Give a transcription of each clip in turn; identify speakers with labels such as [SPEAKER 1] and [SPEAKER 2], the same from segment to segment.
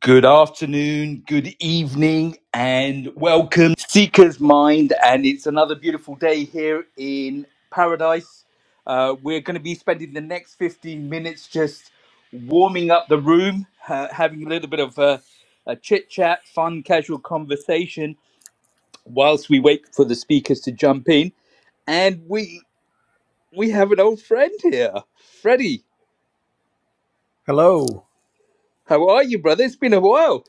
[SPEAKER 1] Good afternoon, good evening, and welcome to Seeker's Mind. And it's another beautiful day here in paradise. Uh, we're going to be spending the next 15 minutes just warming up the room, uh, having a little bit of uh, a chit chat, fun, casual conversation whilst we wait for the speakers to jump in. And we we have an old friend here, Freddie.
[SPEAKER 2] Hello.
[SPEAKER 1] How are you, brother? It's been a while.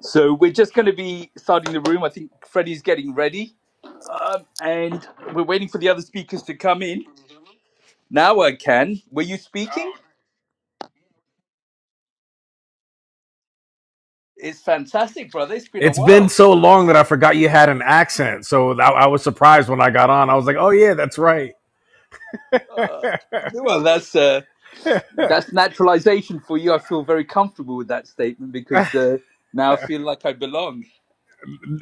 [SPEAKER 1] So we're just going to be starting the room. I think Freddie's getting ready. Um, and we're waiting for the other speakers to come in. Now I can. Were you speaking? It's fantastic, brother. It's been a
[SPEAKER 2] It's been
[SPEAKER 1] while.
[SPEAKER 2] so long that I forgot you had an accent. So I, I was surprised when I got on. I was like, "Oh yeah, that's right."
[SPEAKER 1] Uh, well, that's uh, that's naturalization for you. I feel very comfortable with that statement because uh, now I feel like I belong.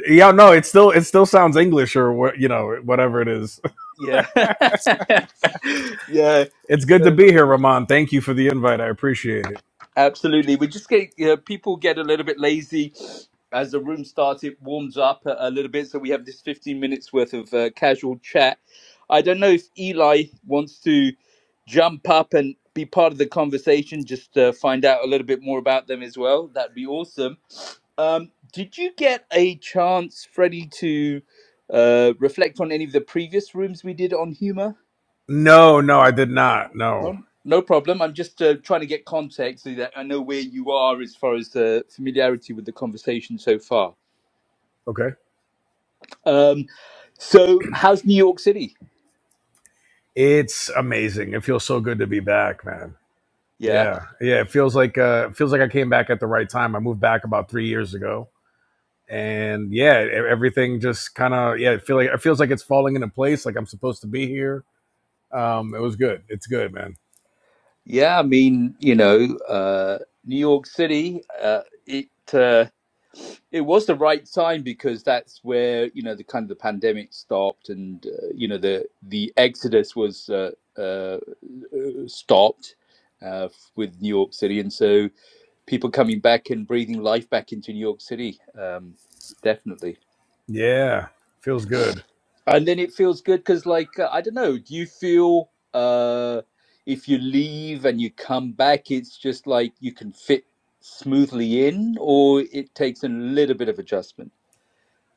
[SPEAKER 2] Yeah, no, it still it still sounds English or what you know whatever it is.
[SPEAKER 1] Yeah, yeah.
[SPEAKER 2] It's good to
[SPEAKER 1] So
[SPEAKER 2] be here, Ramon. Thank you for the invite. I appreciate it.
[SPEAKER 1] Absolutely. We just get you know, people get a little bit lazy as the room starts. It warms up a, a little bit, so we have this fifteen minutes worth of uh, casual chat. I don't know if Eli wants to jump up and be part of the conversation. Just uh, find out a little bit more about them as well. That'd be awesome. Um, did you get a chance, Freddie, to uh, reflect on any of the previous rooms we did on humor?
[SPEAKER 2] No, no, I did not. No.
[SPEAKER 1] No, no problem. I'm just uh, trying to get context so that I know where you are as far as the familiarity with the conversation so far.
[SPEAKER 2] Okay.
[SPEAKER 1] Um, so, how's New York City?
[SPEAKER 2] It's amazing. It feels so good to be back, man.
[SPEAKER 1] Yeah,
[SPEAKER 2] Yeah, yeah. It feels like uh, it feels like I came back at the right time. I moved back about three years ago and yeah, e- everything just kind of yeah, it feel like it feels like it's falling into place. Like I'm supposed to be here. Um, it was good. It's good, man.
[SPEAKER 1] yeah. I mean, you know, uh, New York City. Uh, it. Uh, it was the right time because that's where you know the kind of the pandemic stopped and uh, you know the the exodus was uh, uh, uh, stopped uh, with New York City and so people coming back and breathing life back into New York City um, definitely
[SPEAKER 2] Yeah, feels good.
[SPEAKER 1] and then it feels good because like uh, I don't know do you feel uh, if you leave and you come back it's just like you can fit smoothly in or it takes a little bit of adjustment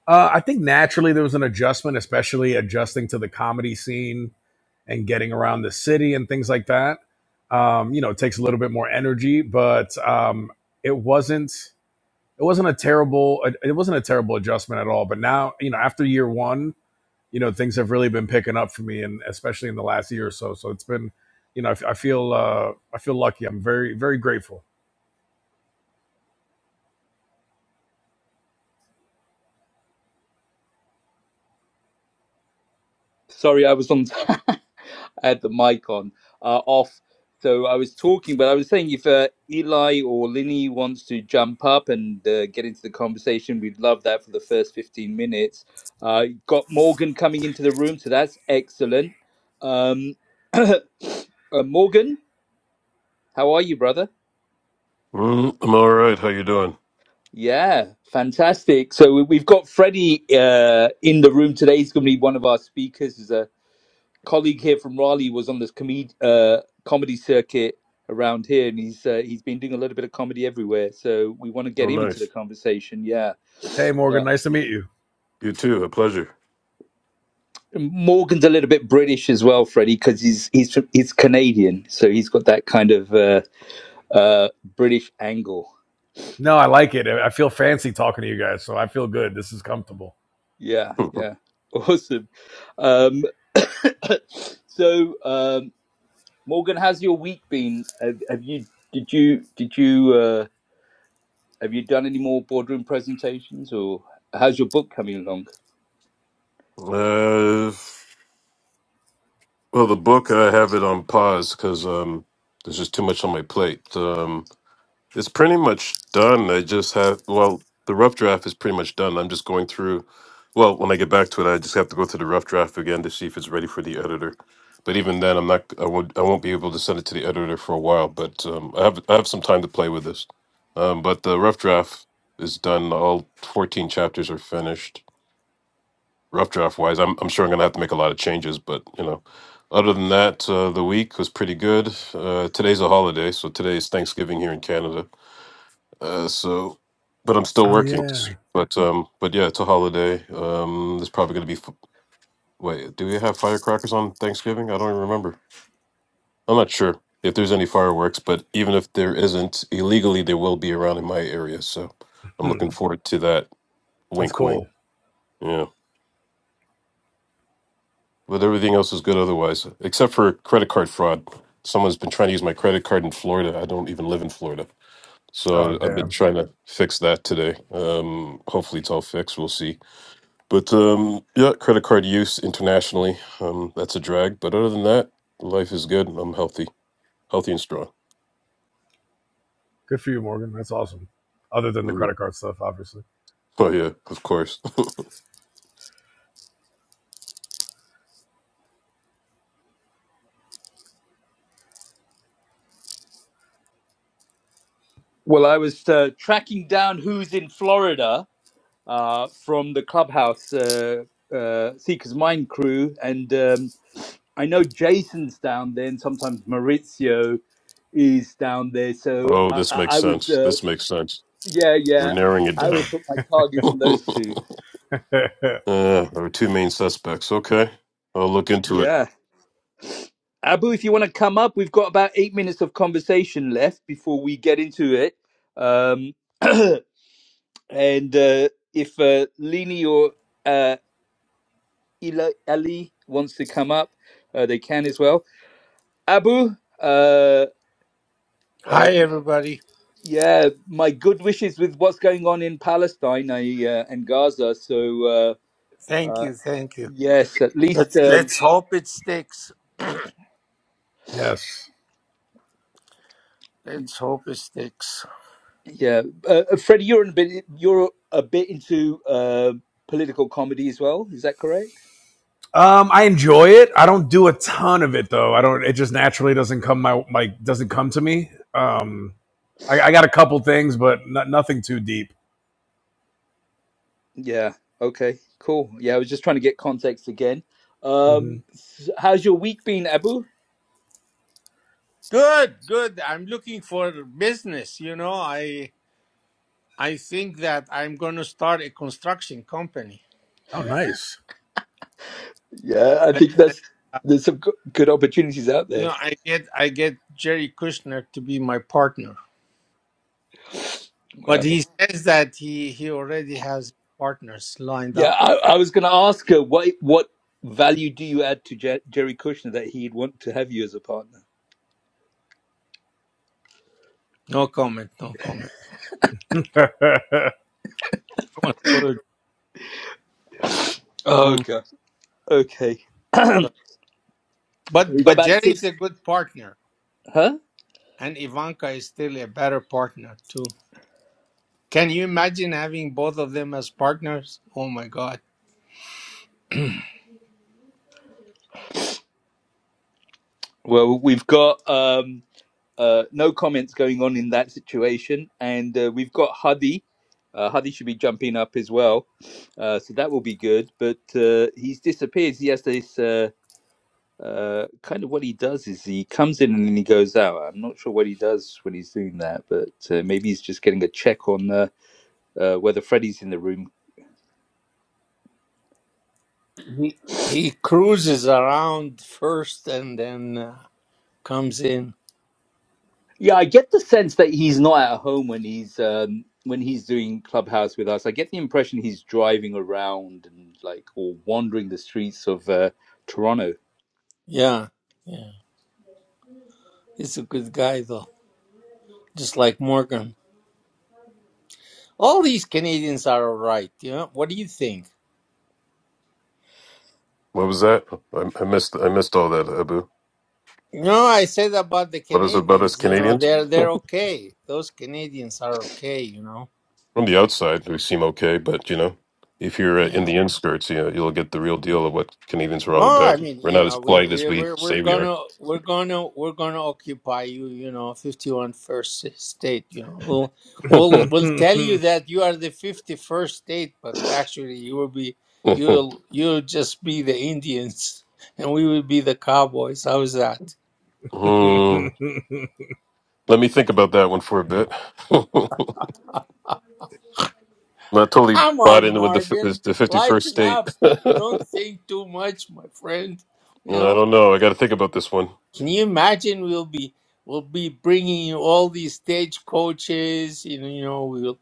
[SPEAKER 2] Uh, I think naturally there was an adjustment, especially adjusting to the comedy scene and getting around the city and things like that. Um, you know, it takes a little bit more energy, but um, it wasn't it wasn't a terrible it wasn't a terrible adjustment at all. But now, you know, after year one, you know things have really been picking up for me and especially in the last year or so so it's been you know i, f- I feel uh i feel lucky i'm very very grateful
[SPEAKER 1] Sorry, I was on. I had the mic on uh, off, so I was talking. But I was saying, if uh, Eli or Linny wants to jump up and uh, get into the conversation, we'd love that for the first fifteen minutes. Uh, got Morgan coming into the room, so that's excellent. Um, uh, Morgan, how are you, brother?
[SPEAKER 3] Mm, I'm all right. How you doing?
[SPEAKER 1] Yeah, fantastic. So we- we've got Freddie uh, in the room today. He's going to be one of our speakers. colleague here from Raleigh was on this comedy uh, comedy circuit around here, and he's uh, he's been doing a little bit of comedy everywhere. So we want to
[SPEAKER 3] Oh,
[SPEAKER 1] get him into the
[SPEAKER 3] nice.
[SPEAKER 1] conversation. Yeah,
[SPEAKER 2] hey morgan
[SPEAKER 1] but
[SPEAKER 2] nice to meet you
[SPEAKER 3] You too. A pleasure.
[SPEAKER 1] Morgan's a little bit British as well, Freddie, because he's he's he's Canadian, so he's got that kind of uh, uh, British angle.
[SPEAKER 2] no i like it i I feel fancy talking to you guys so i feel good this is comfortable
[SPEAKER 1] Yeah,
[SPEAKER 3] uh,
[SPEAKER 1] yeah, awesome. Um, so um, Morgan, how's your week been? Have, have you did you did you? uh, Have you done any more boardroom presentations, or how's your book coming along?
[SPEAKER 3] well, the book I have it on pause because um, there's just too much on my plate. Um, It's pretty much done. I just have, well, the rough draft is pretty much done. I'm just going through, well, when I get back to it, I just have to go through the rough draft again to see if it's ready for the editor. But even then, I'm not, I won't, I won't be able to send it to the editor for a while, but um, I have, I have some time to play with this. Um, but the rough draft is done. All 14 chapters are finished, rough draft wise. I'm, I'm sure I'm going to have to make a lot of changes, but you know, other than that, uh, the week was pretty good. Uh, today's a holiday, so today's Thanksgiving here in Canada. Uh, so, but I'm still
[SPEAKER 2] oh
[SPEAKER 3] working. s-
[SPEAKER 2] yeah
[SPEAKER 3] But um, but yeah, it's a holiday. Um, there's probably gonna be. f- Wait, do we have firecrackers on Thanksgiving? I don't even remember. I'm not sure if there's any fireworks, but even if there isn't, illegally there will be around in my area. So, I'm
[SPEAKER 2] hmm,
[SPEAKER 3] looking forward to that.
[SPEAKER 2] that's
[SPEAKER 3] Wink, wink.
[SPEAKER 2] cool
[SPEAKER 3] Yeah. But everything else is good otherwise, except for credit card fraud. Someone's been trying to use my credit card in Florida. I don't even live in Florida.
[SPEAKER 2] oh
[SPEAKER 3] So I've been
[SPEAKER 2] damn
[SPEAKER 3] trying to fix that today. Um, hopefully it's all fixed. We'll see But um, yeah, credit card use internationally, um, that's a drag. But other than that, life is good. I'm healthy, healthy and strong.
[SPEAKER 2] good for you morgan that's awesome other than the
[SPEAKER 3] Mm.
[SPEAKER 2] credit card stuff obviously
[SPEAKER 3] Oh yeah, of course.
[SPEAKER 1] Well, I was uh, tracking down who's in Florida uh, from the clubhouse uh, uh, Seekers Mind crew, and um, I know Jason's down there, and sometimes Maurizio is down there. So
[SPEAKER 3] Oh,
[SPEAKER 1] I,
[SPEAKER 3] this
[SPEAKER 1] I,
[SPEAKER 3] makes
[SPEAKER 1] I would,
[SPEAKER 3] sense.
[SPEAKER 1] uh,
[SPEAKER 3] This makes sense.
[SPEAKER 1] yeah,
[SPEAKER 3] We're
[SPEAKER 1] yeah,
[SPEAKER 3] narrowing it
[SPEAKER 1] I
[SPEAKER 3] down.
[SPEAKER 1] would put my targets on
[SPEAKER 3] uh,
[SPEAKER 1] those two.
[SPEAKER 3] there were two main suspects. Okay, I'll look into it.
[SPEAKER 1] Yeah. Abu, if you want to come up, we've got about eight minutes of conversation left before we get into it. Um, and uh, if uh, Lini or uh, Ila- Ali wants to come up, uh, they can as well. Abu, uh, uh,
[SPEAKER 4] Hi everybody.
[SPEAKER 1] yeah, my good wishes with what's going on in Palestine I, uh, and Gaza. So, uh,
[SPEAKER 4] Thank
[SPEAKER 1] uh,
[SPEAKER 4] you, thank you.
[SPEAKER 1] yes, at
[SPEAKER 4] Let's
[SPEAKER 1] least. Um,
[SPEAKER 4] let's hope it sticks.
[SPEAKER 2] yes
[SPEAKER 4] Let's hope it sticks.
[SPEAKER 1] Yeah, uh, uh, Freddie, you're a bit. You're a bit into uh, political comedy as well. Is that correct?
[SPEAKER 2] Um, I enjoy it. I don't do a ton of it though. I don't. It just naturally doesn't come my like doesn't come to me. Um, I, I got a couple things, but no- nothing too deep.
[SPEAKER 1] Yeah. Okay. Cool. Yeah, I was just trying to get context again.
[SPEAKER 2] hmm
[SPEAKER 1] Um, s- how's your week been, Abu?
[SPEAKER 4] Good, good. I'm looking for business, you know. I I think that I'm going to start a construction company.
[SPEAKER 2] Oh, nice.
[SPEAKER 1] Yeah, I
[SPEAKER 4] But,
[SPEAKER 1] think that's
[SPEAKER 4] uh,
[SPEAKER 1] there's some go- good opportunities out
[SPEAKER 4] you know,
[SPEAKER 1] there.
[SPEAKER 4] I get I get Jerry Kushner to be my partner. But
[SPEAKER 1] Wow.
[SPEAKER 4] he says that he he already has partners lined
[SPEAKER 1] Yeah,
[SPEAKER 4] up.
[SPEAKER 1] I, I was going to ask her what what value do you add to Jer- Jerry Kushner that he'd want to have you as a partner?
[SPEAKER 4] No comment, no comment.
[SPEAKER 2] hey,
[SPEAKER 4] Don't worry.
[SPEAKER 1] Oh, okay. Okay.
[SPEAKER 4] But
[SPEAKER 1] we've got
[SPEAKER 4] but
[SPEAKER 1] about
[SPEAKER 4] Jerry's
[SPEAKER 1] six.
[SPEAKER 4] a good partner.
[SPEAKER 1] Huh?
[SPEAKER 4] and Ivanka is still a better partner too. Can you imagine having both of them as partners? Oh my God.
[SPEAKER 1] Well, we've got um uh, no comments going on in that situation. And uh, we've got Hadi. Uh, Hadi should be jumping up as well. Uh, so that will be good. But uh, he's disappeared. He has this uh, uh, kind of what he does is he comes in and then he goes out. I'm not sure what he does when he's doing that, but uh, maybe he's just getting a check on uh, uh, whether Freddie's in the room.
[SPEAKER 4] He, he cruises around first and then uh, comes in.
[SPEAKER 1] Yeah, I get the sense that he's not at home when he's um, when he's doing Clubhouse with us. I get the impression he's driving around and like or wandering the streets of uh, Toronto.
[SPEAKER 4] Yeah, yeah. He's a good guy though, just like Morgan. All these Canadians are all right. You know, what do you think?
[SPEAKER 3] What was that? I, I missed. I missed all that, Abu.
[SPEAKER 4] No, I said about the
[SPEAKER 3] What is it about us
[SPEAKER 4] Canadians. You know,
[SPEAKER 3] Canadians?
[SPEAKER 4] they're they're okay. Those Canadians are okay. You know.
[SPEAKER 3] From the outside, we seem okay, but you know, if you're uh, in
[SPEAKER 4] Yeah.
[SPEAKER 3] the inskirts, you know, you'll get the real deal of what Canadians are all
[SPEAKER 4] Oh, I
[SPEAKER 3] about.
[SPEAKER 4] mean,
[SPEAKER 3] We're
[SPEAKER 4] you
[SPEAKER 3] not as
[SPEAKER 4] know, we
[SPEAKER 3] polite as
[SPEAKER 4] we-
[SPEAKER 3] we
[SPEAKER 4] we're we're
[SPEAKER 3] say we are.
[SPEAKER 4] gonna we're gonna we're gonna occupy you, you know, fifty-one first state. You know, we'll we'll we'll tell you that you are the fifty-first state, but actually, you will be you'll you'll just be the Indians, and we will be the Cowboys. How's that?
[SPEAKER 3] Hmm. let me think about that one for a bit. Not totally
[SPEAKER 4] Come
[SPEAKER 3] bought
[SPEAKER 4] on,
[SPEAKER 3] in with the f-
[SPEAKER 4] Morgan,
[SPEAKER 3] this- the fifty first
[SPEAKER 4] lighten
[SPEAKER 3] state.
[SPEAKER 4] up!
[SPEAKER 3] I
[SPEAKER 4] Don't think too much, my friend. You know.
[SPEAKER 3] don't know. I got to think about this one.
[SPEAKER 4] Can you imagine? We'll be we'll be bringing you all these stage coaches. You know, you know we'll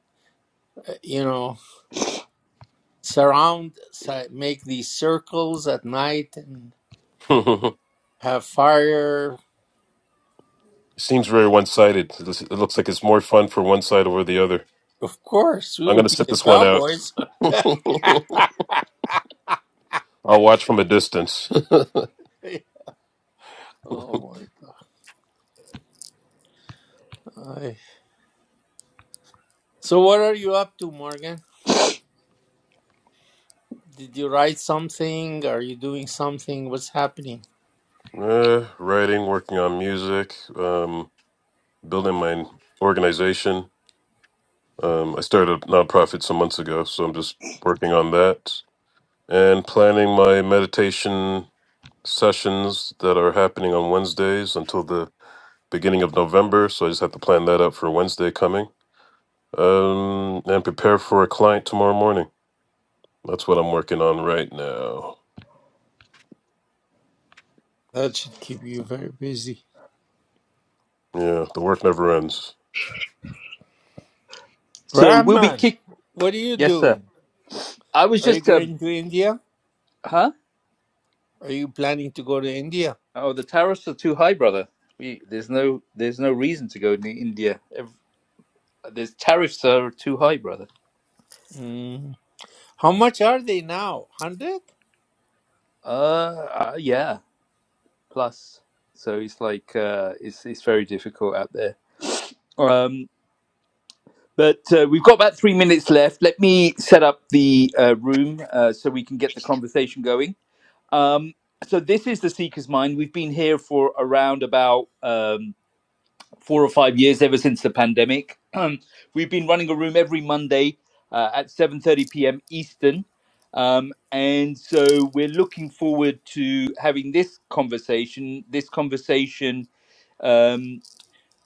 [SPEAKER 4] uh, you know surround, si- make these circles at night and
[SPEAKER 3] it
[SPEAKER 4] have fire.
[SPEAKER 3] seems very one sided. It looks it looks like it's more fun for one side over the other.
[SPEAKER 4] Of course, we
[SPEAKER 3] I'm
[SPEAKER 4] will
[SPEAKER 3] gonna
[SPEAKER 4] be
[SPEAKER 3] sit
[SPEAKER 4] the
[SPEAKER 3] this one out.
[SPEAKER 4] cowboys.
[SPEAKER 3] I'll watch from a distance.
[SPEAKER 4] oh my god! So, what are you up to, Morgan? Did you write something? Are you doing something? What's happening?
[SPEAKER 3] uh, writing, working on music, um, building my organization. Um, I started a nonprofit some months ago, so I'm just working on that. and planning my meditation sessions that are happening on Wednesdays until the beginning of November. So I just have to plan that out for Wednesday coming um, and prepare for a client tomorrow morning. That's what I'm working on right now.
[SPEAKER 4] That should keep you very busy.
[SPEAKER 3] Yeah, the work never ends.
[SPEAKER 1] So we'll be
[SPEAKER 4] Rahman,
[SPEAKER 1] kick.
[SPEAKER 4] what are you
[SPEAKER 1] Yes, sir.
[SPEAKER 4] doing?
[SPEAKER 1] I was
[SPEAKER 4] Are you
[SPEAKER 1] just, uh,
[SPEAKER 4] going to India?
[SPEAKER 1] huh?
[SPEAKER 4] Are you planning to go to India?
[SPEAKER 1] Oh, the tariffs are too high, brother. We, there's no there's no reason to go to India. Ev there's tariffs are too high, brother.
[SPEAKER 4] Mm. How much are they now? 100?
[SPEAKER 1] Uh, uh yeah. Plus, so it's like uh, it's it's very difficult out there. Um, But uh, we've got about three minutes left. Let me set up the uh, room uh, so we can get the conversation going. Um, so this is the Seeker's Mind. We've been here for around about um, four or five years, ever since the pandemic. Um, we've been running a room every Monday uh, at 7:30 p.m. Eastern, um, and so we're looking forward to having this conversation. This conversation Um,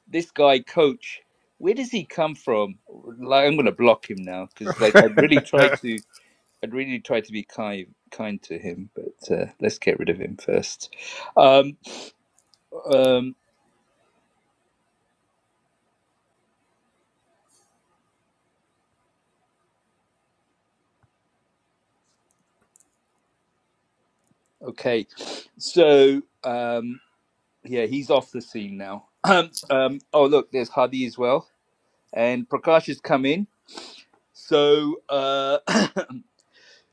[SPEAKER 1] this guy coach where does he come from like i'm going to block him now because like i'd really tried to i'd really tried to be kind kind to him but uh, let's get rid of him first um, um okay so um yeah he's off the scene now um, um oh look there's hadi as well and prakash has come in so uh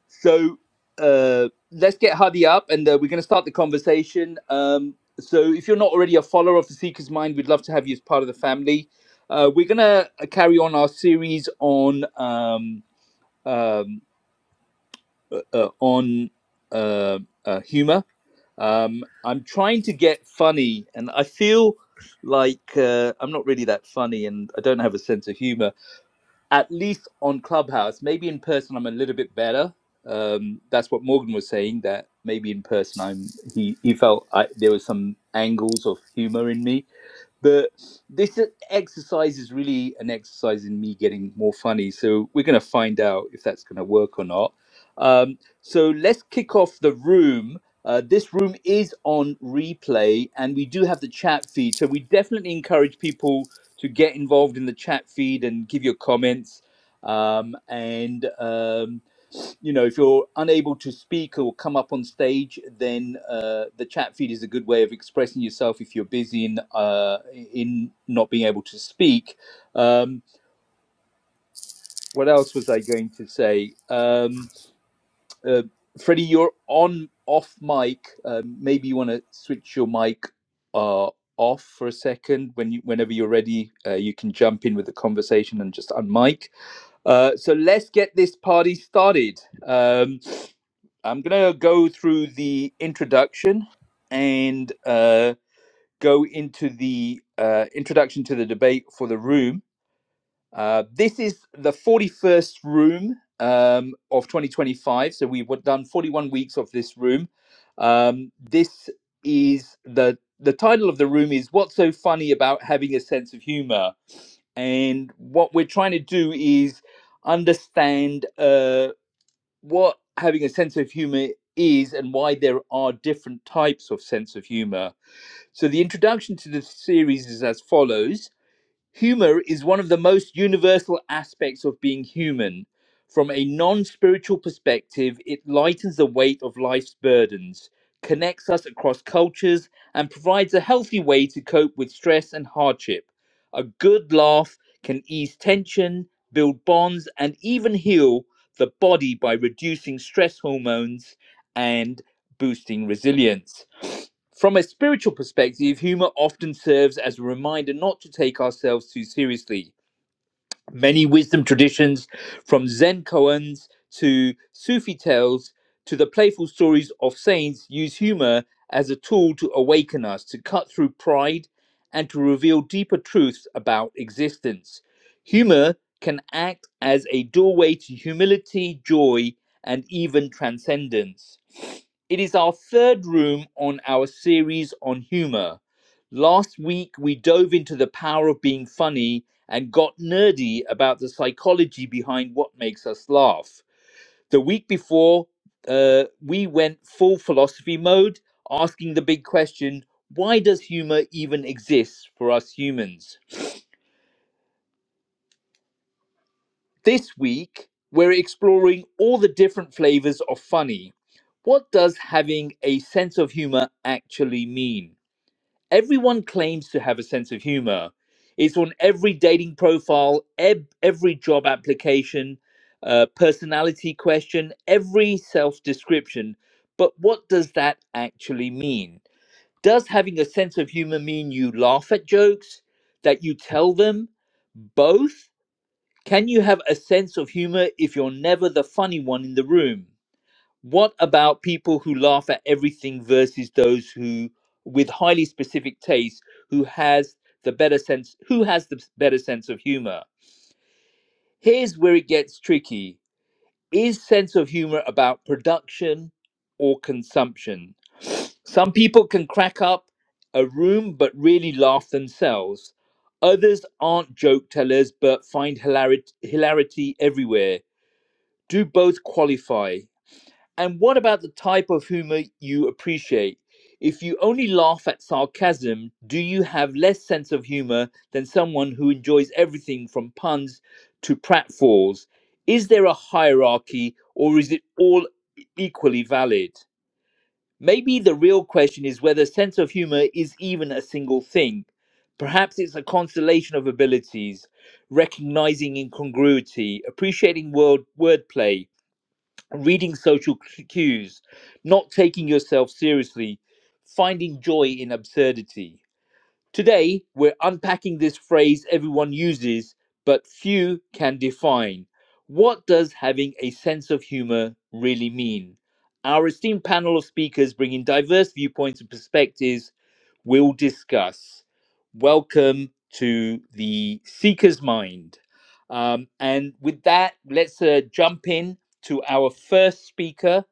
[SPEAKER 1] So uh, let's get Hadi up and uh, we're going to start the conversation. Um, so if you're not already a follower of the Seeker's Mind, we'd love to have you as part of the family. Uh, we're going to carry on our series on um, um, uh, uh, on uh, uh, humor. Um, I'm trying to get funny, and I feel like uh, I'm not really that funny, and I don't have a sense of humor at least on Clubhouse, maybe in person I'm a little bit better. Um, that's what Morgan was saying. That maybe in person I'm he he felt I, there was some angles of humor in me but this e, exercise is really an exercise in me getting more funny. So we're going to find out if that's going to work or not. Um, so let's kick off the room. Uh, this room is on replay, and we do have the chat feed. So we definitely encourage people to get involved in the chat feed and give your comments. Um, and um, you know, if you're unable to speak or come up on stage, then uh, the chat feed is a good way of expressing yourself if you're busy in uh, in not being able to speak. Um, what else was I going to say? Um, uh, Freddie, you're on off mic. Um maybe you want to switch your mic uh, off for a second. When you, whenever you're ready, uh, you can jump in with the conversation and just unmic. Uh, so let's get this party started. Um, I'm going to go through the introduction and uh, go into the uh, introduction to the debate for the room. Uh, this is the 41st room um, of 2025. So we've done 41 weeks of this room. Um, this is the the title of the room is what's so funny about having a sense of humor and what we're trying to do is understand uh, what having a sense of humor is and why there are different types of sense of humor. So the introduction to the series is as follows. Humor is one of the most universal aspects of being human. From a non spiritual perspective, it lightens the weight of life's burdens, connects us across cultures, and provides a healthy way to cope with stress and hardship. A good laugh can ease tension, build bonds, and even heal the body by reducing stress hormones and boosting resilience. From a spiritual perspective, humor often serves as a reminder not to take ourselves too seriously many wisdom traditions, from Zen koans to Sufi tales to the playful stories of saints, use humor as a tool to awaken us, to cut through pride, and to reveal deeper truths about existence. Humor can act as a doorway to humility, joy, and even transcendence. It is our third room on our series on humor. Last week, we dove into the power of being funny and got nerdy about the psychology behind what makes us laugh. The week before, uh, we went full philosophy mode, asking the big question why does humor even exist for us humans? This week, we're exploring all the different flavors of funny. What does having a sense of humor actually mean? Everyone claims to have a sense of humor. It's on every dating profile, eb- every job application, uh, personality question, every self description. But what does that actually mean? Does having a sense of humor mean you laugh at jokes, that you tell them, both? Can you have a sense of humor if you're never the funny one in the room? What about people who laugh at everything versus those who, with highly specific tastes, who has the better sense, who has the better sense of humor? Here's where it gets tricky: is sense of humor about production or consumption? Some people can crack up a room but really laugh themselves. Others aren't joke tellers but find hilarity, hilarity everywhere. Do both qualify? And what about the type of humor you appreciate? If you only laugh at sarcasm, do you have less sense of humor than someone who enjoys everything from puns to pratfalls? Is there a hierarchy or is it all e-, equally valid? Maybe the real question is whether sense of humor is even a single thing. Perhaps it's a constellation of abilities, recognizing incongruity, appreciating word wordplay, reading social cues, not taking yourself seriously, finding joy in absurdity. Today, we're unpacking this phrase everyone uses, but few can define. What does having a sense of humor really mean? Our esteemed panel of speakers bring in diverse viewpoints and perspectives will discuss. Welcome to the Seeker's Mind. Um, and with that, let's uh, jump in to our first speaker.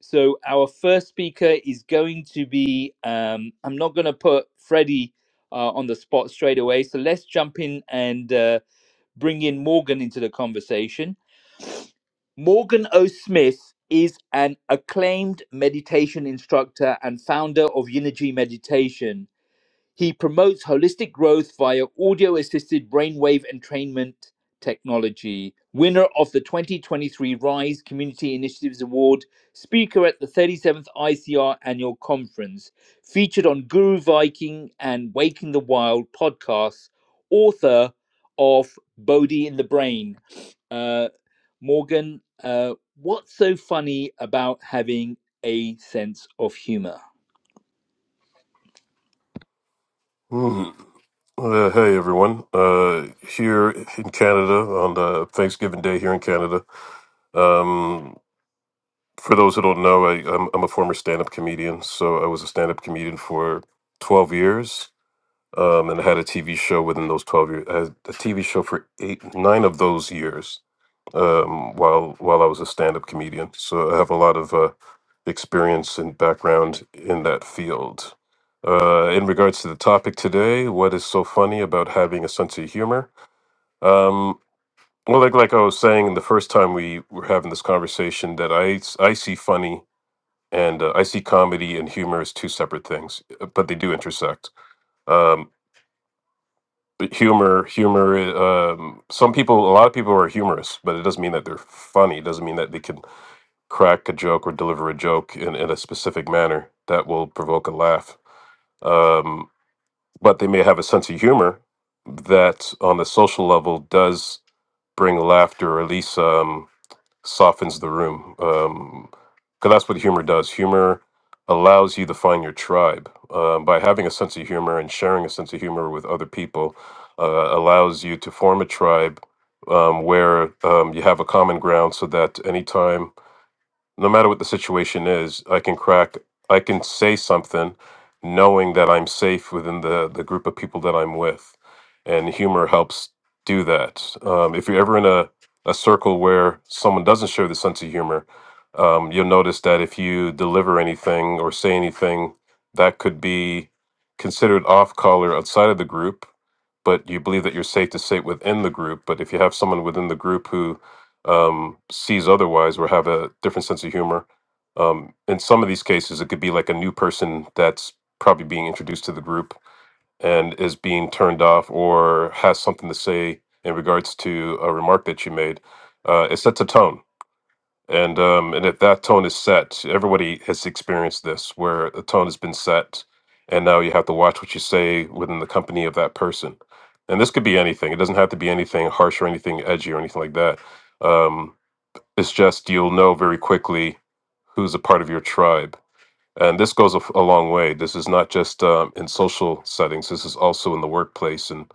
[SPEAKER 1] So, our first speaker is going to be, um, I'm not going to put Freddie uh, on the spot straight away. So, let's jump in and uh, bring in Morgan into the conversation. Morgan O. Smith is an acclaimed meditation instructor and founder of Unity Meditation he promotes holistic growth via audio assisted brainwave entrainment technology. Winner of the 2023 RISE Community Initiatives Award, speaker at the 37th ICR Annual Conference, featured on Guru Viking and Waking the Wild podcasts, author of Bodhi in the Brain. Uh, Morgan, uh, what's so funny about having a sense of humor?
[SPEAKER 3] Hmm. Uh, hey everyone! Uh, here in Canada on the Thanksgiving Day here in Canada. Um, for those who don't know, I, I'm, I'm a former stand-up comedian. So I was a stand-up comedian for 12 years um, and had a TV show within those twelve years. I had a TV show for eight, nine of those years um, while while I was a stand-up comedian. So I have a lot of uh, experience and background in that field. Uh, in regards to the topic today, what is so funny about having a sense of humor? Um, well, like like I was saying the first time we were having this conversation, that I s- I see funny and uh, I see comedy and humor as two separate things, uh, but they do intersect Um, humor humor um some people a lot of people are humorous but it doesn't mean that they're funny it doesn't mean that they can crack a joke or deliver a joke in, in a specific manner that will provoke a laugh um but they may have a sense of humor that on the social level does bring laughter or at least um softens the room. Um, because that's what humor does. Humor allows you to find your tribe. Uh, by having a sense of humor and sharing a sense of humor with other people, uh, allows you to form a tribe um, where um, you have a common ground so that anytime no matter what the situation is, I can crack, I can say something knowing that I'm safe within the, the group of people that I'm with. And humor helps do that. Um, if you're ever in a, a circle where someone doesn't share the sense of humor, um, you'll notice that if you deliver anything or say anything that could be considered off color outside of the group, but you believe that you're safe to say within the group. But if you have someone within the group who um, sees otherwise or have a different sense of humor, um, in some of these cases, it could be like a new person that's probably being introduced to the group and is being turned off or has something to say in regards to a remark that you made. Uh, it sets a tone and um, and if that tone is set, everybody has experienced this, where a tone has been set, and now you have to watch what you say within the company of that person. And this could be anything. It doesn't have to be anything harsh or anything edgy or anything like that. Um, it's just you'll know very quickly who's a part of your tribe and this goes a, f- a long way. This is not just um, in social settings, this is also in the workplace and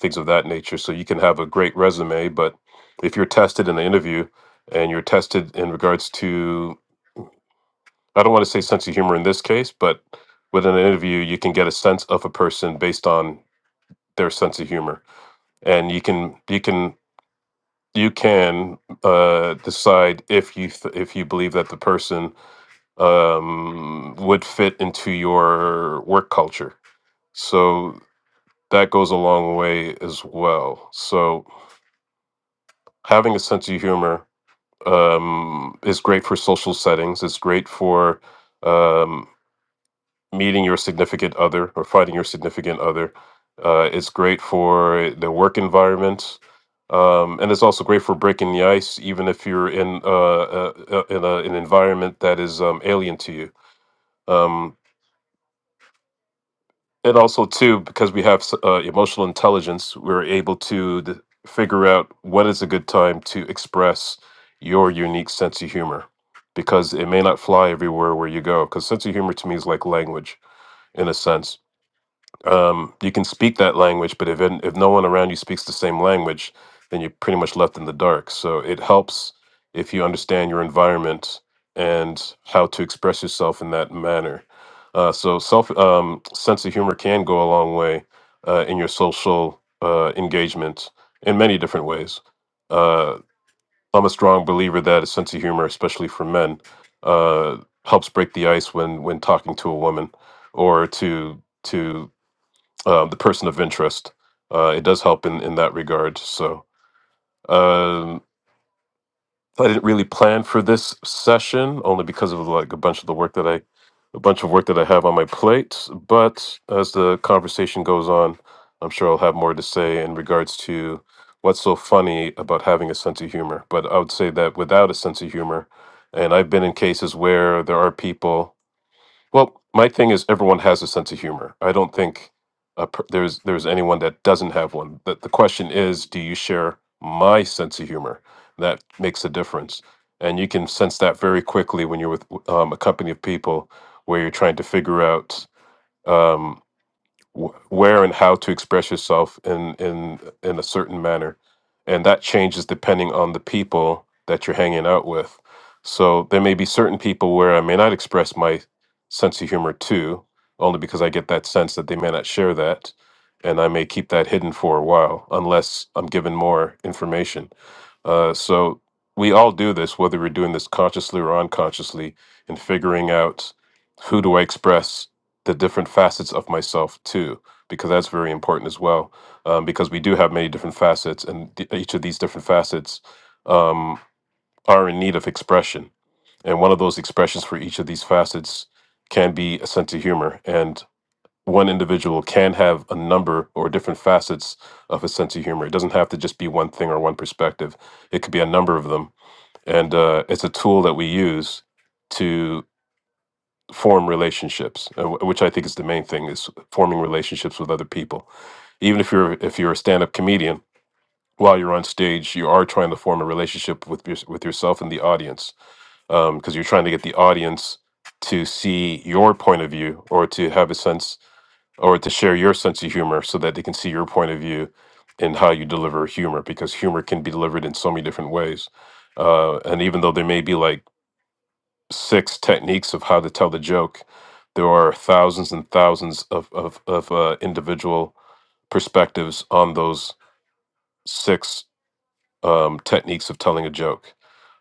[SPEAKER 3] things of that nature. So you can have a great resume, but if you're tested in an interview and you're tested in regards to, I don't want to say sense of humor in this case, but within an interview, you can get a sense of a person based on their sense of humor. And you can, you can, you can uh, decide if you th- if you believe that the person um, would fit into your work culture So that goes a long way as well. So having a sense of humor um, is great for social settings. It's great for um, meeting your significant other or finding your significant other. Uh, it's great for the work environment. Um, and it's also great for breaking the ice, even if you're in uh, uh, uh, in a, an environment that is um, alien to you. Um, and also too because we have s- uh, emotional intelligence we're able to d- figure out when is a good time to express your unique sense of humor because it may not fly everywhere where you go because sense of humor to me is like language in a sense um, you can speak that language, but if it- if no one around you speaks the same language, then you're pretty much left in the dark. So it helps if you understand your environment and how to express yourself in that manner. Uh, so self um, sense of humor can go a long way uh, in your social uh, engagement in many different ways. Uh, I'm a strong believer that a sense of humor, especially for men, uh, helps break the ice when when talking to a woman or to to uh, the person of interest. Uh, it does help in, in that regard. So um, I didn't really plan for this session only because of like a bunch of the work that I a bunch of work that I have on my plate. But as the conversation goes on, I'm sure I'll have more to say in regards to what's so funny about having a sense of humor. But I would say that without a sense of humor, and I've been in cases where there are people well, my thing is everyone has a sense of humor. I don't think uh, per- there's there's anyone that doesn't have one. The, the question is, do you share my sense of humor? That makes a difference, and you can sense that very quickly when you're with um, a company of people where you're trying to figure out. Um, wh- where and how to express yourself in in in a certain manner and that changes depending on the people that you're hanging out with so there may be certain people where i may not express my sense of humor to only because i get that sense that they may not share that and i may keep that hidden for a while unless i'm given more information uh, so we all do this, whether we're doing this consciously or unconsciously, in figuring out who do I express the different facets of myself to, because that's very important as well. Um, because we do have many different facets, and th- each of these different facets um, are in need of expression. And one of those expressions for each of these facets can be a sense of humor. And one individual can have a number or different facets of a sense of humor. It doesn't have to just be one thing or one perspective. It could be a number of them, and uh, it's a tool that we use to form relationships, uh, wh- which I think is the main thing: is forming relationships with other people. Even if you're if you're a stand-up comedian, while you're on stage, you are trying to form a relationship with your, with yourself and the audience, because you're trying to get the audience to see your point of view or to have a sense or to share your sense of humor so that they can see your point of view and how you deliver humor because humor can be delivered in so many different ways uh, and even though there may be like six techniques of how to tell the joke there are thousands and thousands of, of, of uh, individual perspectives on those six um, techniques of telling a joke.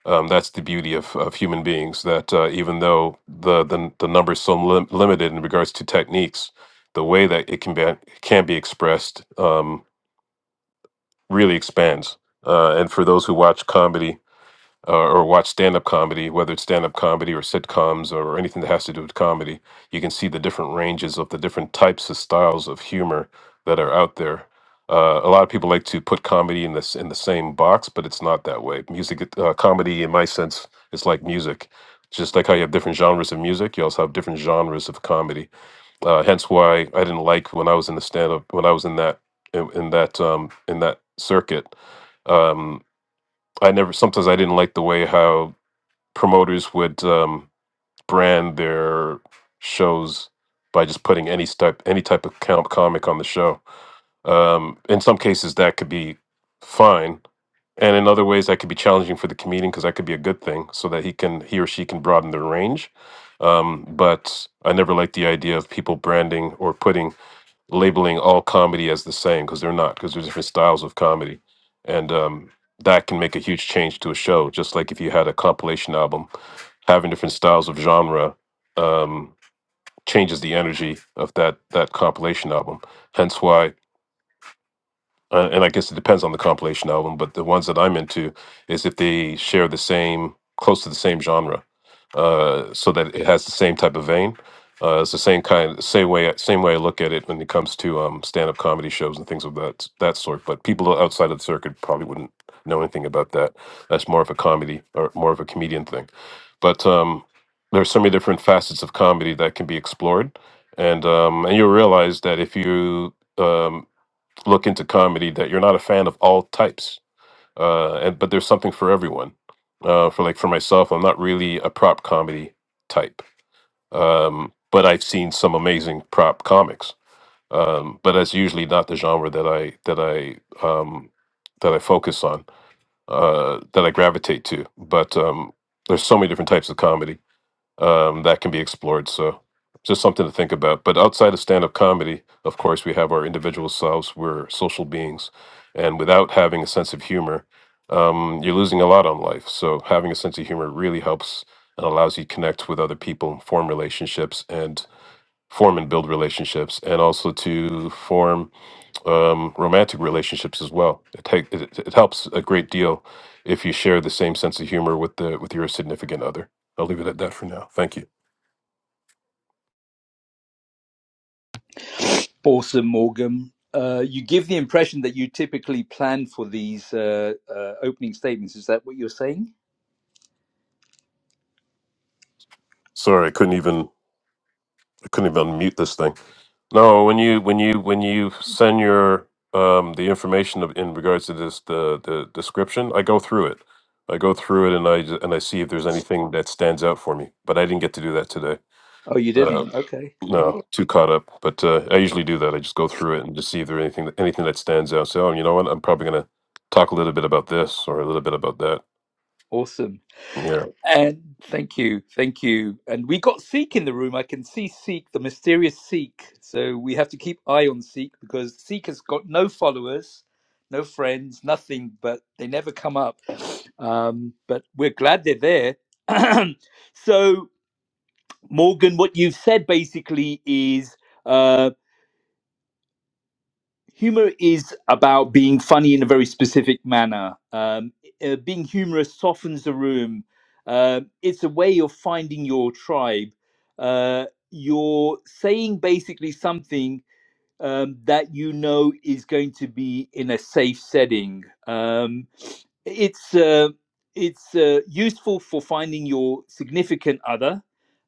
[SPEAKER 3] Um, that's the beauty of, of human beings. That uh, even though the the, the number is so lim- limited in regards to techniques, the way that it can be can be expressed um, really expands. Uh, and for those who watch comedy, uh, or watch stand up comedy, whether it's stand up comedy or sitcoms or anything that has to do with comedy, you can see the different ranges of the different types of styles of humor that are out there. Uh, a lot of people like to put comedy in this in the same box, but it's not that way. Music, uh, comedy, in my sense, is like music. Just like how you have different genres of music, you also have different genres of comedy. Uh, hence, why I didn't like when I was in the stand up when I was in that in, in that um, in that circuit. Um, I never sometimes I didn't like the way how promoters would um, brand their shows by just putting any type any type of com- comic on the show. Um, in some cases, that could be fine, and in other ways, that could be challenging for the comedian because that could be a good thing, so that he can he or she can broaden their range. Um, but I never liked the idea of people branding or putting labeling all comedy as the same because they're not because there's different styles of comedy, and um, that can make a huge change to a show. Just like if you had a compilation album having different styles of genre um, changes the energy of that that compilation album. Hence why, uh, and I guess it depends on the compilation album, but the ones that I'm into is if they share the same, close to the same genre, uh, so that it has the same type of vein. Uh, it's the same kind, same way, same way I look at it when it comes to um, stand-up comedy shows and things of that that sort. But people outside of the circuit probably wouldn't know anything about that. That's more of a comedy or more of a comedian thing but um, there's so many different facets of comedy that can be explored, and um, and you'll realize that if you um, look into comedy, that you're not a fan of all types, uh, and but there's something for everyone. Uh, for like for myself, I'm not really a prop comedy type, um, but I've seen some amazing prop comics. Um, but that's usually not the genre that I that I um, that I focus on, uh, that I gravitate to. But um, there's so many different types of comedy um, that can be explored. So just something to think about. But outside of stand up comedy, of course, we have our individual selves. We're social beings. And without having a sense of humor, um, you're losing a lot on life. So having a sense of humor really helps and allows you to connect with other people, form relationships, and form and build relationships, and also to form um, romantic relationships as well. It, take, it, it helps a great deal if you share the same sense of humor with the with your significant other. I'll leave it at that for now. Thank you.
[SPEAKER 1] Awesome, Morgan. Uh, you give the impression that you typically plan for these uh, uh, opening statements. Is that what you're saying?
[SPEAKER 3] Sorry, I couldn't even I couldn't even unmute this thing. No, when you when you when you send your um the information of, in regards to this the the description, I go through it. I go through it and I ju- and I see if there's anything that stands out for me. But I didn't get to do that today.
[SPEAKER 1] Oh, you
[SPEAKER 3] Uh,
[SPEAKER 1] didn't. Okay.
[SPEAKER 3] no,
[SPEAKER 1] Well,
[SPEAKER 3] too caught up. But uh, I usually do that. I just go through it and just see if there's anything that- anything that stands out. So oh, you know what? I'm probably gonna talk a little bit about this or a little bit about that.
[SPEAKER 1] awesome.
[SPEAKER 3] Yeah.
[SPEAKER 1] And thank you, thank you. And we got Seek in the room. I can see Seek, the mysterious Seek. So we have to keep eye on Seek because Seek has got no followers, no friends, nothing. But they never come up. Um, but we're glad they're there. so Morgan, what you've said basically is. uh, humor is about being funny in a very specific manner. Um, uh, being humorous softens the room. Uh, it's a way of finding your tribe. Uh, you're saying basically something um, that you know is going to be in a safe setting. Um, it's uh, it's uh, useful for finding your significant other,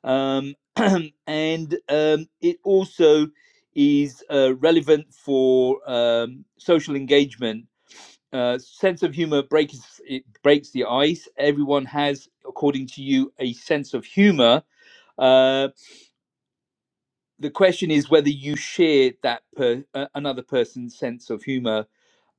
[SPEAKER 1] um, and um, it also is uh, relevant for um, social engagement. Uh, sense of humor breaks it breaks the ice. Everyone has, according to you, a sense of humor Uh, the question is whether you share that per, uh, another person's sense of humor.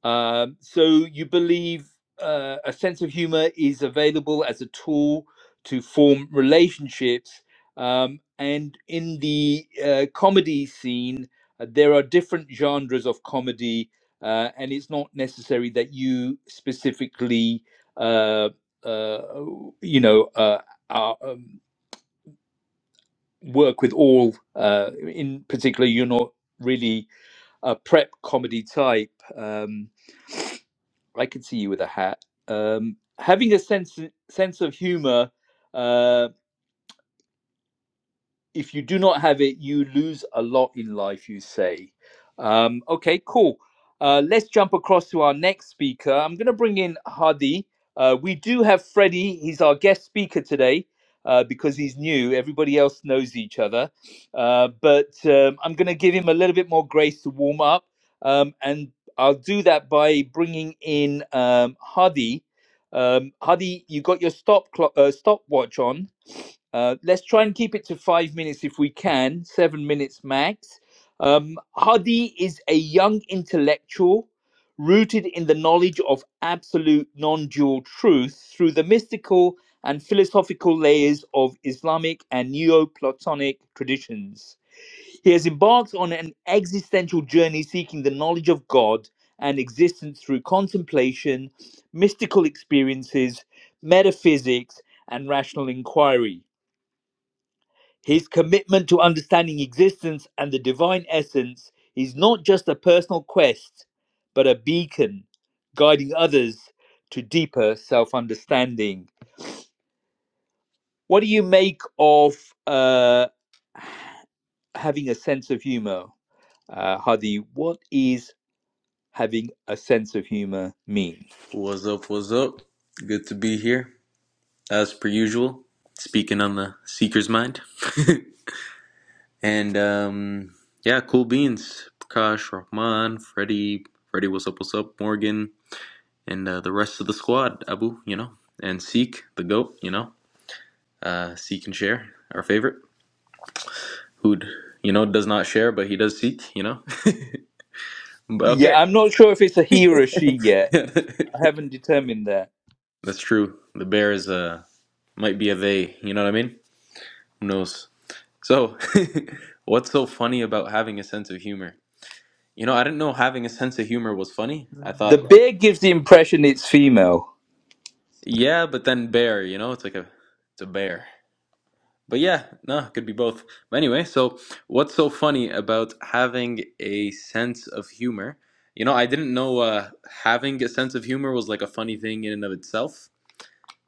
[SPEAKER 1] Um, so you believe uh, a sense of humor is available as a tool to form relationships. Um, and in the uh, comedy scene, uh, there are different genres of comedy, uh, and it's not necessary that you specifically, uh, uh, you know, uh, are, um, work with all uh, in particular you're not really a prep comedy type um, i could see you with a hat um, having a sense sense of humor uh, if you do not have it, you lose a lot in life, you say. Um, okay, cool. Uh, let's jump across to our next speaker. I'm going to bring in Hadi. Uh, we do have Freddie. He's our guest speaker today uh, because he's new. Everybody else knows each other. Uh, but um, I'm going to give him a little bit more grace to warm up. Um, and I'll do that by bringing in um, Hadi. Um, Hadi, you got your stop clock, uh, stopwatch on. Uh, let's try and keep it to five minutes if we can, seven minutes max. Um, Hadi is a young intellectual rooted in the knowledge of absolute non dual truth through the mystical and philosophical layers of Islamic and Neoplatonic traditions. He has embarked on an existential journey seeking the knowledge of God and existence through contemplation, mystical experiences, metaphysics, and rational inquiry. His commitment to understanding existence and the divine essence is not just a personal quest, but a beacon guiding others to deeper self understanding. What do you make of uh, having a sense of humor? Uh, Hadi, what is having a sense of humor mean?
[SPEAKER 5] What's up? What's up? Good to be here, as per usual, speaking on the Seeker's Mind. and um, yeah, cool beans. Prakash, Rahman, Freddie, Freddie, what's up? What's up? Morgan, and uh, the rest of the squad. Abu, you know, and Seek, the goat, you know. Uh, seek and share, our favorite, who you know does not share, but he does seek, you know. but
[SPEAKER 1] Yeah,
[SPEAKER 5] okay,
[SPEAKER 1] I'm not sure if it's a he or a she yet. I haven't determined that.
[SPEAKER 5] that's true. The bear is uh might be a they. You know what I mean? Who knows? So, what's so funny about having a sense of humor? You know, I didn't know having a sense of humor was funny. I
[SPEAKER 1] The
[SPEAKER 5] thought like,
[SPEAKER 1] bear gives the impression it's female.
[SPEAKER 5] yeah, but then bear, you know, it's like a it's a bear. But yeah, no, it could be both. But anyway, so what's so funny about having a sense of humor? You know, I didn't know uh, having a sense of humor was like a funny thing in and of itself,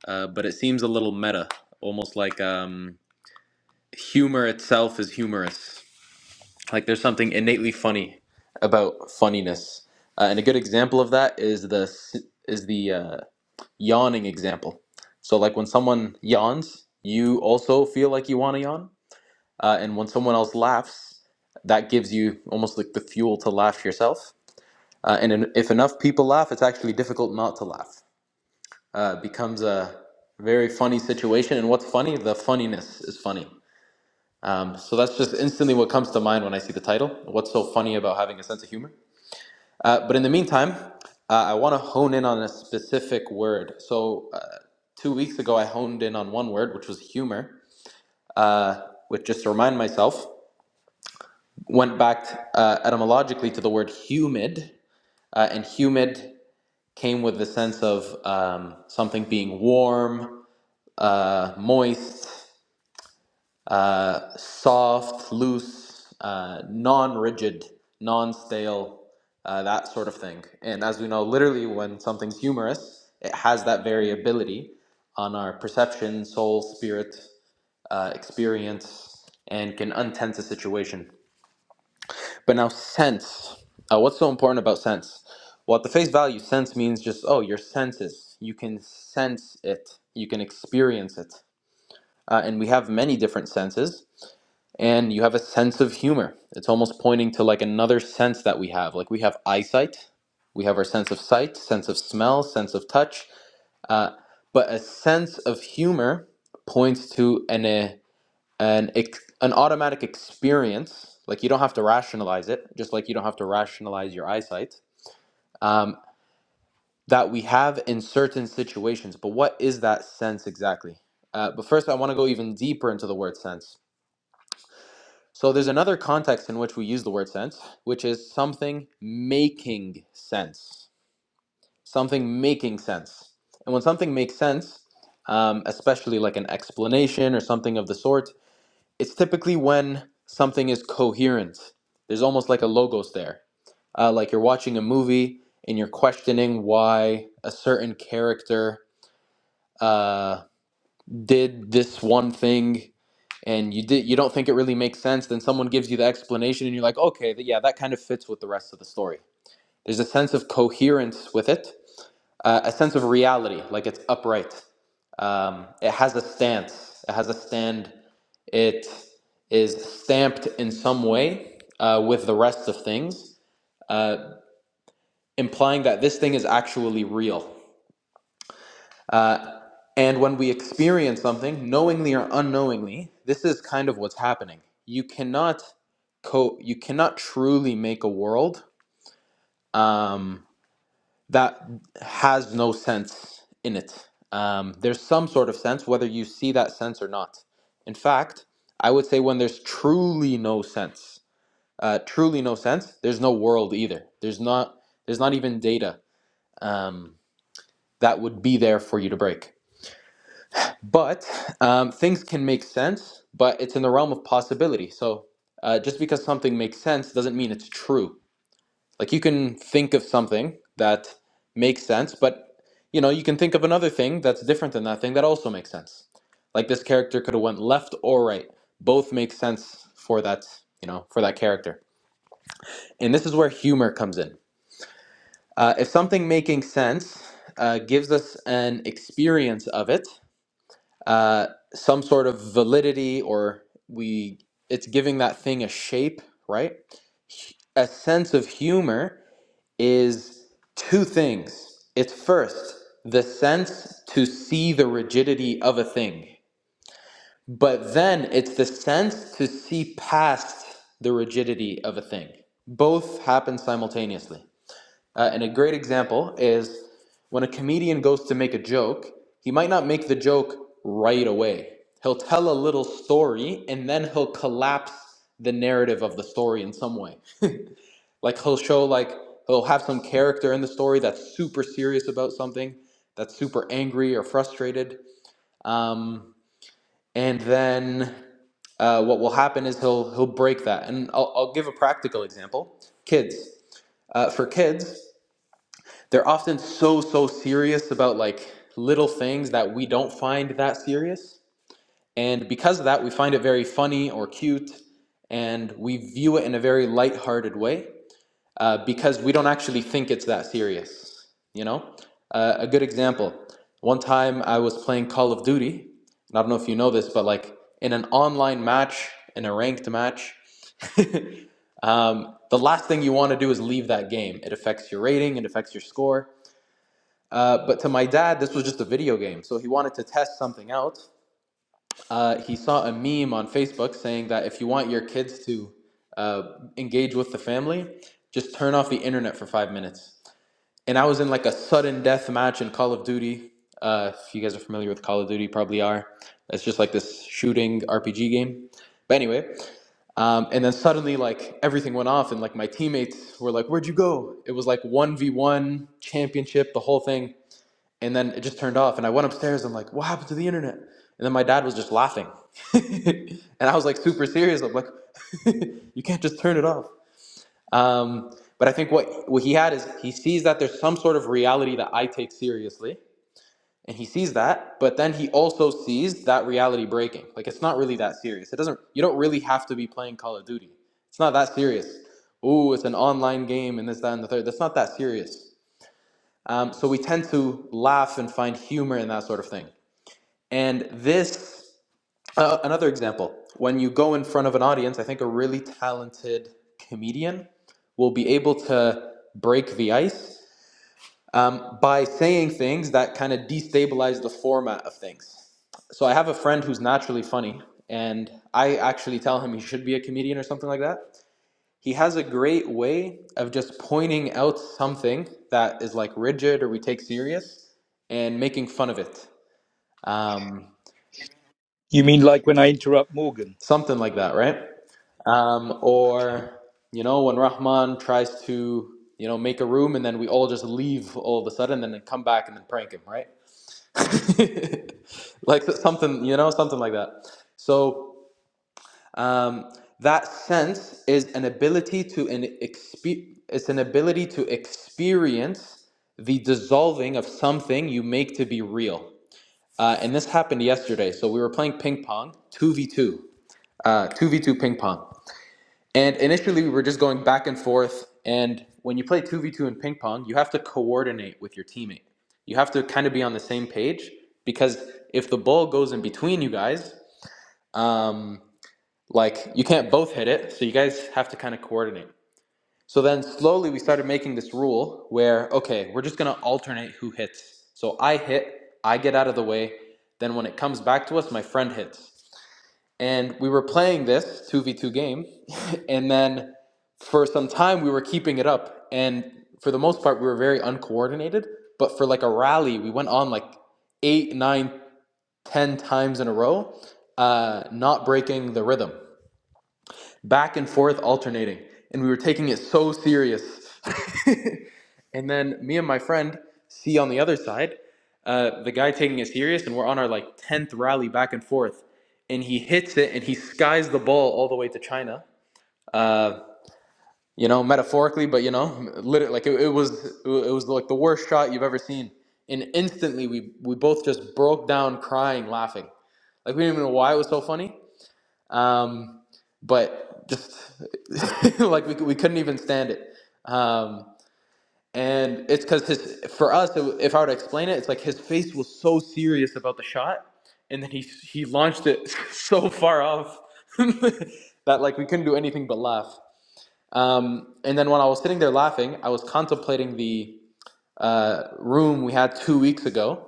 [SPEAKER 5] uh, but it seems a little meta, almost like um, humor itself is humorous. Like there's something innately funny about funniness, uh, and a good example of that is the is the uh, yawning example. So like when someone yawns, you also feel like you want to yawn, uh, and when someone else laughs, that gives you almost like the fuel to laugh yourself. Uh, and if enough people laugh, it's actually difficult not to laugh. Uh, it becomes a very funny situation, and what's funny? The funniness is funny. Um, so that's just instantly what comes to mind when I see the title. What's so funny about having a sense of humor? Uh, but in the meantime, uh, I want to hone in on a specific word. So, uh, two weeks ago, I honed in on one word, which was humor, uh, which just to remind myself, went back uh, etymologically to the word humid, uh, and humid came with the sense of um, something being warm, uh, moist, uh, soft, loose, uh, non-rigid, non-stale, uh, that sort of thing. And as we know, literally, when something's humorous, it has that variability on our perception, soul, spirit, uh, experience, and can untense a situation. But now, sense. Uh, what's so important about sense? Well, at the face value, sense means just oh, your senses. You can sense it. You can experience it. Uh, and we have many different senses and you have a sense of humor. It's almost pointing to like another sense that we have. Like we have eyesight, we have our sense of sight, sense of smell, sense of touch, uh, but a sense of humor points to an uh, an an automatic experience. Like you don't have to rationalize it, just like you don't have to rationalize your eyesight um, that we have in certain situations. But what is that sense exactly? Uh, but first, I want to go even deeper into the word sense So there's another context in which we use the word sense, which is something making sense. Something making sense. And when something makes sense, um, especially like an explanation or something of the sort, it's typically when something is coherent. There's almost like a logos there. Uh, like you're watching a movie and you're questioning why a certain character uh, did this one thing and you did you don't think it really makes sense then someone gives you the explanation and you're like okay yeah that kind of fits with the rest of the story there's a sense of coherence with it uh, a sense of reality like it's upright um, it has a stance it has a stand it is stamped in some way uh, with the rest of things uh, implying that this thing is actually real Uh, and when we experience something, knowingly or unknowingly, this is kind of what's happening. You cannot co- you cannot truly make a world um, that has no sense in it. Um, there's some sort of sense, whether you see that sense or not. In fact, I would say when there's truly no sense, uh, truly no sense, there's no world either. There's not there's not even data um, that would be there for you to break. But um, things can make sense, but it's in the realm of possibility. So uh, just because something makes sense doesn't mean it's true. Like you can think of something that makes sense, but you know you can think of another thing that's different than that thing that also makes sense. Like this character could have went left or right. Both make sense for that you know for that character. And this is where humor comes in. Uh, if something making sense uh, gives us an experience of it, uh, some sort of validity or we it's giving that thing a shape right a sense of humor is two things it's first the sense to see the rigidity of a thing but then it's the sense to see past the rigidity of a thing both happen simultaneously uh, and a great example is when a comedian goes to make a joke, he might not make the joke right away. He'll tell a little story and then he'll collapse the narrative of the story in some way. Like he'll show, like, he'll have some character in the story that's super serious about something, that's super angry or frustrated. Um, and then uh, what will happen is he'll, he'll break that. And I'll, I'll give a practical example kids. Uh, for kids, they're often so so serious about like little things that we don't find that serious and because of that we find it very funny or cute and we view it in a very lighthearted way uh, because we don't actually think it's that serious you know uh, a good example one time i was playing call of duty and i don't know if you know this but like in an online match in a ranked match um, the last thing you want to do is leave that game it affects your rating it affects your score uh, but to my dad, this was just a video game. So he wanted to test something out. Uh, he saw a meme on Facebook saying that if you want your kids to uh, engage with the family, just turn off the internet for five minutes. And I was in like a sudden death match in Call of Duty. Uh, if you guys are familiar with Call of Duty, probably are. It's just like this shooting RPG game. But anyway, um, and then suddenly, like everything went off, and like my teammates were like, "Where'd you go?" It was like one v one championship, the whole thing and then it just turned off. And I went upstairs. I'm like, what happened to the internet? And then my dad was just laughing, and I was like super serious. I'm like, you can't just turn it off. Um, but I think what what he had is he sees that there's some sort of reality that I take seriously, and he sees that. But then he also sees that reality breaking. Like it's not really that serious. It doesn't. You don't really have to be playing Call of Duty. It's not that serious. Ooh, it's an online game and this, that, and the third. That's not that serious. Um, so we tend to laugh and find humor in that sort of thing. And this, uh, another example, when you go in front of an audience, I think a really talented comedian will be able to break the ice um, by saying things that kind of destabilize the format of things. So I have a friend who's naturally funny, and I actually tell him he should be a comedian or something like that. He has a great way of just pointing out something that is like rigid or we take serious and making fun of it. Um,
[SPEAKER 1] You mean like when I interrupt Morgan?
[SPEAKER 5] something like that, right? Um,
[SPEAKER 1] Okay.
[SPEAKER 5] or, you know, when Rahman tries to, you know, make a room and then we all just leave all of a sudden and then come back and then prank him, right? like so, something, you know, something like that. So um, that sense is an ability to an exp it's an ability to experience the dissolving of something you make to be real. Uh, and this happened yesterday. So we were playing ping pong, 2v2, uh, 2v2 ping pong. And initially, we were just going back and forth. And when you play 2v2 in ping pong, you have to coordinate with your teammate. You have to kind of be on the same page because if the ball goes in between you guys, um, like you can't both hit it. So you guys have to kind of coordinate. So then slowly, we started making this rule where, okay, we're just going to alternate who hits. So I hit, I get out of the way. Then when it comes back to us, my friend hits and we were playing this 2v2 game and then for some time we were keeping it up and for the most part we were very uncoordinated but for like a rally we went on like eight nine ten times in a row uh, not breaking the rhythm back and forth alternating and we were taking it so serious and then me and my friend C on the other side uh, the guy taking it serious and we're on our like 10th rally back and forth and he hits it and he skies the ball all the way to china uh, you know metaphorically but you know literally like it, it was it was like the worst shot you've ever seen and instantly we we both just broke down crying laughing like we didn't even know why it was so funny um, but just like we, we couldn't even stand it. Um, and it's because his for us, it, if I were to explain it, it's like his face was so serious about the shot, and then he he launched it so far off that like we couldn't do anything but laugh. Um, and then when I was sitting there laughing, I was contemplating the uh, room we had two weeks ago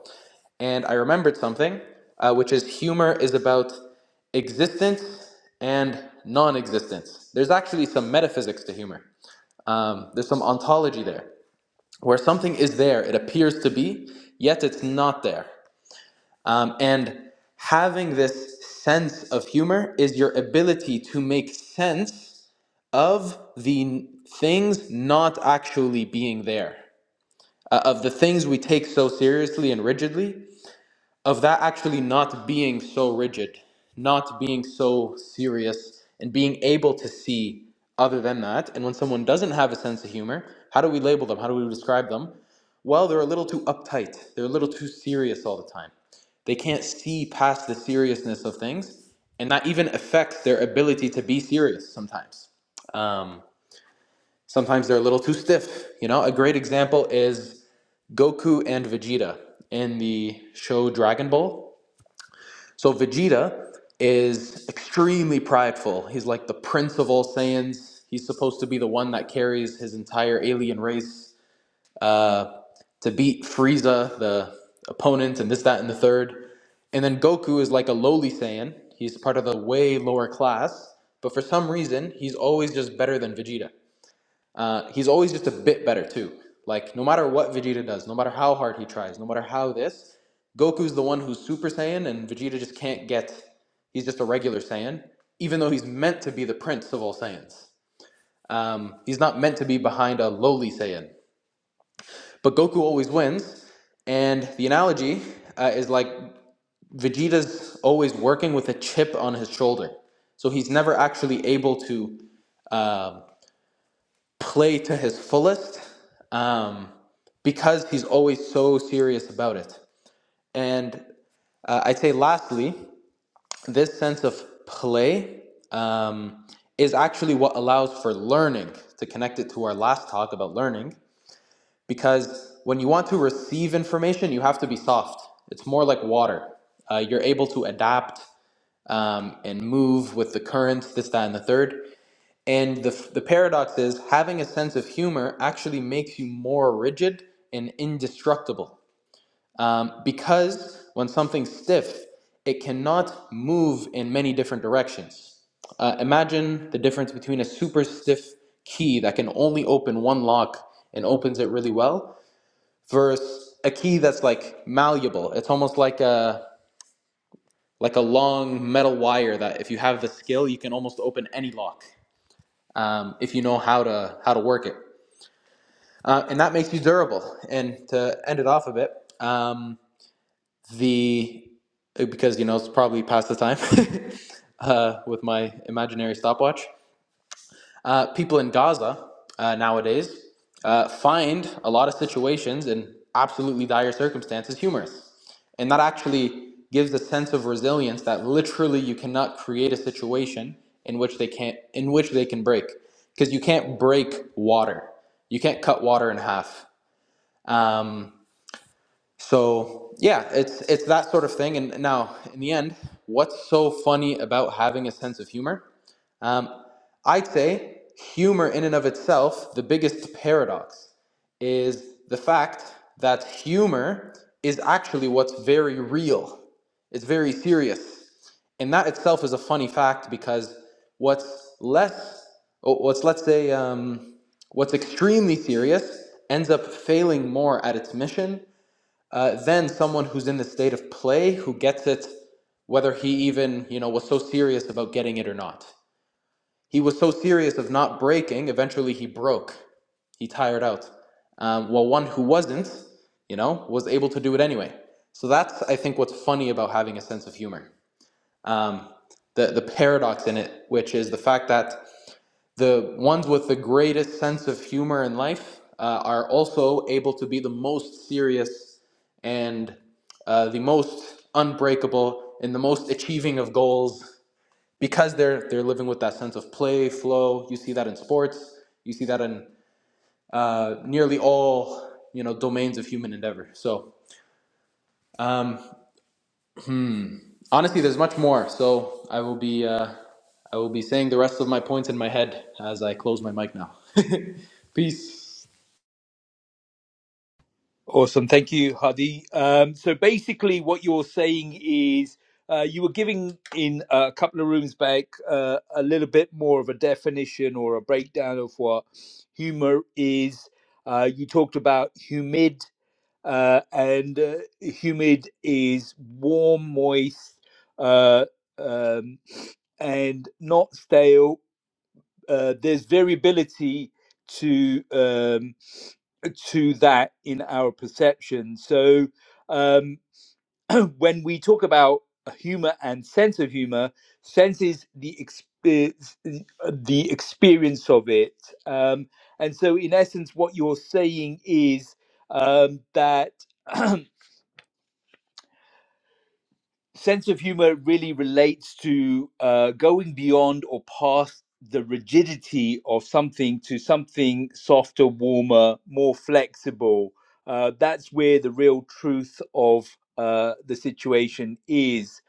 [SPEAKER 5] and I remembered something, uh, which is humor is about existence and non existence. There's actually some metaphysics to humor, um, there's some ontology there, where something is there, it appears to be, yet it's not there. Um, and having this sense of humor is your ability to make sense of the things not actually being there, uh, of the things we take so seriously and rigidly of that actually not being so rigid, not being so serious, and being able to see other than that. And when someone doesn't have a sense of humor, how do we label them? How do we describe them? Well, they're a little too uptight, they're a little too serious all the time. They can't see past the seriousness of things, and that even affects their ability to be serious sometimes. Um, sometimes they're a little too stiff. You know, a great example is Goku and Vegeta in the show Dragon Ball. So Vegeta is extremely prideful. He's like the prince of all Saiyans. He's supposed to be the one that carries his entire alien race uh, to beat Frieza, the opponent, and this, that, and the third. And then Goku is like a lowly Saiyan. He's part of the way lower class, but for some reason, he's always just better than Vegeta. Uh, he's always just a bit better too. Like no matter what Vegeta does, no matter how hard he tries, no matter how this, Goku's the one who's Super Saiyan, and Vegeta just can't get. He's just a regular Saiyan, even though he's meant to be the prince of all Saiyans. Um, he's not meant to be behind a lowly Saiyan. But Goku always wins, and the analogy uh, is like Vegeta's always working with a chip on his shoulder, so he's never actually able to. um play to his fullest um, because he's always so serious about it. And uh, I'd say, lastly, this sense of play um, is actually what allows for learning to connect it to our last talk about learning. Because when you want to receive information, you have to be soft. It's more like water. Uh, you're able to adapt um, and move with the currents, this, that, and the third. And the, the paradox is having a sense of humor actually makes you more rigid and indestructible. Um, because when something's stiff, it cannot move in many different directions. Uh, imagine the difference between a super stiff key that can only open one lock and opens it really well versus a key that's like malleable. It's almost like a like a long metal wire that if you have the skill, you can almost open any lock um, if you know how to how to work it. uh, and that makes you durable. And to end it off a bit, um, the because you know it's probably past the time uh, with my imaginary stopwatch. Uh, people in Gaza uh, nowadays uh, find a lot of situations in absolutely dire circumstances humorous, and that actually gives a sense of resilience that literally you cannot create a situation in which they can't in which they can break because you can't break water. You can't cut water in half. Um, so yeah, it's it's that sort of thing. And now, in the end, what's so funny about having a sense of humor? Um, I'd say humor, in and of itself, the biggest paradox is the fact that humor is actually what's very real, it's very serious. And that itself is a funny fact because what's less, oh, what's let's say, um, what's extremely serious ends up failing more at its mission uh, than someone who's in the state of play who gets it, whether he even you know was so serious about getting it or not. He was so serious of not breaking, eventually he broke. He tired out. Um, while one who wasn't, you know, was able to do it anyway. So that's, I think, what's funny about having a sense of humor. Um, the, the paradox in it, which is the fact that the ones with the greatest sense of humor in life uh, are also able to be the most serious and uh, the most unbreakable and the most achieving of goals because they're they're living with that sense of play, flow. You see that in sports. You see that in uh, nearly all you know domains of human endeavor. So um, honestly, there's much more. So I will be uh, I will be saying the rest of my points in my head as I close my mic now. Peace.
[SPEAKER 1] Awesome. Thank you, Hadi. Um, so basically, what you're saying is uh, you were giving in a couple of rooms back uh, a little bit more of a definition or a breakdown of what humor is. Uh, you talked about humid, uh, and uh, humid is warm, moist, uh, um, and not stale uh, there's variability to um, to that in our perception. So um, when we talk about humor and sense of humor, sense is the experience, the experience of it. Um, and so, in essence, what you're saying is um, that. sense of humor really relates to uh, going beyond or past the rigidity of something to something softer, warmer, more flexible. Uh, that's where the real truth of uh, the situation is.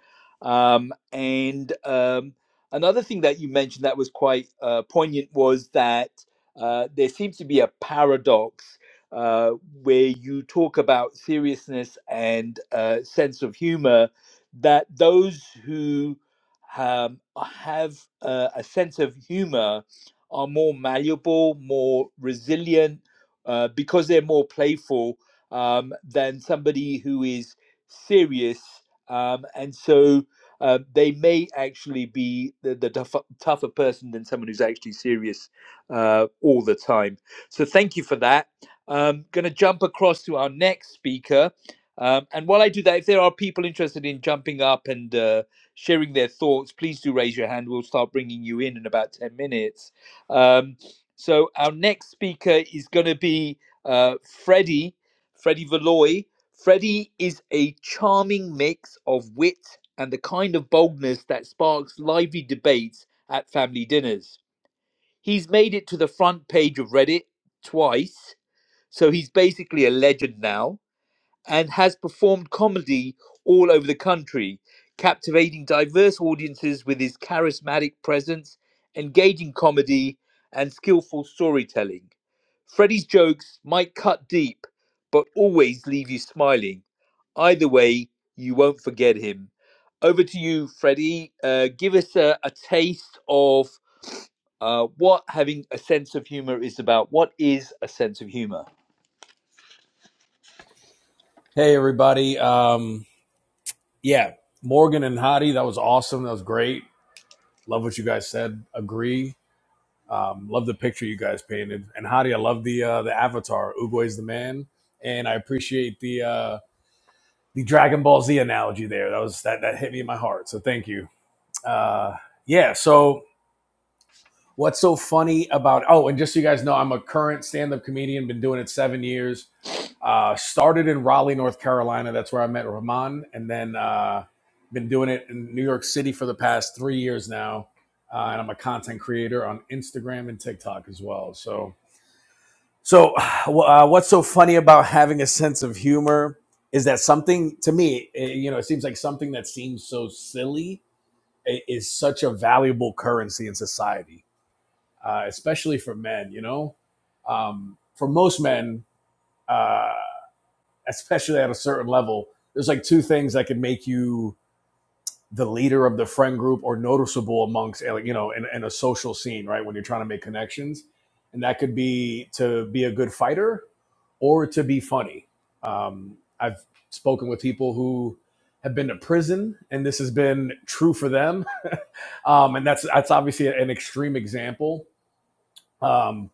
[SPEAKER 1] Um, and um, another thing that you mentioned that was quite uh, poignant was that uh, there seems to be a paradox uh, where you talk about seriousness and uh, sense of humor, that those who um, have uh, a sense of humor are more malleable, more resilient, uh, because they're more playful um, than somebody who is serious. Um, and so uh, they may actually be the, the tough, tougher person than someone who's actually serious uh, all the time. So thank you for that. Um, going to jump across to our next speaker um, and while I do that, if there are people interested in jumping up and uh, sharing their thoughts, please do raise your hand. We'll start bringing you in in about 10 minutes. Um, so, our next speaker is going to be uh, Freddie, Freddie Valoy. Freddie is a charming mix of wit and the kind of boldness that sparks lively debates at family dinners. He's made it to the front page of Reddit twice, so he's basically a legend now and has performed comedy all over the country, captivating diverse audiences with his charismatic presence, engaging comedy, and skillful storytelling. Freddie's jokes might cut deep, but always leave you smiling. Either way, you won't forget him. Over to you, Freddie. Uh, give us a, a taste of uh, what having a sense of humor is about. What is a sense of humor?
[SPEAKER 2] everybody. Um, yeah, Morgan and Hadi, that was awesome. That was great. Love what you guys said. Agree. Um, love the picture you guys painted. And Hadi, I love the uh, the avatar. Ugo is the man, and I appreciate the. Uh, the Dragon Ball Z analogy there. That was that that hit me in my heart. So thank you. Uh, yeah. So what's so funny about? Oh, and just so you guys know, I'm a current stand-up comedian. Been doing it seven years. Uh, started in Raleigh, North Carolina. That's where I met Rahman, and then uh, been doing it in New York City for the past three years now. Uh, and I'm a content creator on Instagram and TikTok as well. So so, uh, what's so funny about having a sense of humor is that something to me, eh, you know, it seems like something that seems so silly i- is such a valuable currency in society, uh, especially for men. You know, um, for most men, uh, especially at a certain level, there's like two things that can make you the leader of the friend group or noticeable amongst uh, like you know in, in a social scene right when you're trying to make connections and that could be to be a good fighter or to be funny um, i've spoken with people who have been to prison and this has been true for them um, and that's that's obviously an extreme example um,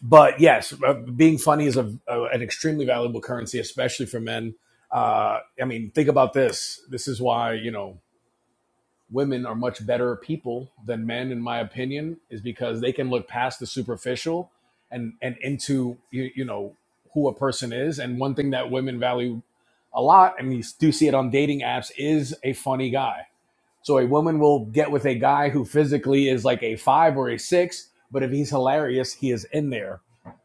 [SPEAKER 2] but yes uh, being funny is a, a, an extremely valuable currency especially for men uh, i mean think about this this is why you know women are much better people than men, in my opinion, is because they can look past the superficial and and into you, you know who a person is. And one thing that women value a lot, and you do see it on dating apps, is a funny guy. So a woman will get with a guy who physically is like a five or a six, but if he's hilarious, he is in there.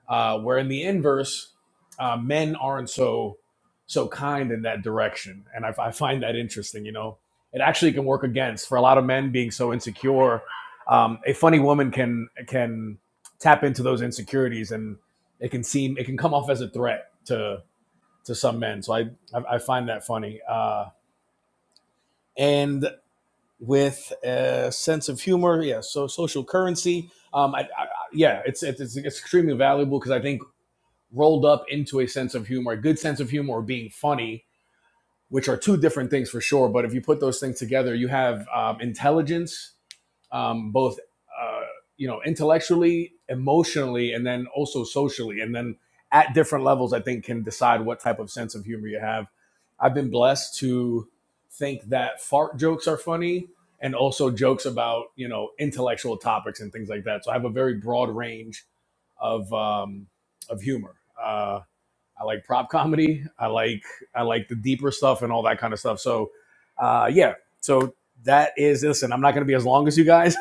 [SPEAKER 2] Uh, where in the inverse, uh, men aren't so so kind in that direction, and I, I find that interesting. You know, it actually can work against for a lot of men being so insecure. Um, a funny woman can can tap into those insecurities, and it can seem it can come off as a threat to to some men. So I I, I find that funny. Uh, and with a sense of humor. Yeah, so social currency. Um, I, I, yeah, it's it's, it's extremely valuable because I think rolled up into a sense of humor, a good sense of humor, or being funny, which are two different things for sure. But if you put those things together, you have um, intelligence um, both uh, you know intellectually, emotionally, and then also socially, and then at different levels, I think can decide what type of sense of humor you have. I've been blessed to think that fart jokes are funny and also jokes about you know intellectual topics and things like that. So I have a very broad range of um, of humor. Uh, I like prop comedy. I like I like the deeper stuff and all that kind of stuff. So, uh, yeah. So that is listen. I'm not going to be as long as you guys.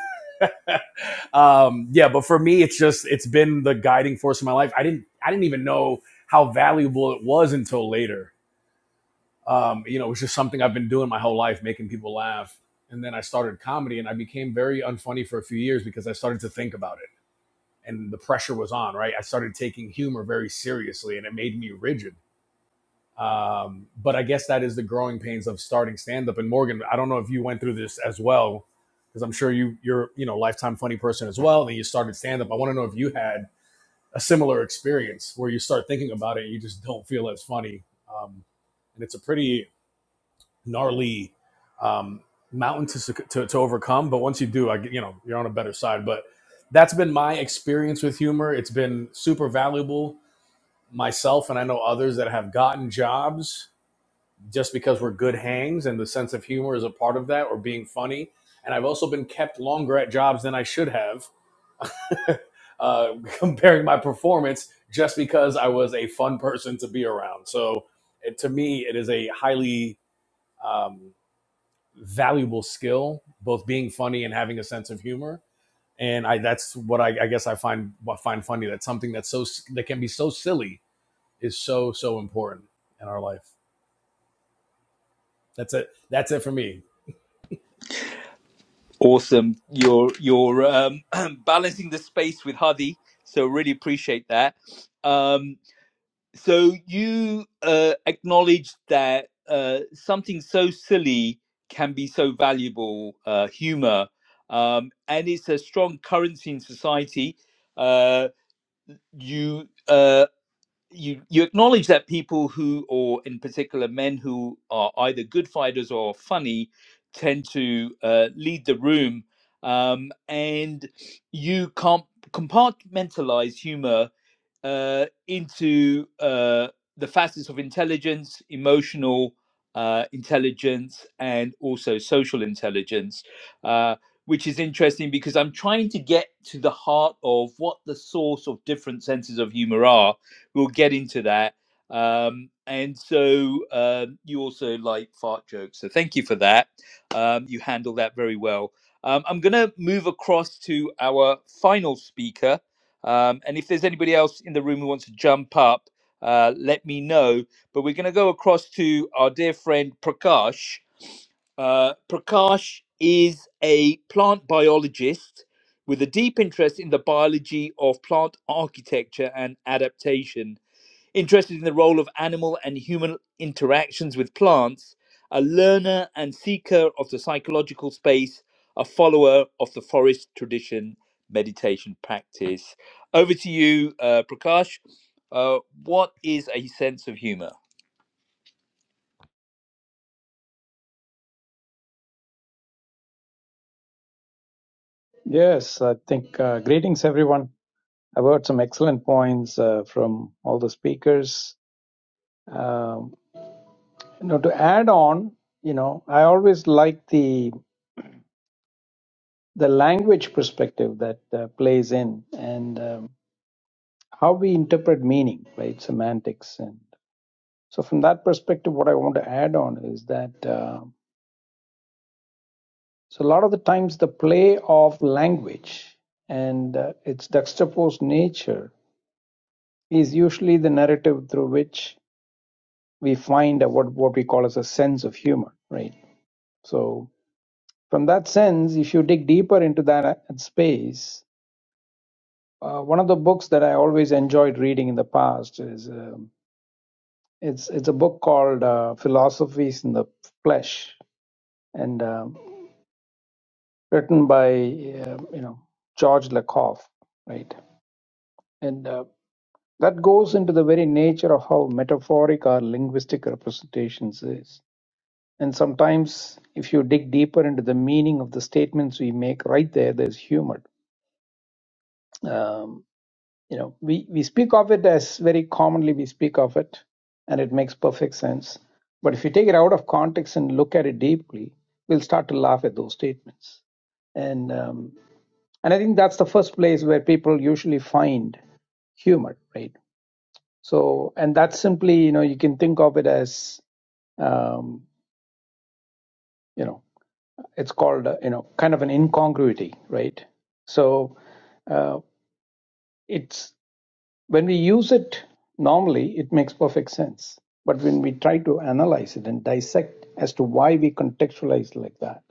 [SPEAKER 2] um, yeah, but for me, it's just it's been the guiding force in my life. I didn't I didn't even know how valuable it was until later. Um, you know, it was just something I've been doing my whole life, making people laugh. And then I started comedy, and I became very unfunny for a few years because I started to think about it, and the pressure was on. Right, I started taking humor very seriously, and it made me rigid um, but I guess that is the growing pains of starting stand up. And Morgan, I don't know if you went through this as well, because I'm sure you you're you know lifetime funny person as well. And you started stand up. I want to know if you had a similar experience where you start thinking about it, and you just don't feel as funny, um, and it's a pretty gnarly um, mountain to, to to overcome. But once you do, I g- you know you're on a better side. But that's been my experience with humor. It's been super valuable myself, and I know others that have gotten jobs just because we're good hangs and the sense of humor is a part of that or being funny. And I've also been kept longer at jobs than I should have, uh, comparing my performance just because I was a fun person to be around. So it, to me, it is a highly um, valuable skill, both being funny and having a sense of humor. And I, that's what I, I guess I find what find funny. That something that's so that can be so silly is so so important in our life. That's it. That's it for me.
[SPEAKER 1] Awesome. You're you're um, balancing the space with Hadi, so really appreciate that. Um, so you uh, acknowledge that uh, something so silly can be so valuable, uh, humor, um, and it's a strong currency in society. Uh, you. Uh, you you acknowledge that people who or in particular men who are either good fighters or funny tend to uh, lead the room um, and you can't compartmentalize humor uh, into uh, the facets of intelligence, emotional uh, intelligence, and also social intelligence, uh, which is interesting because I'm trying to get to the heart of what the source of different senses of humor are. We'll get into that. Um, and so um you also like fart jokes. So thank you for that. Um, you handle that very well. Um, I'm going to move across to our final speaker, um, and if there's anybody else in the room who wants to jump up, uh, let me know. But we're going to go across to our dear friend Prakash. Uh, Prakash is a plant biologist with a deep interest in the biology of plant architecture and adaptation. Interested in the role of animal and human interactions with plants, a learner and seeker of the psychological space, a follower of the forest tradition meditation practice. Over to you, uh, Prakash. Uh, what is a sense of humor?
[SPEAKER 6] Yes, I think uh, greetings, everyone. I've heard some excellent points uh, from all the speakers. Um, you know, to add on, you know, I always like the the language perspective that uh, plays in and um, how we interpret meaning, right? Semantics, and so from that perspective, what I want to add on is that uh, so a lot of the times the play of language and uh, its juxtaposed nature is usually the narrative through which we find a, what what we call as a sense of humor, right? So from that sense, if you dig deeper into that uh, space, uh, one of the books that I always enjoyed reading in the past is um, it's it's a book called uh, Philosophies in the Flesh, and um written by uh, you know George Lakoff, right? And uh, that goes into the very nature of how metaphoric our linguistic representations is And sometimes, if you dig deeper into the meaning of the statements we make, right there, there's humor. Um, you know, we, we speak of it as very commonly we speak of it, and it makes perfect sense. But if you take it out of context and look at it deeply, we'll start to laugh at those statements. And um, and I think that's the first place where people usually find humor, right? So, and that's simply, you know, you can think of it as um, you know It's called, uh, you know, kind of an incongruity, right? So uh, it's when we use it normally, it makes perfect sense. But when we try to analyze it and dissect as to why we contextualize like that,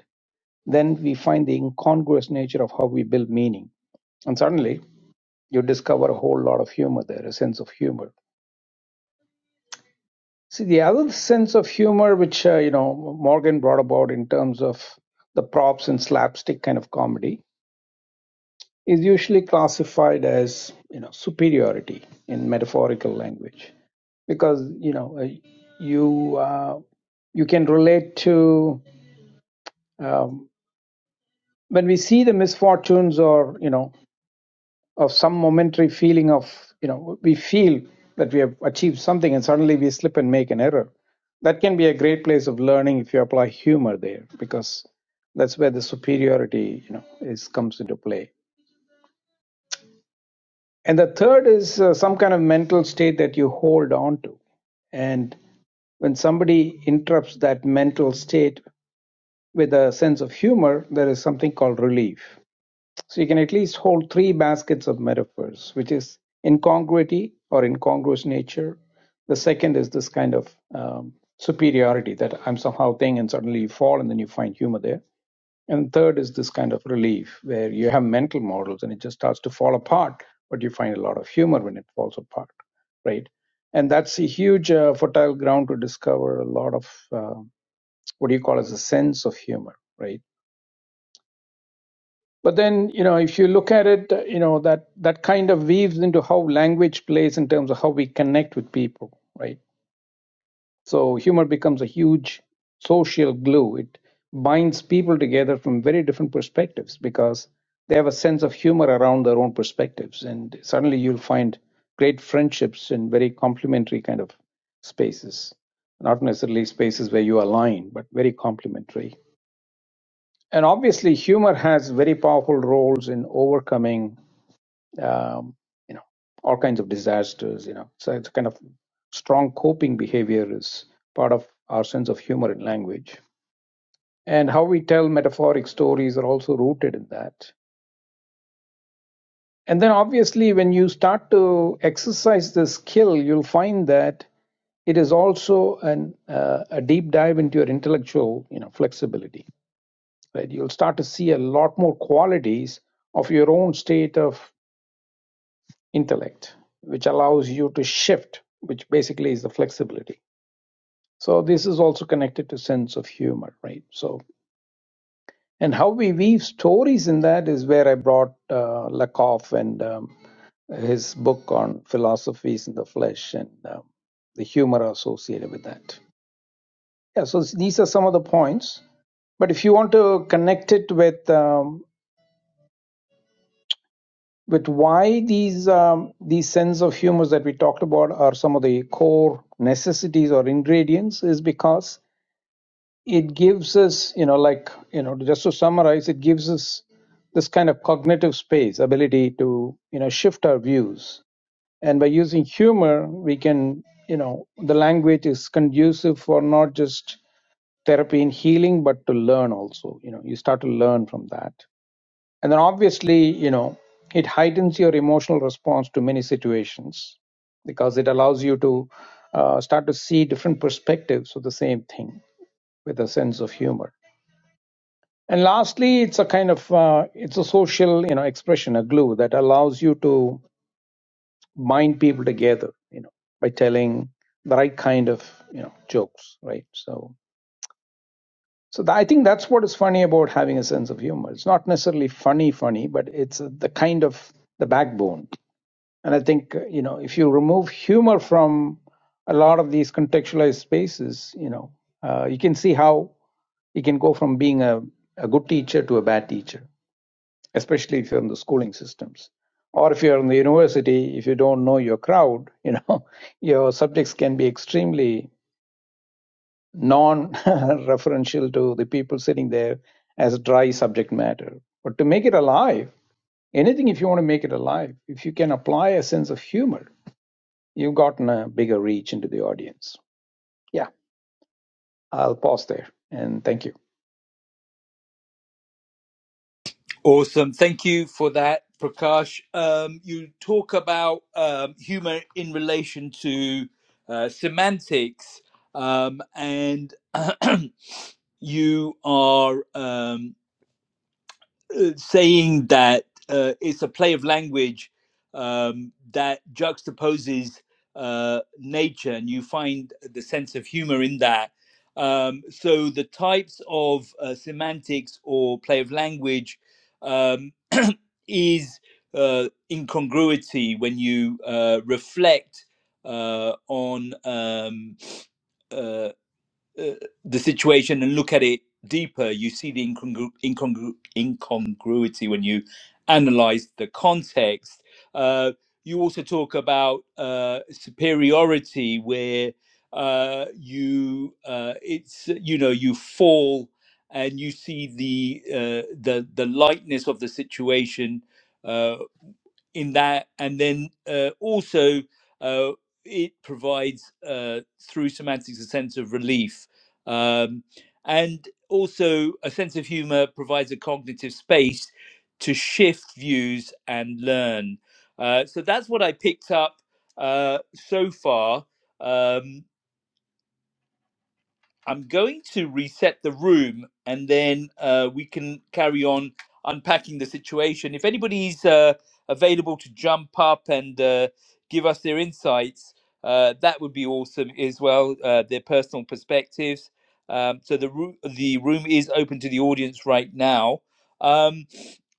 [SPEAKER 6] then we find the incongruous nature of how we build meaning. And suddenly you discover a whole lot of humor there, a sense of humor. See, the other sense of humor, which, uh, you know, Morgan brought about in terms of the props and slapstick kind of comedy, is usually classified as you know superiority in metaphorical language because you know uh, you uh, you can relate to um, when we see the misfortunes or you know of some momentary feeling of you know we feel that we have achieved something and suddenly we slip and make an error that can be a great place of learning if you apply humor there because that's where the superiority you know is comes into play And the third is uh, some kind of mental state that you hold on to. And when somebody interrupts that mental state with a sense of humor, there is something called relief. So you can at least hold three baskets of metaphors, which is incongruity or incongruous nature. The second is this kind of um, superiority that I'm somehow thing, and suddenly you fall, and then you find humor there. And third is this kind of relief where you have mental models and it just starts to fall apart, but you find a lot of humor when it falls apart, right? And that's a huge uh, fertile ground to discover a lot of uh, what do you call as a sense of humor, right? But then, you know, if you look at it, uh, you know, that that kind of weaves into how language plays in terms of how we connect with people, right? So humor becomes a huge social glue. It binds people together from very different perspectives because they have a sense of humor around their own perspectives. And suddenly you'll find great friendships in very complementary kind of spaces. Not necessarily spaces where you align, but very complementary. And obviously, humor has very powerful roles in overcoming um, you know, all kinds of disasters, you know. So it's kind of strong coping behavior is part of our sense of humor in language. And how we tell metaphoric stories are also rooted in that. And then obviously, when you start to exercise this skill, you'll find that it is also an, uh, a deep dive into your intellectual you know, flexibility. Right? You'll start to see a lot more qualities of your own state of intellect, which allows you to shift, which basically is the flexibility. So this is also connected to sense of humor, right? So and how we weave stories in that is where I brought uh, Lakoff and um, his book on philosophies in the flesh and um, the humor associated with that. Yeah, so these are some of the points. But if you want to connect it with um, But why these um, these sense of humors that we talked about are some of the core necessities or ingredients is because it gives us, you know, like you know, just to summarize, it gives us this kind of cognitive space, ability to you know shift our views, and by using humor, we can, you know, the language is conducive for not just therapy and healing, but to learn also. You know, you start to learn from that. And then obviously, you know, it heightens your emotional response to many situations because it allows you to uh, start to see different perspectives of the same thing with a sense of humor. And lastly, it's a kind of uh, it's a social, you know, expression, a glue that allows you to bind people together, you know, by telling the right kind of, you know, jokes, right? So, so th- I think that's what is funny about having a sense of humor. It's not necessarily funny, funny, but it's uh, the kind of the backbone And I think, uh, you know, if you remove humor from a lot of these contextualized spaces, you know, uh, you can see how you can go from being a, a good teacher to a bad teacher, especially if you're in the schooling systems. Or if you're in the university, if you don't know your crowd, you know, your subjects can be extremely non referential to the people sitting there as dry subject matter. But to make it alive, anything if you want to make it alive, if you can apply a sense of humor you've gotten a bigger reach into the audience. Yeah, I'll pause there and thank you.
[SPEAKER 1] Awesome. Thank you for that, Prakash. Um, you talk about um, humor in relation to uh, semantics, um, and you are. Um, uh, saying that uh, it's a play of language um, that juxtaposes uh, nature, and you find the sense of humor in that. Um, so the types of uh, semantics or play of language um, is uh, incongruity when you uh, reflect uh, on um, uh, uh, the situation and look at it deeper, you see the incongru- incongru- incongruity when you analyze the context. Uh, you also talk about uh, superiority, where uh, you uh, it's you know you fall and you see the uh, the the lightness of the situation. uh, in that. And then uh, also, uh, it provides uh, through semantics a sense of relief. Um, and also, a sense of humor provides a cognitive space to shift views and learn. Uh, so that's what I picked up uh, so far. Um, I'm going to reset the room and then uh, we can carry on unpacking the situation. If anybody's uh, available to jump up and uh, give us their insights, uh, that would be awesome as well, uh, their personal perspectives. Um, so the, roo- the room is open to the audience right now. Um,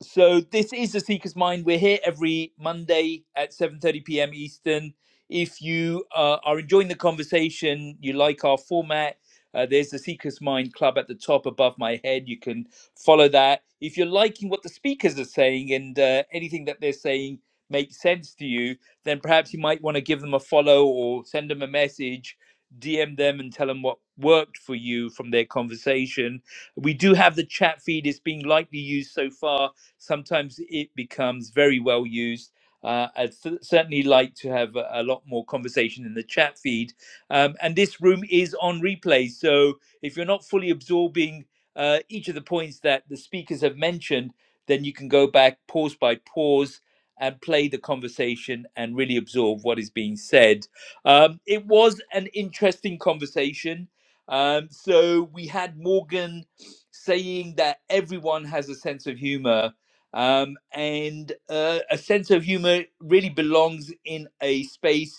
[SPEAKER 1] so this is the Seeker's Mind. We're here every Monday at 7.30 p.m. Eastern. If you uh, are enjoying the conversation, you like our format, uh, there's the Seeker's Mind Club at the top above my head. You can follow that. If you're liking what the speakers are saying and uh, anything that they're saying makes sense to you, then perhaps you might want to give them a follow or send them a message, DM them and tell them what worked for you from their conversation. We do have the chat feed, it's being lightly used so far. Sometimes it becomes very well used. Uh, I'd cer- certainly like to have a, a lot more conversation in the chat feed um, and this room is on replay. So if you're not fully absorbing uh, each of the points that the speakers have mentioned, then you can go back pause by pause and play the conversation and really absorb what is being said. Um, it was an interesting conversation. Um, so we had Morgan saying that everyone has a sense of humor. Um, and uh, a sense of humor really belongs in a space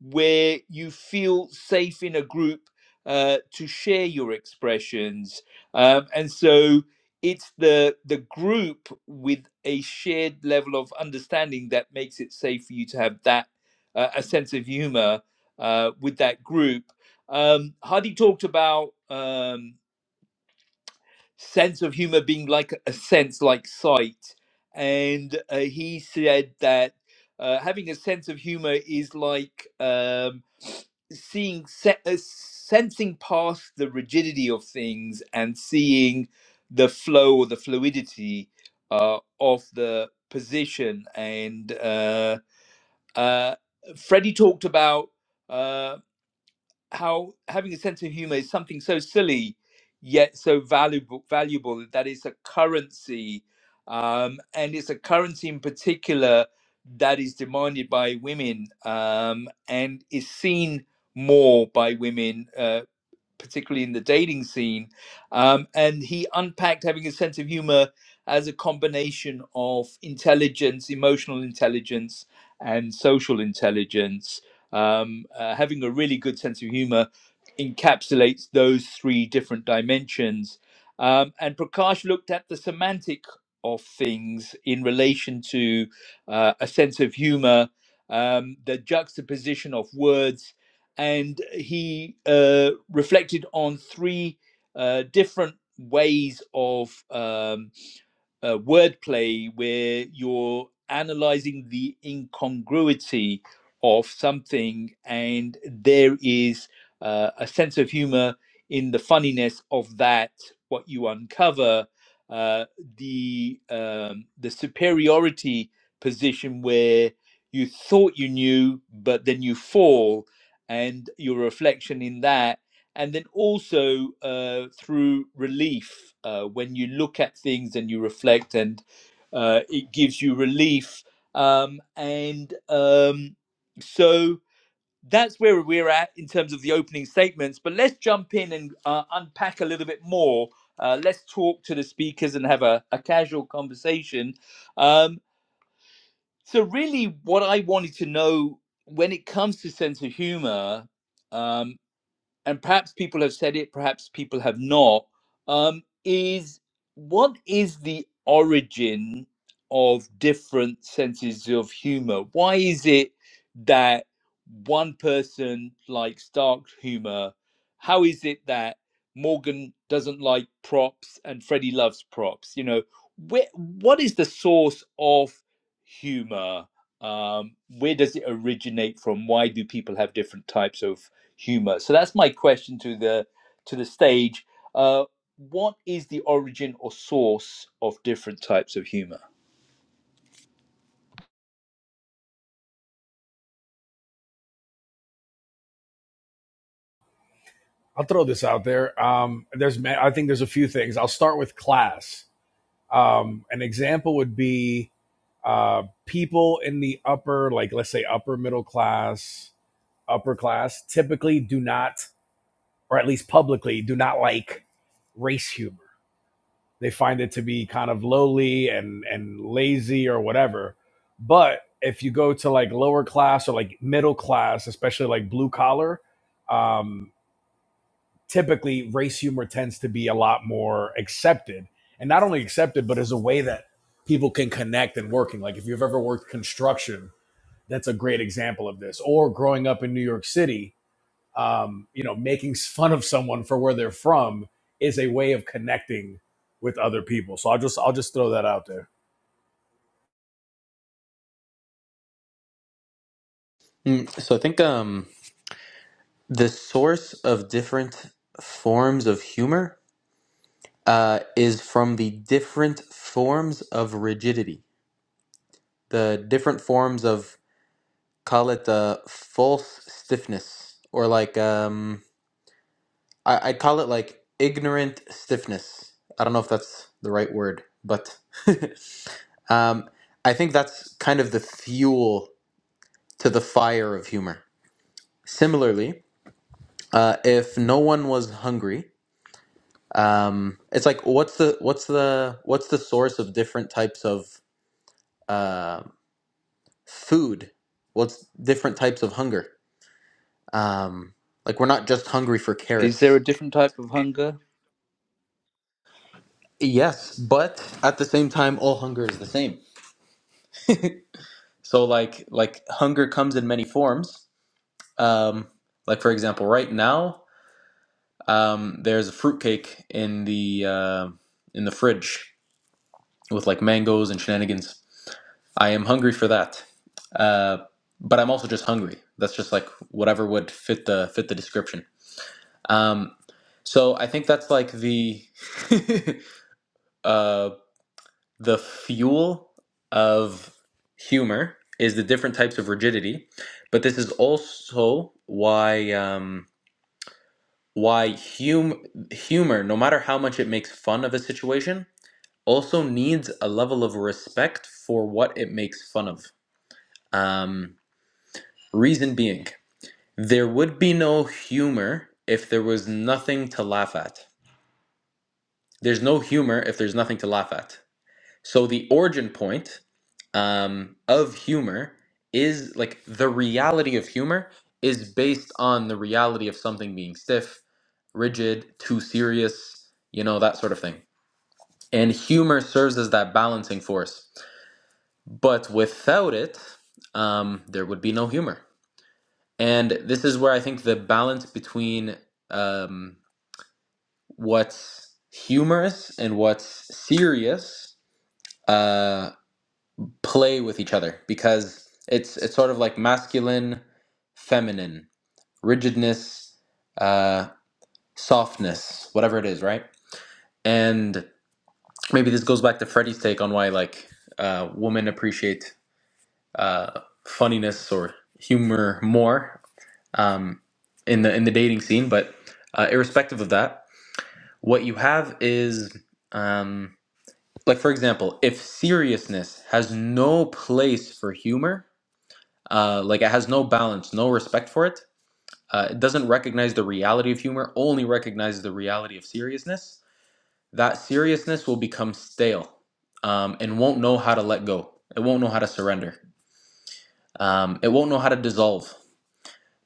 [SPEAKER 1] where you feel safe in a group uh, to share your expressions. Um, and so it's the the group with a shared level of understanding that makes it safe for you to have that uh, a sense of humor uh, with that group. Um, Hadi talked about. Um, sense of humor being like a sense like sight. And uh, he said that uh, having a sense of humor is like um, seeing, se- uh, sensing past the rigidity of things and seeing the flow or the fluidity uh, of the position. And uh, uh, Freddie talked about. uh, how having a sense of humor is something so silly yet so valuable valuable that it's a currency um, and it's a currency in particular that is demanded by women um, and is seen more by women uh, particularly in the dating scene. Um, and he unpacked having a sense of humor as a combination of intelligence, emotional intelligence, and social intelligence. Um, uh, having a really good sense of humor encapsulates those three different dimensions. Um, and Prakash looked at the semantic of things in relation to uh, a sense of humor, um, the juxtaposition of words and he uh, reflected on three uh, different ways of um, uh, wordplay where you're analyzing the incongruity of something, and there is uh, a sense of humor in the funniness of that. What you uncover, uh, the um, the superiority position where you thought you knew, but then you fall, and your reflection in that and then also uh, through relief uh, when you look at things and you reflect and uh, it gives you relief um, and um, so that's where we're at in terms of the opening statements but let's jump in and uh, unpack a little bit more uh, let's talk to the speakers and have a, a casual conversation um, so really what i wanted to know when it comes to sense of humor um, and perhaps people have said it, perhaps people have not, um, is what is the origin of different senses of humor? Why is it that one person likes dark humor? How is it that Morgan doesn't like props and Freddie loves props? You know, where, what is the source of humor? Um, where does it originate from? Why do people have different types of humor. So that's my question to the to the stage. Uh, what is the origin or source of different types of humor?
[SPEAKER 2] I'll throw this out there. Um, there's, I think there's a few things. I'll start with class. Um, an example would be uh, people in the upper, like let's say upper middle class, upper class, typically do not, or at least publicly, do not like race humor. They find it to be kind of lowly and and lazy or whatever. But if you go to like lower class or like middle class, especially like blue collar, um, typically race humor tends to be a lot more accepted and not only accepted but as a way that people can connect and working like if you've ever worked construction that's a great example of this or growing up in new york city um, you know making fun of someone for where they're from is a way of connecting with other people so i'll just i'll just throw that out there
[SPEAKER 5] Mm, so I think um, the source of different forms of humor uh, is from the different forms of rigidity, the different forms of call it uh, false stiffness or like um I, I'd call it like ignorant stiffness. I don't know if that's the right word, but um, I think that's kind of the fuel to the fire of humor. Similarly, uh, if no one was hungry, um, it's like what's the what's the what's the source of different types of uh, food? What's different types of hunger? Um, like we're not just hungry for
[SPEAKER 1] Is there
[SPEAKER 5] carrots
[SPEAKER 1] a different type of hunger?
[SPEAKER 5] Yes, but at the same time, all hunger is the same. So, like, like hunger comes in many forms. Um, like for example, right now, um, there's a fruitcake in the uh, in the fridge with like mangoes and shenanigans. I am hungry for that, uh, but I'm also just hungry. That's just like whatever would fit the fit the description. Um, so I think that's like the um, the fuel of humor is the different types of rigidity but this is also why um, why hum- humor no matter how much it makes fun of a situation also needs a level of respect for what it makes fun of um, reason being there would be no humor if there was nothing to laugh at there's no humor if there's nothing to laugh at so the origin point um, of humor is like the reality of humor is based on the reality of something being stiff, rigid, too serious, you know, that sort of thing. And humor serves as that balancing force. But without it, um, there would be no humor. And this is where I think the balance between um, what's humorous and what's serious uh, play with each other because it's it's sort of like masculine, feminine, rigidness, uh, softness, whatever it is, right? And maybe this goes back to Freddie's take on why like uh, women appreciate uh, funniness or humor more um, in the in the dating scene. But uh, irrespective of that, what you have is um, like for example, if seriousness has no place for humor, Uh, like it has no balance, no respect for it. Uh, it doesn't recognize the reality of humor, only recognizes the reality of seriousness. That seriousness will become stale um, and won't know how to let go. It won't know how to surrender. Um, it won't know how to dissolve.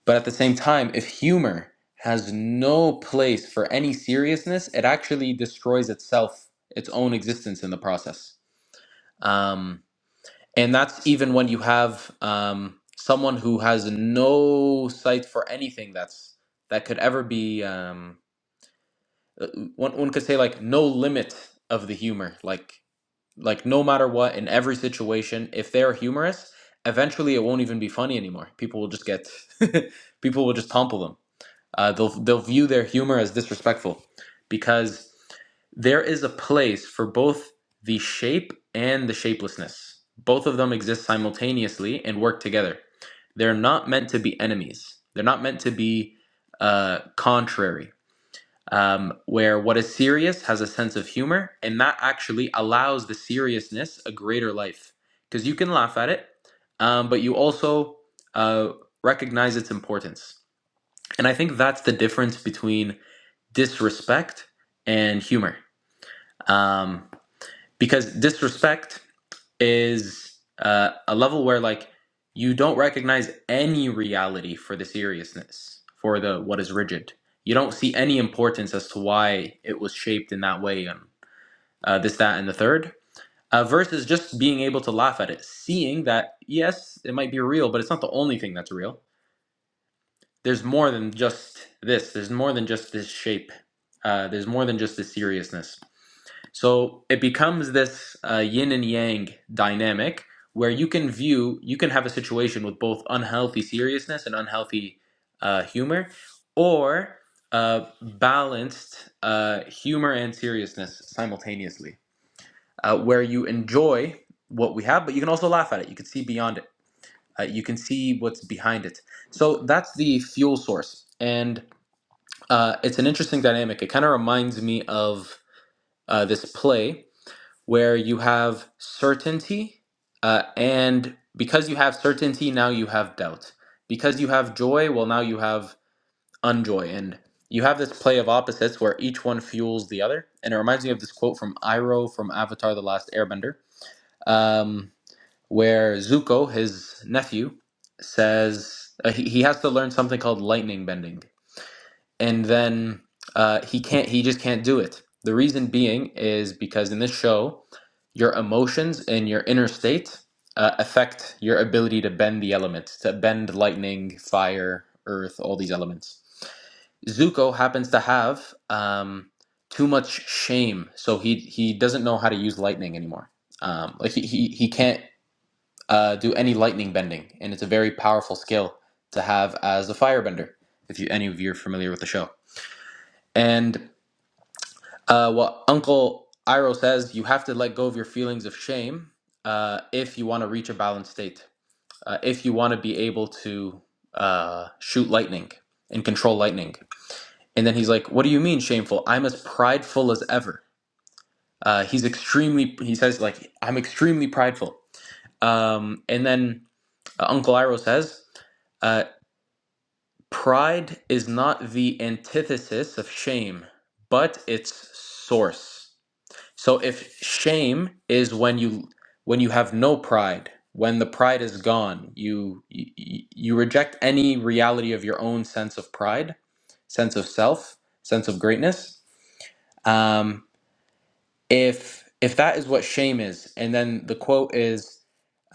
[SPEAKER 5] But at the same time, if humor has no place for any seriousness, it actually destroys itself, its own existence in the process. Um, and that's even when you have um, someone who has no sight for anything that's that could ever be um, uh, one, one could say like no limit of the humor like like no matter what in every situation if they're humorous eventually it won't even be funny anymore people will just get people will just topple them uh, they'll they'll view their humor as disrespectful because there is a place for both the shape and the shapelessness. Both of them exist simultaneously and work together. They're not meant to be enemies. They're not meant to be uh, contrary. Um, where what is serious has a sense of humor, and that actually allows the seriousness a greater life because you can laugh at it, um, but you also uh, recognize its importance. And I think that's the difference between disrespect and humor. Um, because disrespect is uh, a level where, like, you don't recognize any reality for the seriousness, for the what is rigid. You don't see any importance as to why it was shaped in that way and uh, this, that, and the third. Uh, versus just being able to laugh at it, seeing that, yes, it might be real, but it's not the only thing that's real there's more than just this. There's more than just this shape. Uh, there's more than just this seriousness. So it becomes this uh, yin and yang dynamic where you can view, you can have a situation with both unhealthy seriousness and unhealthy uh, humor, or uh, balanced uh, humor and seriousness simultaneously, uh, where you enjoy what we have, but you can also laugh at it. You can see beyond it. Uh, you can see what's behind it. So that's the fuel source. And uh, it's an interesting dynamic. It kind of reminds me of uh, this play where you have certainty, uh, and because you have certainty, now you have doubt. Because you have joy, well, now you have unjoy. And you have this play of opposites where each one fuels the other. And it reminds me of this quote from Iroh from Avatar The Last Airbender, um, where Zuko, his nephew, says uh, he, he has to learn something called lightning bending and then uh, he can't he just can't do it the reason being is because in this show your emotions and your inner state uh, affect your ability to bend the elements to bend lightning fire earth all these elements zuko happens to have um, too much shame so he he doesn't know how to use lightning anymore um, like he, he, he can't uh, do any lightning bending and it's a very powerful skill to have as a firebender if you any of you are familiar with the show and uh, well, Uncle Iro says you have to let go of your feelings of shame uh, if you want to reach a balanced state, uh, if you want to be able to uh, shoot lightning and control lightning. And then he's like, What do you mean shameful? I'm as prideful as ever. Uh, he's extremely, he says, like, I'm extremely prideful. Um, and then uh, Uncle Iro says, uh, Pride is not the antithesis of shame, but its source. So if shame is when you when you have no pride, when the pride is gone, you you, you reject any reality of your own sense of pride, sense of self, sense of greatness. Um, if if that is what shame is, and then the quote is,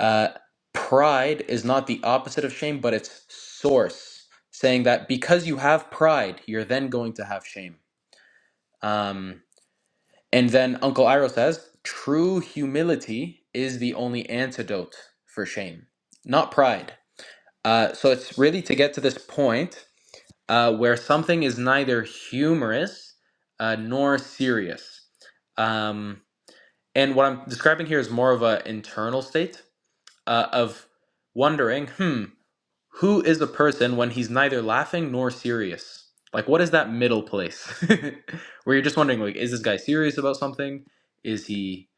[SPEAKER 5] uh, "Pride is not the opposite of shame, but its source," saying that because you have pride, you're then going to have shame. Um, and then Uncle Iroh says, true humility is the only antidote for shame, not pride. Uh, so it's really to get to this point uh, where something is neither humorous uh, nor serious. Um, and what I'm describing here is more of an internal state uh, of wondering, hmm, who is a person when he's neither laughing nor serious? Like, what is that middle place where you're just wondering, like, is this guy serious about something? Is he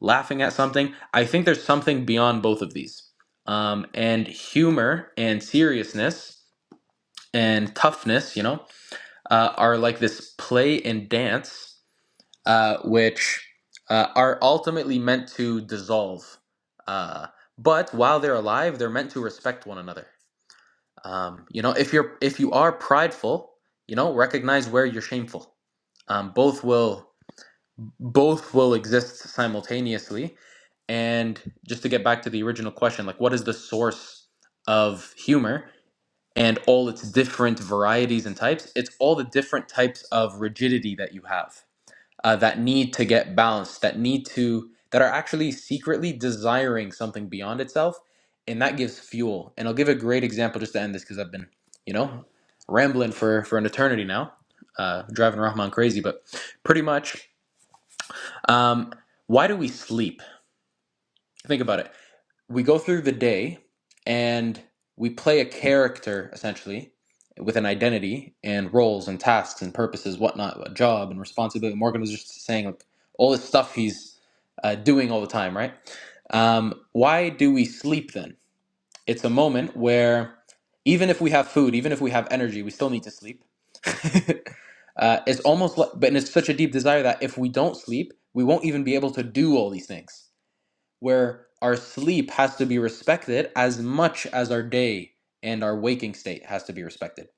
[SPEAKER 5] laughing at something? I think there's something beyond both of these. Um, and humor and seriousness and toughness, you know, uh, are like this play and dance, uh, which uh, are ultimately meant to dissolve. Uh, but while they're alive, they're meant to respect one another. Um, you know, if you're if you are prideful, you know, recognize where you're shameful. Um, both will both will exist simultaneously. And just to get back to the original question, like what is the source of humor and all its different varieties and types? It's all the different types of rigidity that you have uh, that need to get balanced, that need to that are actually secretly desiring something beyond itself, and that gives fuel. And I'll give a great example just to end this because I've been, you know, rambling for for an eternity now, uh, driving Rahman crazy. But pretty much, um, why do we sleep? Think about it we go through the day and we play a character essentially with an identity and roles and tasks and purposes, whatnot, a job and responsibility. Morgan was just saying like all this stuff he's uh, doing all the time, right? Um, why do we sleep then? It's a moment where even if we have food, even if we have energy, we still need to sleep. uh, it's almost like, but and it's such a deep desire that if we don't sleep, we won't even be able to do all these things where our sleep has to be respected as much as our day and our waking state has to be respected.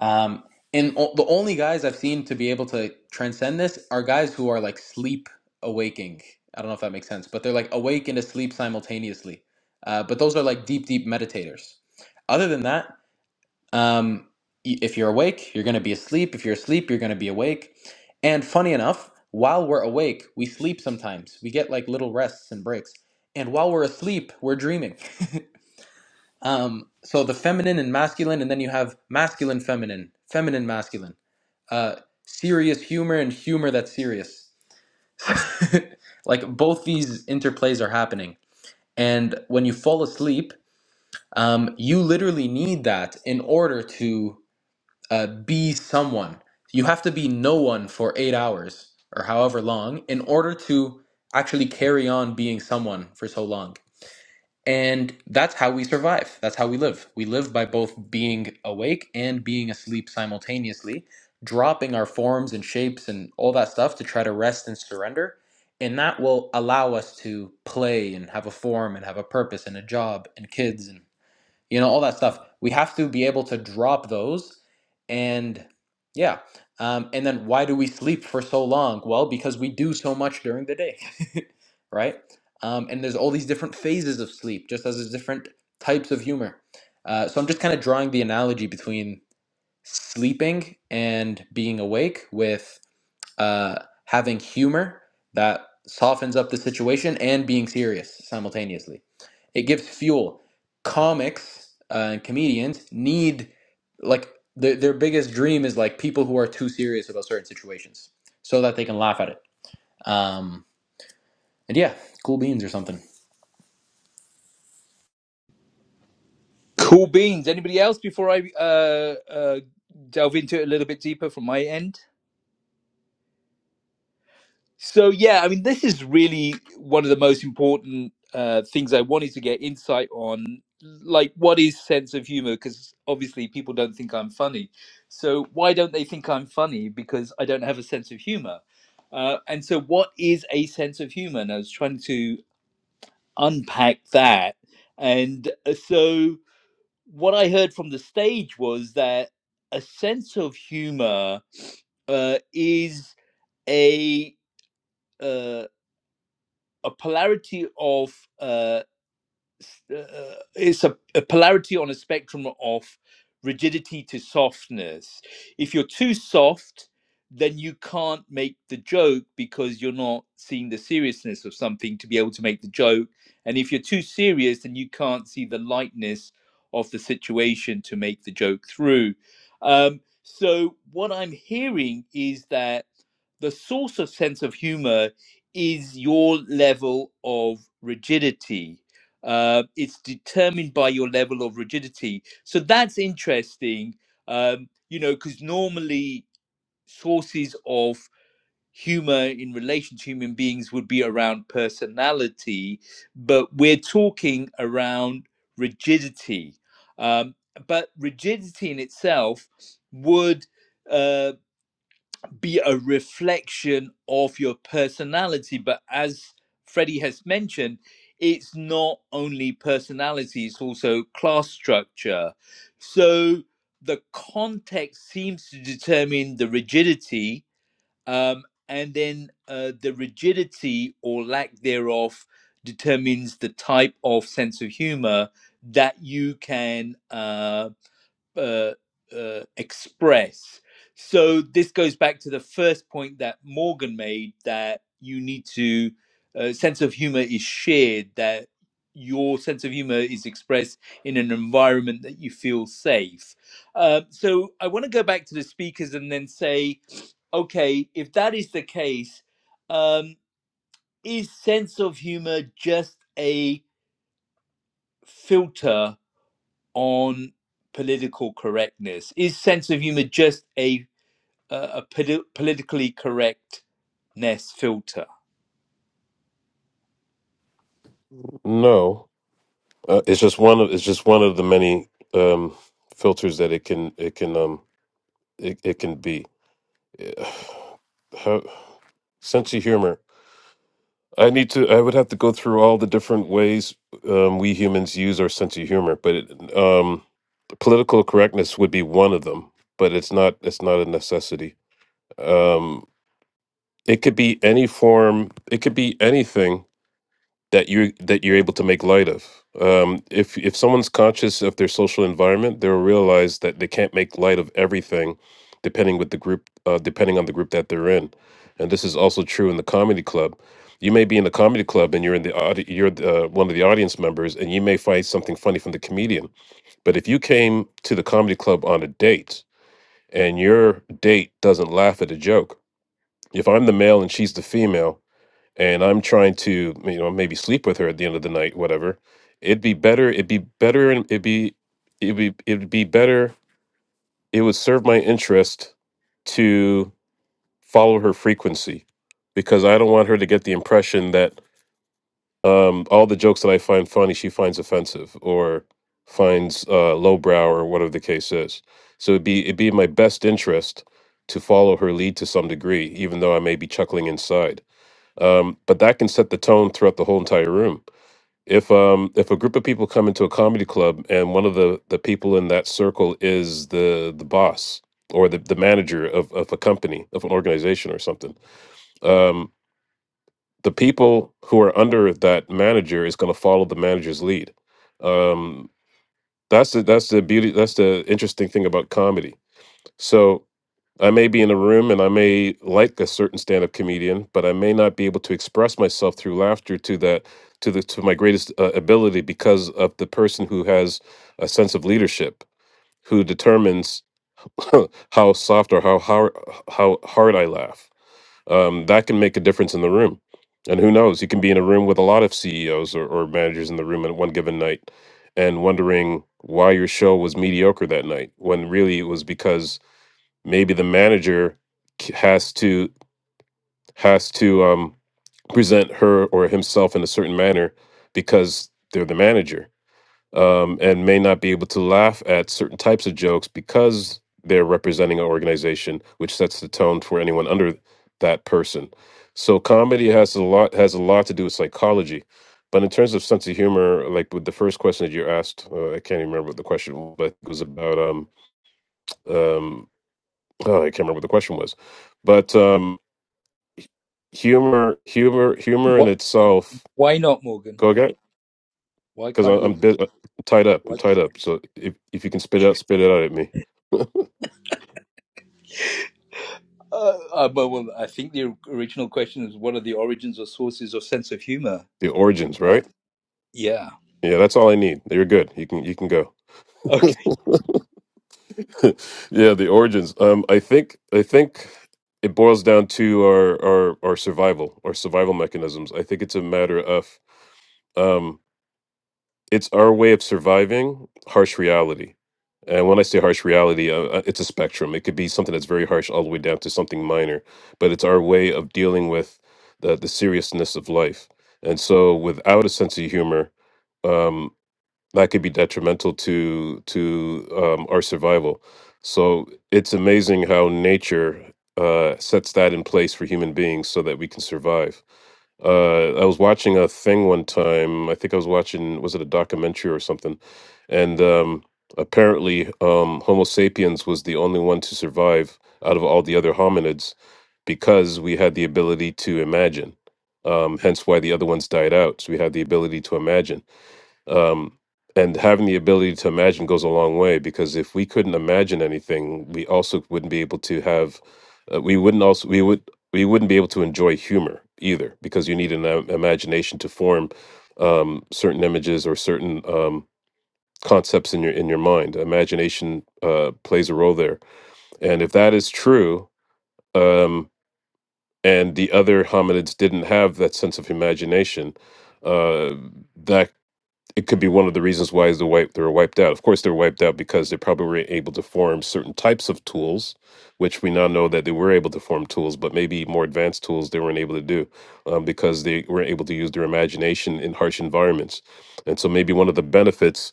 [SPEAKER 5] Um, and o- the only guys I've seen to be able to transcend this are guys who are like sleep awaking. I don't know if that makes sense, but they're like awake and asleep simultaneously. Uh, but those are like deep, deep meditators. Other than that, um, if you're awake, you're going to be asleep. If you're asleep, you're going to be awake. And funny enough, while we're awake, we sleep sometimes. We get like little rests and breaks. And while we're asleep, we're dreaming. Um, so the feminine and masculine, and then you have masculine, feminine, feminine, masculine, uh, serious humor, and humor that's serious. like both these interplays are happening. And when you fall asleep, um, you literally need that in order to uh, be someone. You have to be no one for eight hours or however long in order to actually carry on being someone for so long. And that's how we survive. That's how we live. We live by both being awake and being asleep simultaneously, dropping our forms and shapes and all that stuff to try to rest and surrender. And that will allow us to play and have a form and have a purpose and a job and kids and you know all that stuff we have to be able to drop those and yeah um, and then why do we sleep for so long well because we do so much during the day right um, and there's all these different phases of sleep just as there's different types of humor uh, so i'm just kind of drawing the analogy between sleeping and being awake with uh, having humor that softens up the situation and being serious simultaneously. It gives fuel. Comics uh, and comedians need like their their biggest dream is like people who are too serious about certain situations so that they can laugh at it. Um, and yeah, cool beans or something.
[SPEAKER 1] Cool beans. Anybody else before I uh, uh, delve into it a little bit deeper from my end? So yeah, I mean, this is really one of the most important uh, things I wanted to get insight on, like what is sense of humor? Because obviously people don't think I'm funny. So why don't they think I'm funny? Because I don't have a sense of humor. Uh, and so, what is a sense of humor? And I was trying to unpack that. And uh, so, what I heard from the stage was that a sense of humor uh, is a uh, a polarity of uh, uh, uh, it's a, a polarity on a spectrum of rigidity to softness. If you're too soft, then you can't make the joke because you're not seeing the seriousness of something to be able to make the joke. And if you're too serious, then you can't see the lightness of the situation to make the joke through. Um, so, what I'm hearing is that the source of sense of humor is your level of rigidity uh, it's determined by your level of rigidity. So that's interesting, um, you know, because normally sources of humor in relation to human beings would be around personality, but we're talking around rigidity. Um, but rigidity in itself would. uh, be a reflection of your personality. But as Freddie has mentioned, it's not only personality, it's also class structure. So the context seems to determine the rigidity, um, and then uh, the rigidity or lack thereof determines the type of sense of humor that you can. uh, uh, uh, express. So this goes back to the first point that Morgan made that you need to uh, sense of humor is shared that your sense of humor is expressed in an environment that you feel safe. Uh, so I want to go back to the speakers and then say, okay, if that is the case, um, is sense of humor just a filter on political correctness? Is sense of humor just a uh, a poli- politically correctness filter?
[SPEAKER 3] No. Uh, it's just one of it's just one of the many um, filters that it can it can um it, it can be. Eh, How, sense of humor. I need to. I would have to go through all the different ways um, we humans use our sense of humor, but it, um, political correctness would be one of them. But it's not. It's not a necessity. Um, it could be any form. It could be anything that you that you're able to make light of. Um, if if someone's conscious of their social environment, they'll realize that they can't make light of everything, depending with the group, uh, depending on the group that they're in. And this is also true in the comedy club. You may be in the comedy club and you're in the audi- you're the, uh, one of the audience members, and you may find something funny from the comedian. But if you came to the comedy club on a date and your date doesn't laugh at a joke, if I'm the male and she's the female, and I'm trying to, you know, maybe sleep with her at the end of the night, whatever. It'd be better. It'd be better, and it'd be, it'd be, it'd be better. It would serve my interest to follow her frequency, because I don't want her to get the impression that um, all the jokes that I find funny she finds offensive or finds uh, lowbrow or whatever the case is. So it'd be it'd be in my best interest to follow her lead to some degree, even though I may be chuckling inside um, but that can set the tone throughout the whole entire room. If um, if a group of people come into a comedy club and one of the the people in that circle is the the boss or the, the manager of, of a company of an organization or something, um, the people who are under that manager is going to follow the manager's lead. Um, that's the that's the beauty. That's the interesting thing about comedy. So I may be in a room and I may like a certain stand-up comedian, but I may not be able to express myself through laughter to that to the to my greatest uh, ability because of the person who has a sense of leadership, who determines how soft or how hard how hard I laugh. Um, that can make a difference in the room. And who knows? You can be in a room with a lot of CEOs or, or managers in the room at one given night, and wondering why your show was mediocre that night when really it was because maybe the manager has to has to um, present her or himself in a certain manner because they're the manager um, and may not be able to laugh at certain types of jokes because they're representing an organization which sets the tone for anyone under that person so comedy has a lot has a lot to do with psychology but in terms of sense of humor like with the first question that you asked uh, i can't even remember what the question was but it was about um, um, oh, I can't remember what the question was, but um, humor, humor, humor in
[SPEAKER 1] What?
[SPEAKER 3] itself.
[SPEAKER 1] Why not, Morgan?
[SPEAKER 3] Go again,
[SPEAKER 1] Why
[SPEAKER 3] because
[SPEAKER 1] can't
[SPEAKER 3] I'm
[SPEAKER 1] you?
[SPEAKER 3] bit, uh, tied up. I'm
[SPEAKER 1] Why,
[SPEAKER 3] tied up. So if if you can spit it out, spit it out at me.
[SPEAKER 1] uh, uh, well, well, I think the original question is what are the origins or sources of sense of humor?
[SPEAKER 3] the origins,
[SPEAKER 1] Uh,
[SPEAKER 3] right?
[SPEAKER 1] yeah.
[SPEAKER 3] Yeah, that's all I need. You're good. You can you can go.
[SPEAKER 1] Okay.
[SPEAKER 3] yeah, the origins. Um, I think I think it boils down to our our our survival, our survival mechanisms. I think it's a matter of um it's our way of surviving harsh reality. And when I say harsh reality, uh, uh, it's a spectrum. It could be something that's very harsh all the way down to something minor, but it's our way of dealing with the, the seriousness of life. And so, without a sense of humor, um, that could be detrimental to to um, our survival. So it's amazing how nature uh, sets that in place for human beings so that we can survive. Uh, I was watching a thing one time. I think I was watching was it a documentary or something, and um, apparently um, Homo sapiens was the only one to survive out of all the other hominids because we had the ability to imagine. Um, hence why the other ones died out. So we had the ability to imagine um, and having the ability to imagine goes a long way because if we couldn't imagine anything we also wouldn't be able to have uh, we wouldn't also we would we wouldn't be able to enjoy humor either because you need an im- imagination to form um, certain images or certain um, concepts in your in your mind imagination uh, plays a role there and if that is true um, and the other hominids didn't have that sense of imagination uh, that it could be one of the reasons why is the wipe they were wiped out. Of course, they were wiped out because they probably were able to form certain types of tools, which we now know that they were able to form tools, but maybe more advanced tools they weren't able to do um, because they were able to use their imagination in harsh environments. And so maybe one of the benefits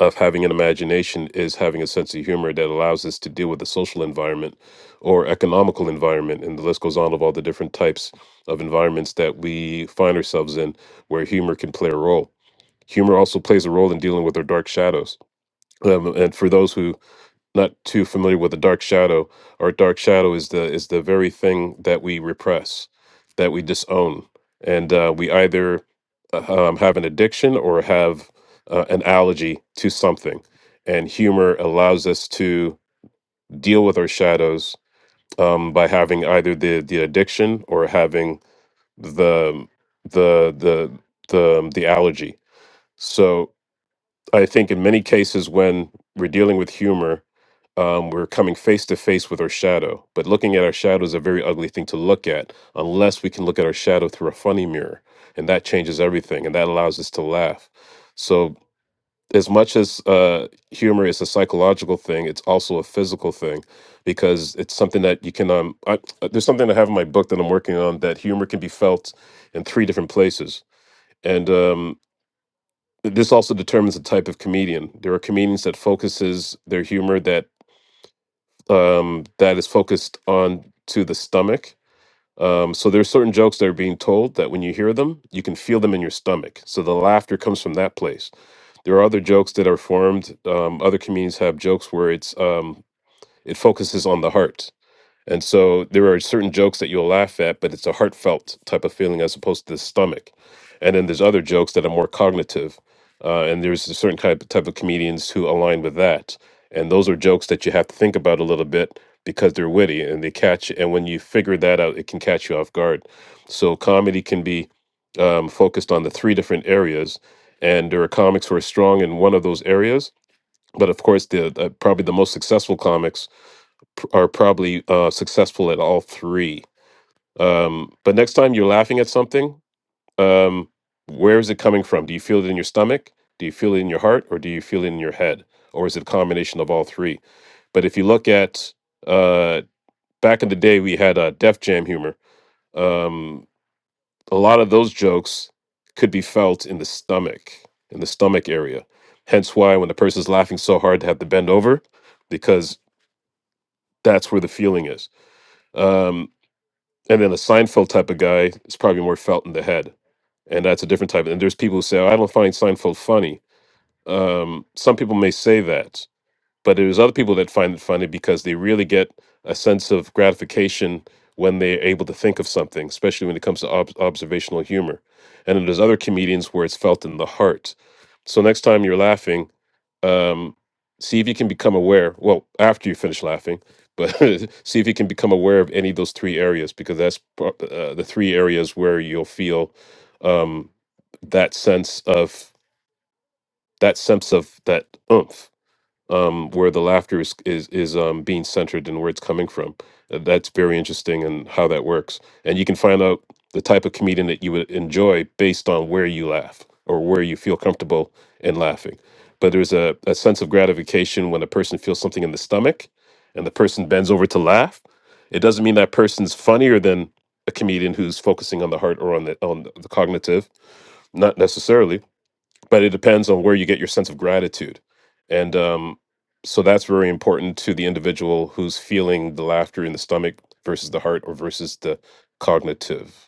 [SPEAKER 3] of having an imagination is having a sense of humor that allows us to deal with the social environment or economical environment, and the list goes on of all the different types of environments that we find ourselves in where humor can play a role. Humor also plays a role in dealing with our dark shadows. Um, and for those who not too familiar with the dark shadow, our dark shadow is the is the very thing that we repress, that we disown, and uh, we either uh, um, have an addiction or have uh, an allergy to something. And humor allows us to deal with our shadows um, by having either the the addiction or having the the the the um, the allergy. So I think in many cases when we're dealing with humor, um, we're coming face to face with our shadow. But looking at our shadow is a very ugly thing to look at unless we can look at our shadow through a funny mirror. And that changes everything and that allows us to laugh. So, as much as uh, humor is a psychological thing, it's also a physical thing because it's something that you can. Um, I, uh, there's something I have in my book that I'm working on that humor can be felt in three different places. And um, this also determines the type of comedian. There are comedians that focuses their humor that um, that is focused on to the stomach. Um, so there's certain jokes that are being told that when you hear them, you can feel them in your stomach. So the laughter comes from that place. There are other jokes that are formed. Um, other comedians have jokes where it's um, it focuses on the heart and so there are certain jokes that you'll laugh at, but it's a heartfelt type of feeling as opposed to the stomach. And then there's other jokes that are more cognitive. Uh, and there's a certain type, type of comedians who align with that. And those are jokes that you have to think about a little bit because they're witty and they catch. And when you figure that out, it can catch you off guard. So comedy can be um, focused on the three different areas. And there are comics who are strong in one of those areas. But of course, the uh, probably the most successful comics pr- are probably uh, successful at all three. Um, but next time you're laughing at something, um, where is it coming from? Do you feel it in your stomach? Do you feel it in your heart? Or do you feel it in your head? Or is it a combination of all three? But if you look at uh, back in the day, we had uh, Def Jam humor. Um, a lot of those jokes could be felt in the stomach, in the stomach area. Hence why when the person's laughing so hard, they have to bend over because that's where the feeling is. Um, And then a Seinfeld type of guy is probably more felt in the head, and that's a different type. And there's people who say, "Oh, "I don't find Seinfeld funny." Um, some people may say that, but there's other people that find it funny because they really get a sense of gratification when they're able to think of something, especially when it comes to ob- observational humor. And then there's other comedians where it's felt in the heart. So next time you're laughing um, see if you can become aware. Well, after you finish laughing, but see if you can become aware of any of those three areas because that's pro- uh, the three areas where you'll feel um, that sense of that sense of that oomph um, where the laughter is is is um, being centered and where it's coming from. Uh, That's very interesting and how that works. And you can find out the type of comedian that you would enjoy based on where you laugh or where you feel comfortable in laughing. But there's a, a sense of gratification when a person feels something in the stomach and the person bends over to laugh. It doesn't mean that person's funnier than a comedian who's focusing on the heart or on the on the cognitive, not necessarily but it depends on where you get your sense of gratitude and um, so that's very important to the individual who's feeling the laughter in the stomach versus the heart or versus the cognitive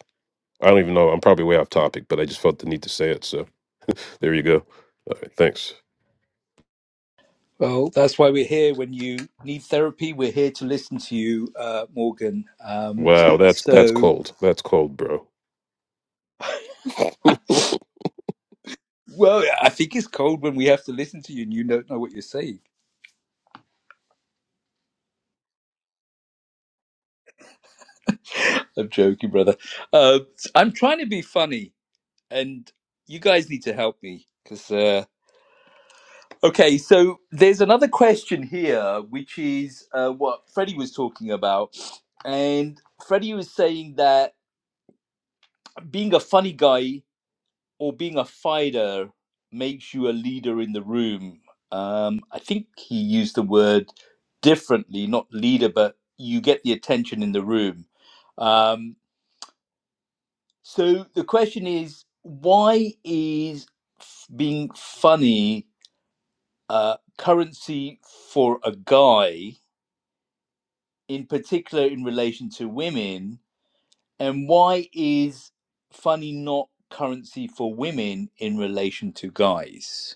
[SPEAKER 3] i don't even know i'm probably way off topic but i just felt the need to say it so there you go all right thanks
[SPEAKER 1] Well, that's why we're here. When you need therapy, we're here to listen to you, uh, Morgan. Um,
[SPEAKER 3] wow that's that's
[SPEAKER 1] so,
[SPEAKER 3] cold that's cold bro
[SPEAKER 1] well, I think it's cold when we have to listen to you and you don't know what you're saying. I'm joking, brother. Uh, I'm trying to be funny, and you guys need to help me because. Uh... Okay, so there's another question here, which is uh, what Freddie was talking about, and Freddie was saying that being a funny guy or being a fighter makes you a leader in the room. Um, I think he used the word differently, not leader, but you get the attention in the room. Um, So the question is, why is being funny uh, currency for a guy, in particular in relation to women, and why is funny not currency for women in relation to guys?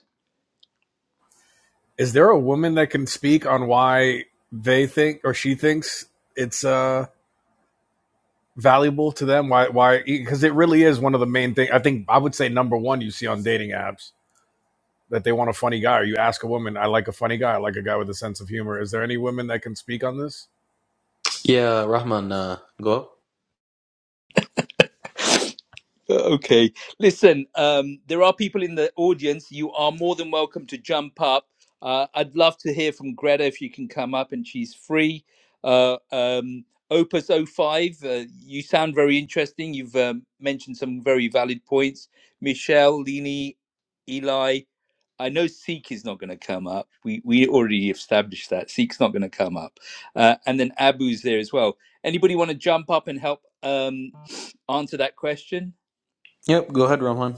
[SPEAKER 2] is there a woman that can speak on why they think or she thinks it's uh valuable to them why why because it really is one of the main things. i think i would say number one you see on dating apps that they want a funny guy or you ask a woman i like a funny guy i like a guy with a sense of humor is there any women that can speak on this
[SPEAKER 5] Yeah, Rahman, uh, go up.
[SPEAKER 1] Okay. Listen, um, there are people in the audience. You are more than welcome to jump up. Uh, I'd love to hear from Greta if you can come up and she's free. Uh, um, Opus O five, uh, you sound very interesting. You've um, mentioned some very valid points. Michelle, Lini, Eli, I know Seek is not going to come up. We, we already established that. Seek's not going to come up. Uh, and then Abu's there as well. Anybody want to jump up and help um, answer that question?
[SPEAKER 5] Yep, go ahead, Rahman.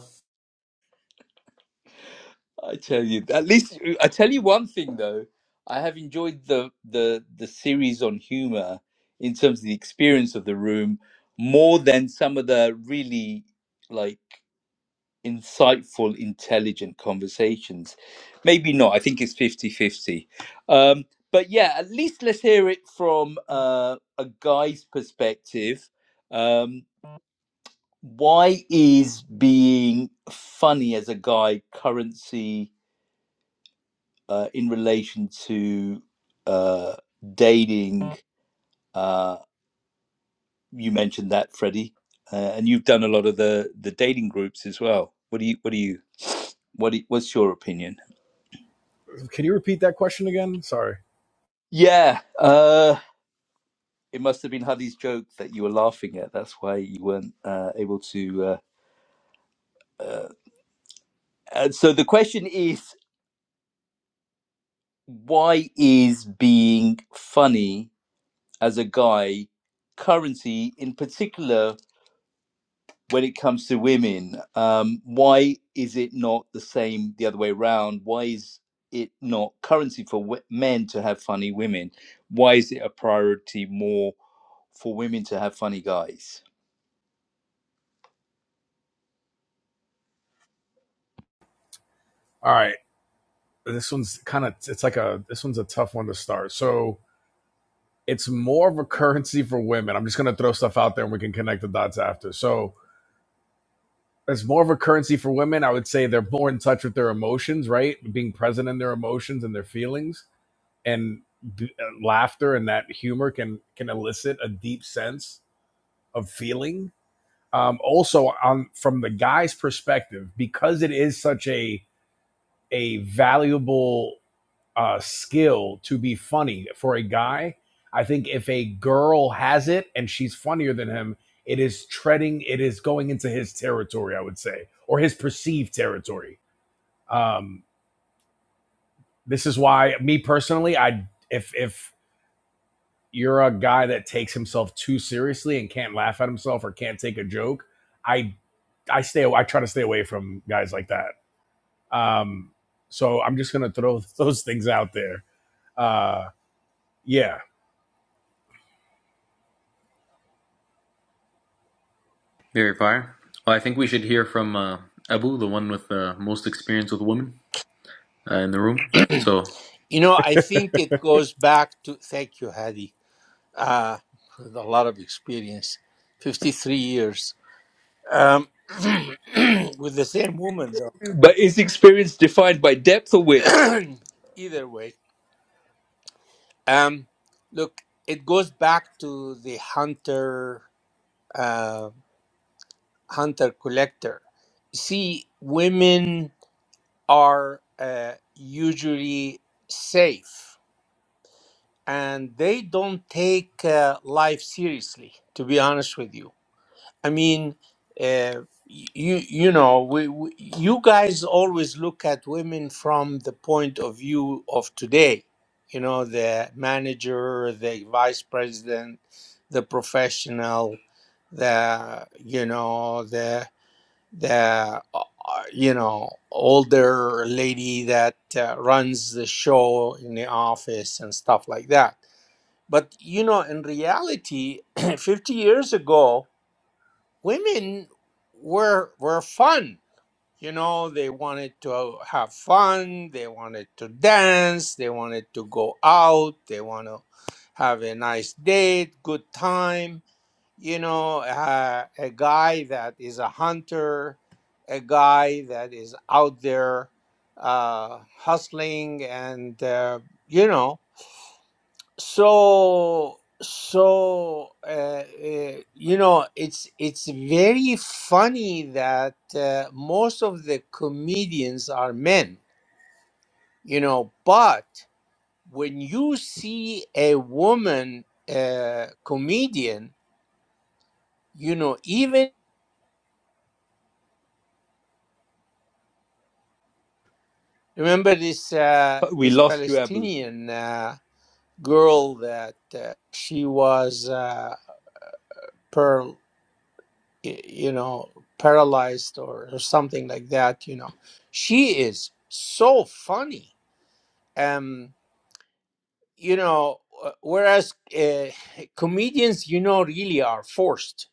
[SPEAKER 1] I tell you, at least I tell you one thing though. I have enjoyed the the the series on humor in terms of the experience of the room more than some of the really like insightful, intelligent conversations. Maybe not. I think it's fifty fifty. Um, but yeah, at least let's hear it from uh, a guy's perspective. Um, why is being funny as a guy currency? uh, in relation to uh, dating. Uh, you mentioned that, Freddie, uh, and you've done a lot of the the dating groups as well. What do you? What do you? What? Do you- what's your opinion?
[SPEAKER 2] can you repeat that question again sorry
[SPEAKER 1] Yeah, uh, it must have been Huddy's joke that you were laughing at. That's why you weren't uh, able to. Uh, uh, and so the question is, why is being funny as a guy currency in particular? when it comes to women um, why is it not the same the other way around why is it not currency for w- men to have funny women why is it a priority more for women to have funny guys
[SPEAKER 2] all right this one's kind of it's like a this one's a tough one to start so it's more of a currency for women i'm just going to throw stuff out there and we can connect the dots after so it's more of a currency for women i would say they're more in touch with their emotions right being present in their emotions and their feelings and b- uh, laughter and that humor can can elicit a deep sense of feeling um also on from the guy's perspective because it is such a a valuable uh skill to be funny for a guy i think if a girl has it and she's funnier than him it is treading it is going into his territory i would say or his perceived territory um this is why me personally i if if you're a guy that takes himself too seriously and can't laugh at himself or can't take a joke, I I stay I try to stay away from guys like that. Um, so I'm just gonna throw those things out there. Uh, yeah,
[SPEAKER 5] Very fire. Well, I think we should hear from uh, Abu, the one with the uh, most experience with women uh, in the room. So
[SPEAKER 4] You know, I think it goes back to. Thank you, Hadi. Uh, with a lot of experience, fifty-three years um, with the same woman,
[SPEAKER 1] but is experience defined by depth or width
[SPEAKER 4] though. Either way, um, look, it goes back to the hunter, uh, hunter collector. See, women. are uh, usually safe and they don't take uh, life seriously to be honest with you i mean uh, you you know we, we you guys always look at women from the point of view of today you know the manager the vice president the professional the you know the the uh, uh, you know older lady that uh, runs the show in the office and stuff like that but you know in reality 50 years ago women were were fun you know they wanted to have fun they wanted to dance they wanted to go out they want to have a nice date good time you know, uh, a guy that is a hunter, a guy that is out there uh, hustling, and uh, you know, so so uh, uh, you know, it's it's very funny that uh, most of the comedians are men, you know, but when you see a woman uh, comedian, you know, even Remember this uh,
[SPEAKER 1] Uh, we
[SPEAKER 4] this
[SPEAKER 1] lost you abu
[SPEAKER 4] Palestinian uh, girl that uh, she was uh, per y- you know paralyzed or, or something like that. You know, she is so funny. Um, you know, uh, whereas uh, comedians, you know, really are forced.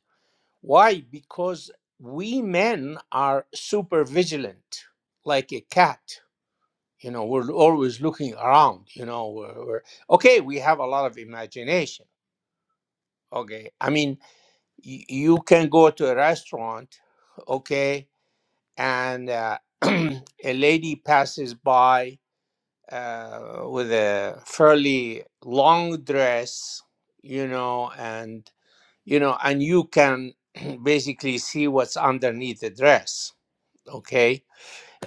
[SPEAKER 4] Why? Because we men are super vigilant, like a cat you know we're always looking around you know we're, we're okay we have a lot of imagination okay i mean y- you can go to a restaurant okay and uh, a lady passes by uh, with a fairly long dress you know and you know and you can basically see what's underneath the dress okay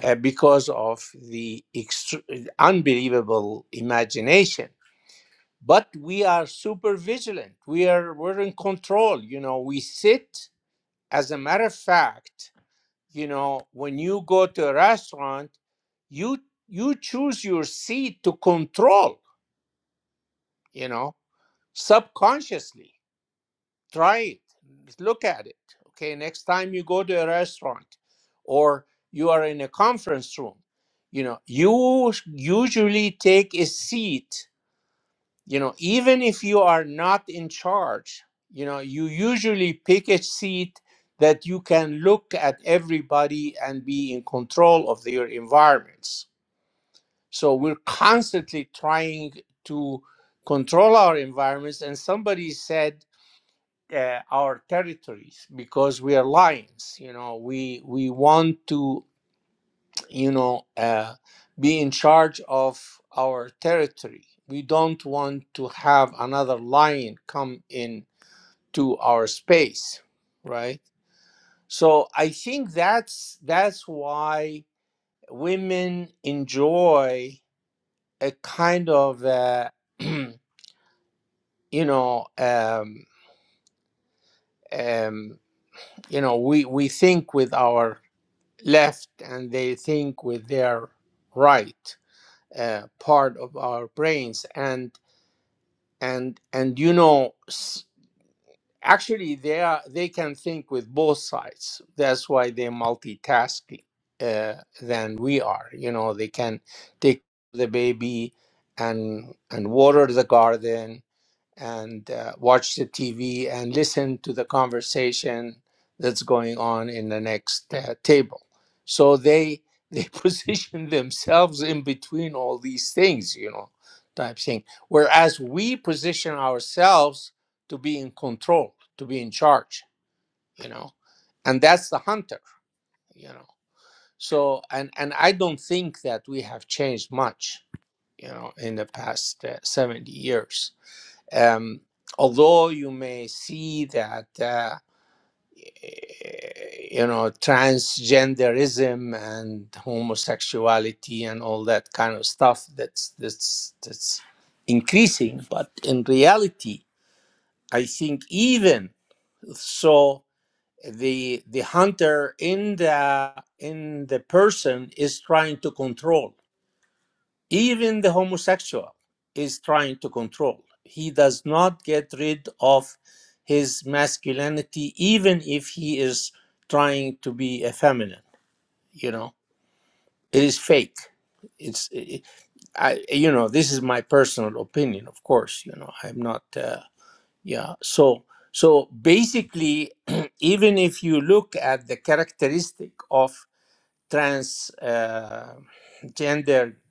[SPEAKER 4] uh, because of the extr unbelievable imagination but we are super vigilant we are we're in control you know we sit as a matter of fact you know when you go to a restaurant you you choose your seat to control you know subconsciously try it look at it okay next time you go to a restaurant or you are in a conference room you know you usually take a seat you know even if you are not in charge you know you usually pick a seat that you can look at everybody and be in control of their environments so we're constantly trying to control our environments and somebody said uh, our territories because we are lions you know we we want to you know, uh, be in charge of our territory. We don't want to have another lion come in to our space, right? So I think that's that's why women enjoy a kind of uh, you know um, um, you know we we think with our left and they think with their right uh, part of our brains and and and you know s- actually they are they can think with both sides that's why they're multitasking uh, than we are you know they can take the baby and and water the garden and uh, watch the TV and listen to the conversation that's going on in the next uh, table. So they they position themselves in between all these things, you know, type thing. Whereas we position ourselves to be in control, to be in charge, you know, and that's the hunter, you know. So and and I don't think that we have changed much, you know, in the past uh, seventy years um, although you may see that uh, eh, you know transgenderism and homosexuality and all that kind of stuff that's that's that's increasing but in reality i think even so the the hunter in the in the person is trying to control Even the homosexual is trying to control. He does not get rid of his masculinity, even if he is trying to be effeminate. You know, it is fake. It's, it, I, you know, this is my personal opinion, of course. You know, I'm not, uh, yeah. So, so basically, even if you look at the characteristic of Transgender uh,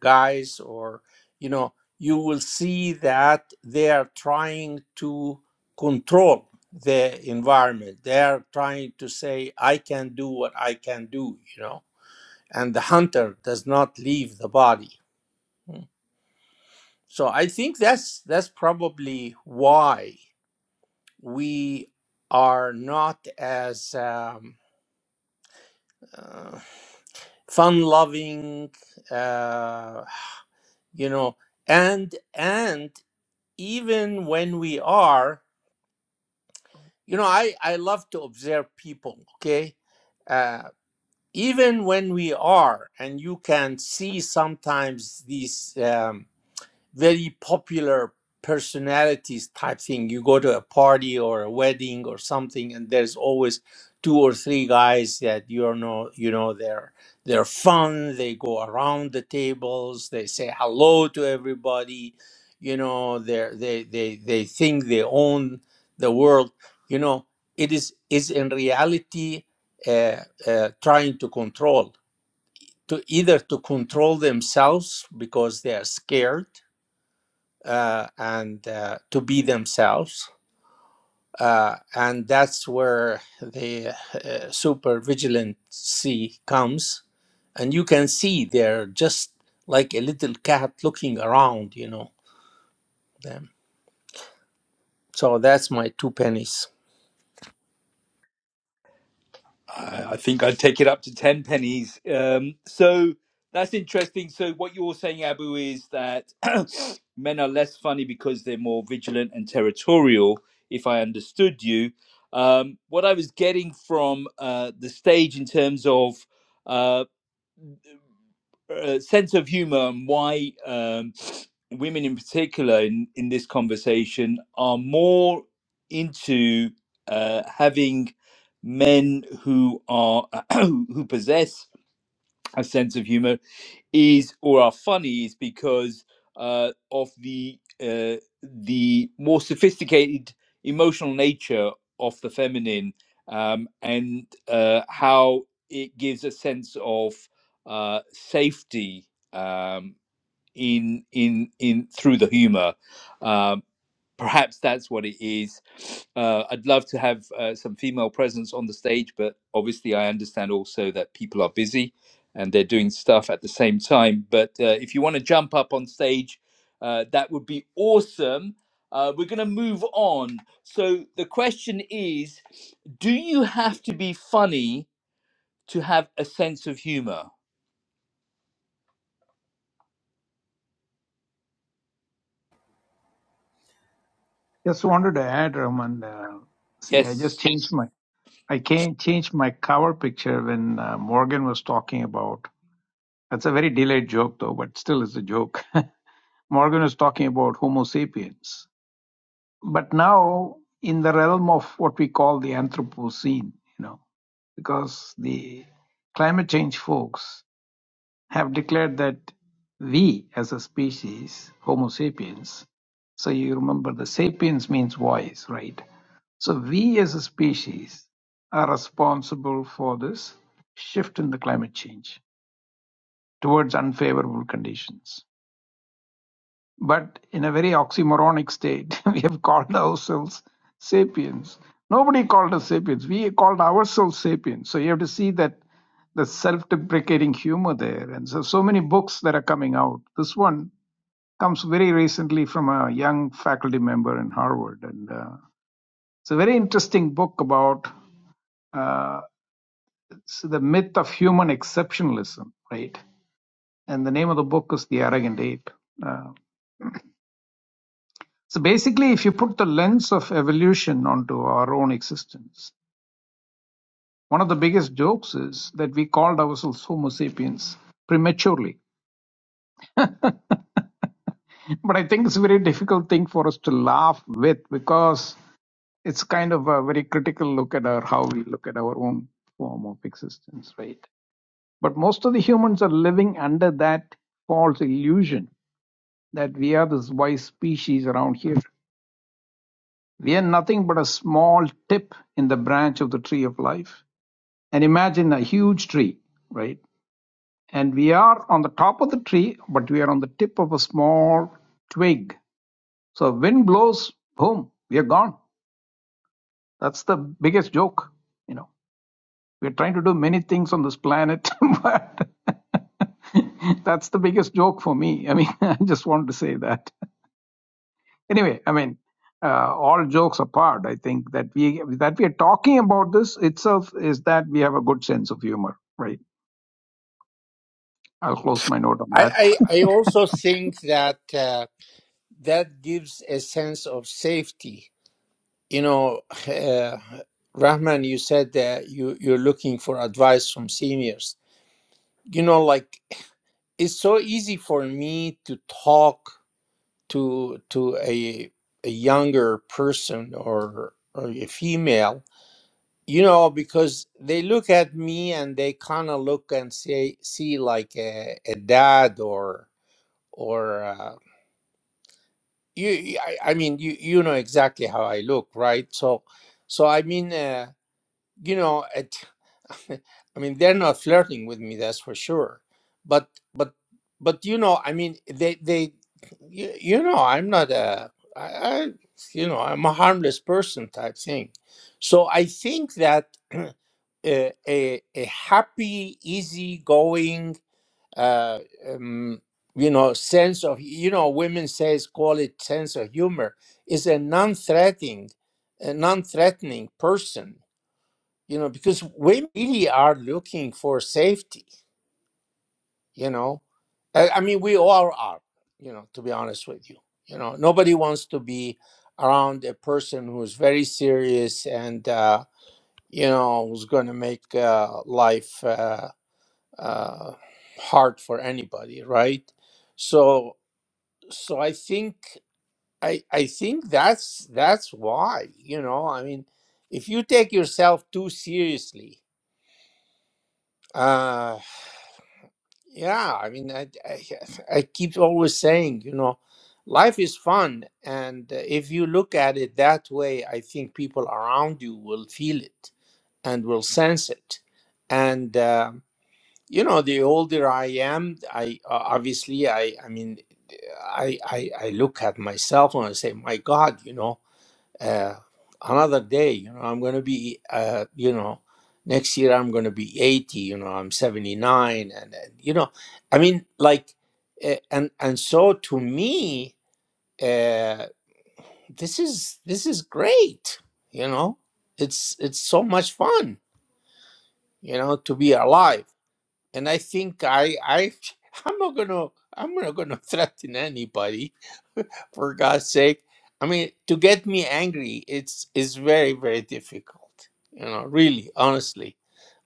[SPEAKER 4] guys or you know you will see that they are trying to control the environment they are trying to say i can do what i can do you know and the hunter does not leave the body Mm. so i think that's that's probably why we are not as um, uh, fun loving uh, you know and and even when we are you know i i love to observe people okay uh even when we are and you can see sometimes these um very popular personalities type thing. You go to a party or a wedding or something, and there's always two or three guys that you know you know they're they're fun. They go around the tables. They say hello to everybody. You know they they they they think they own the world. You know it is is in reality uh, uh, trying to control to either to control themselves because they are scared uh, and uh, to be themselves. Uh, and that's where the uh, super vigilancy comes. And you can see they're just like a little cat looking around, you know, them. So that's my two pennies.
[SPEAKER 1] I I think I'd take it up to 10 pennies. Um, so that's interesting. So, what you're saying, Abu, is that men are less funny because they're more vigilant and territorial, if I understood you. Um, what I was getting from uh, the stage in terms of uh, uh, sense of humor and why um, women in particular in, in this conversation are more into uh, having men who are who possess a sense of humor is or are funny is because uh, of the uh, the more sophisticated emotional nature of the feminine um, and uh, how it gives a sense of uh, safety um, in in in through the humor um, perhaps that's what it is. Uh, I'd love to have uh, some female presence on the stage, but obviously, I understand also that people are busy and they're doing stuff at the same time. But uh, if you want to jump up on stage, uh, that would be awesome. Uh, we're going to move on. So, the question is Do you have to be funny to have a sense of humor?
[SPEAKER 6] Just wanted to add, Raman. Uh, see, I just
[SPEAKER 1] Yes
[SPEAKER 6] changed my I can't change my cover picture when uh, Morgan was talking about. That's a very delayed joke, though, but still is a joke. Morgan was talking about Homo sapiens, but now in the realm of what we call the Anthropocene, you know, because the climate change folks have declared that we as a species, Homo sapiens, so you remember the sapiens means voice, right? So we as a species are responsible for this shift in the climate change towards unfavorable conditions but in a very oxymoronic state. we have called ourselves sapiens. Nobody called us sapiens. We called ourselves sapiens. So you have to see that the self-deprecating humor there. And so, so many books that are coming out. This one comes very recently from a young faculty member in Harvard, and uh, it's a very interesting book about uh, s- the myth of human exceptionalism, right? And the name of the book is The Arrogant Ape. Uh, So basically, if you put the lens of evolution onto our own existence, one of the biggest jokes is that we called ourselves Homo sapiens prematurely. But I think it's a very difficult thing for us to laugh with because it's kind of a very critical look at our how we look at our own form of existence, right? But most of the humans are living under that false illusion that we are this wise species around here. We are nothing but a small tip in the branch of the tree of life And imagine a huge tree, right? And we are on the top of the tree, but we are on the tip of a small twig. So wind blows, boom, we are gone. That's the biggest joke, you know. We're trying to do many things on this planet, but that's the biggest joke for me. I mean, I just wanted to say that. Anyway, I mean, uh, all jokes apart, I think that we that we are talking about this itself is that we have a good sense of humor, right? I'll close my note on that.
[SPEAKER 4] I, I, I also think that uh, that gives a sense of safety. You know, uh, Rahman, you said that you, you're looking for advice from seniors. You know, like it's so easy for me to talk to to a a younger person or or a female you know because they look at me and they kind of look and say see like a, a dad or or uh, you I, I mean you you know exactly how i look right so so i mean uh, you know it, i mean they're not flirting with me that's for sure but but but you know i mean they they you, you know i'm not a I, I you know i'm a harmless person type thing so i think that a, a, a happy easygoing uh, um, you know sense of you know women says call it sense of humor is a non-threatening a non-threatening person you know, because we really are looking for safety, you know. I, I mean, we all are, you know, to be honest with you. You know, nobody wants to be around a person who's very serious and, uh, you know, who's going to make uh, life uh, uh, hard for anybody, right? So, so I think. I, I think that's that's why you know I mean if you take yourself too seriously uh, Yeah, I mean, I, I, I keep always saying, you know, life is fun. And uh, if you look at it that way, I think people around you will feel it and will sense it. And, um, you know, the older I am, I uh, obviously, I, I mean, I, I, I look at myself and I say, my God, you know, uh, another day you know i'm going to be uh, you know next year i'm going to be 80 you know i'm 79 and, and you know i mean like uh, and and so to me uh, this is this is great you know it's it's so much fun you know to be alive and i think i i i'm not going to i'm not going to threaten anybody for God's sake. I mean, to get me angry, it's is very very difficult. You know, really, honestly.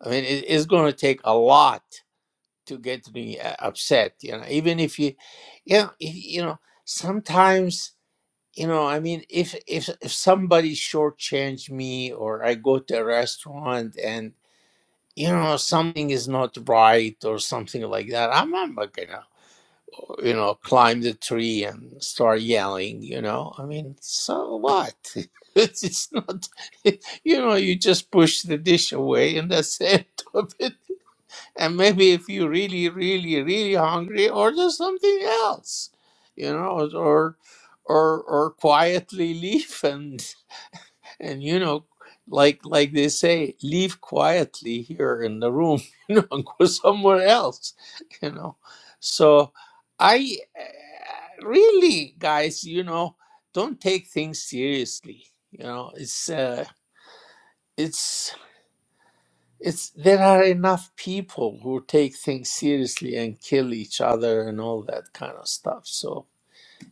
[SPEAKER 4] I mean, it, it's going to take a lot to get me uh, upset. You know, even if you, yeah, if, you know, sometimes. You know, I mean, if if if somebody shortchanged me, or I go to a restaurant and you know something is not right, or something like that, I'm not gonna you know, climb the tree and start yelling, you know. I mean, so what? It's, it's not, you know, you just push the dish away and that's the end of it. And maybe if you're really, really, really hungry, order something else, you know, or or or quietly leave and. And you know, like like they say, leave quietly here in the room, you know, and go somewhere else, you know. So I uh, really, guys, you know, don't take things seriously. You know, it's uh, it's it's there are enough people who take things seriously and kill each other and all that kind of stuff. So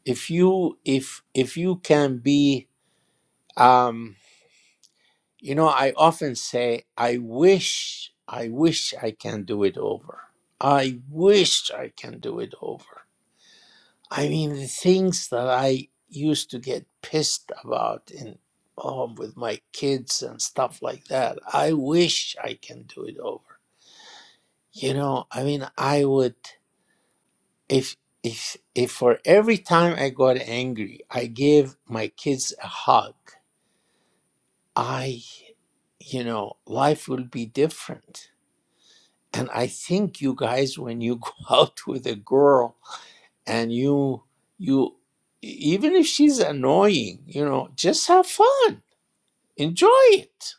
[SPEAKER 4] if you if if you can be um You know, I often say, I wish, I wish I can do it over. I wish I can do it over. I mean, the things that I used to get pissed about in oh, with my kids and stuff like that. I wish I can do it over. You know, I mean, I would if if if for every time I got angry, I gave my kids a hug. I, you know, life will be different and i think you guys when you go out with a girl and you you e, even if she's annoying you know just have fun enjoy it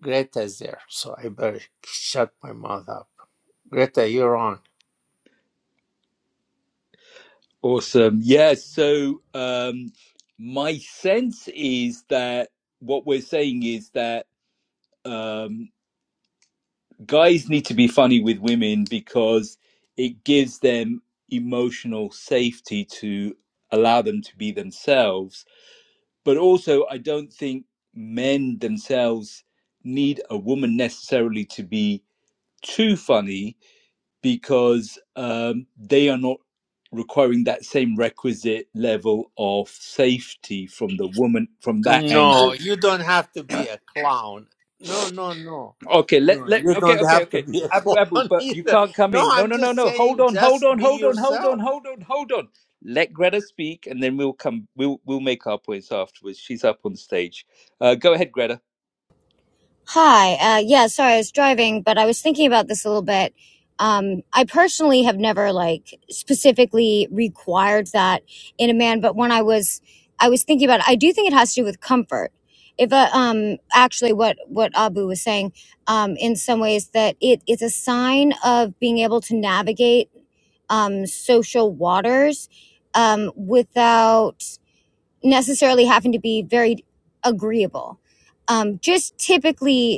[SPEAKER 4] greta's there so i better shut my mouth up greta you're on
[SPEAKER 1] Awesome. Yeah. So, um, my sense is that what we're saying is that um, guys need to be funny with women because it gives them emotional safety to allow them to be themselves. But also, I don't think men themselves need a woman necessarily to be too funny because um, they are not requiring that same requisite level of safety from the woman from that
[SPEAKER 4] no
[SPEAKER 1] angle.
[SPEAKER 4] you don't have to be a clown no no no
[SPEAKER 1] Okay, let
[SPEAKER 4] no
[SPEAKER 1] let
[SPEAKER 4] you
[SPEAKER 1] okay,
[SPEAKER 4] don't
[SPEAKER 1] okay,
[SPEAKER 4] have to
[SPEAKER 1] okay.
[SPEAKER 4] be a
[SPEAKER 1] Abu Abu,
[SPEAKER 4] clown
[SPEAKER 1] but you
[SPEAKER 4] either
[SPEAKER 1] can't come
[SPEAKER 4] no
[SPEAKER 1] in. No,
[SPEAKER 4] i'm
[SPEAKER 1] no, no,
[SPEAKER 4] just
[SPEAKER 1] no. Hold
[SPEAKER 4] saying
[SPEAKER 1] on, hold
[SPEAKER 4] just
[SPEAKER 1] on,
[SPEAKER 4] be
[SPEAKER 1] hold on, hold on,
[SPEAKER 4] yourself
[SPEAKER 1] hold on, hold on. Let Greta speak and then we'll come we'll we'll make our points afterwards. She's up on stage. Uh, go ahead, Greta.
[SPEAKER 7] Hi. Uh, yeah, sorry, I was driving, but I was thinking about this a little bit. Um, I personally have never like specifically required that in a man, but when I was, I was thinking about it, I do think it has to do with comfort. If a, um, actually what, what Abu was saying, um, in some ways that it, it's a sign of being able to navigate, um, social waters, um, without necessarily having to be very agreeable um, just typically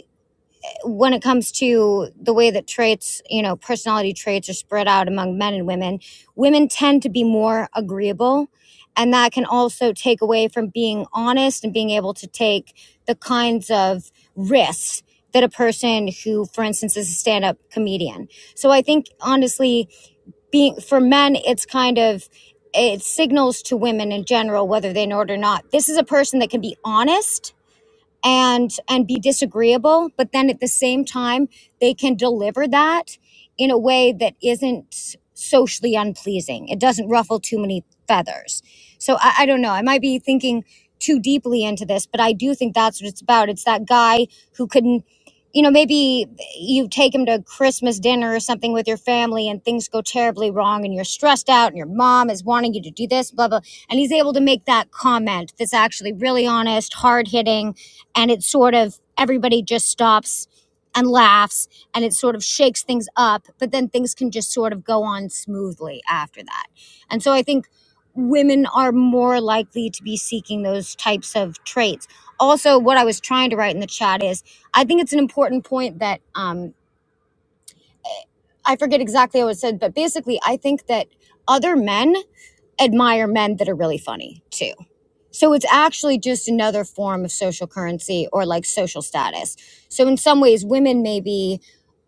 [SPEAKER 7] when it comes to the way that traits, you know, personality traits are spread out among men and women, women tend to be more agreeable. And that can also take away from being honest and being able to take the kinds of risks that a person who, for instance, is a stand up comedian. So I think honestly, being for men, it's kind of, it signals to women in general, whether they know it or not. This is a person that can be honest and and be disagreeable but then at the same time they can deliver that in a way that isn't socially unpleasing it doesn't ruffle too many feathers so i, I don't know i might be thinking too deeply into this but i do think that's what it's about it's that guy who couldn't you know maybe you take him to christmas dinner or something with your family and things go terribly wrong and you're stressed out and your mom is wanting you to do this blah blah and he's able to make that comment that's actually really honest hard hitting and it sort of everybody just stops and laughs and it sort of shakes things up but then things can just sort of go on smoothly after that and so i think women are more likely to be seeking those types of traits also what i was trying to write in the chat is i think it's an important point that um, i forget exactly what it said but basically i think that other men admire men that are really funny too so it's actually just another form of social currency or like social status. So in some ways, women may be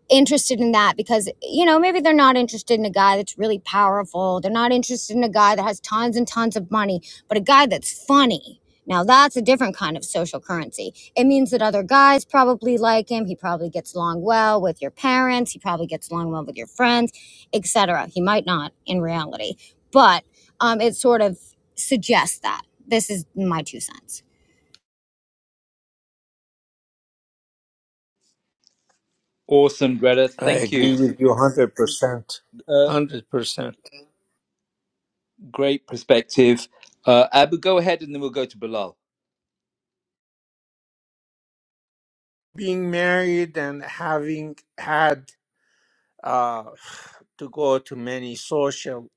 [SPEAKER 7] interested in that because you know maybe they're not interested in a guy that's really powerful they're not interested in a guy that has tons and tons of money but a guy that's funny now that's a different kind of social currency it means that other guys probably like him he probably gets along well with your parents he probably gets along well with your friends etc he might not in reality but um, it sort of suggests that this is my two cents
[SPEAKER 1] Awesome, Greta.
[SPEAKER 4] i
[SPEAKER 1] Thank you.
[SPEAKER 4] agree with you 100%
[SPEAKER 1] Uh,
[SPEAKER 4] 100%
[SPEAKER 1] great perspective. Uh, Abu, go ahead and then we'll go to Bilal.
[SPEAKER 4] being married and having had uh, to go to many social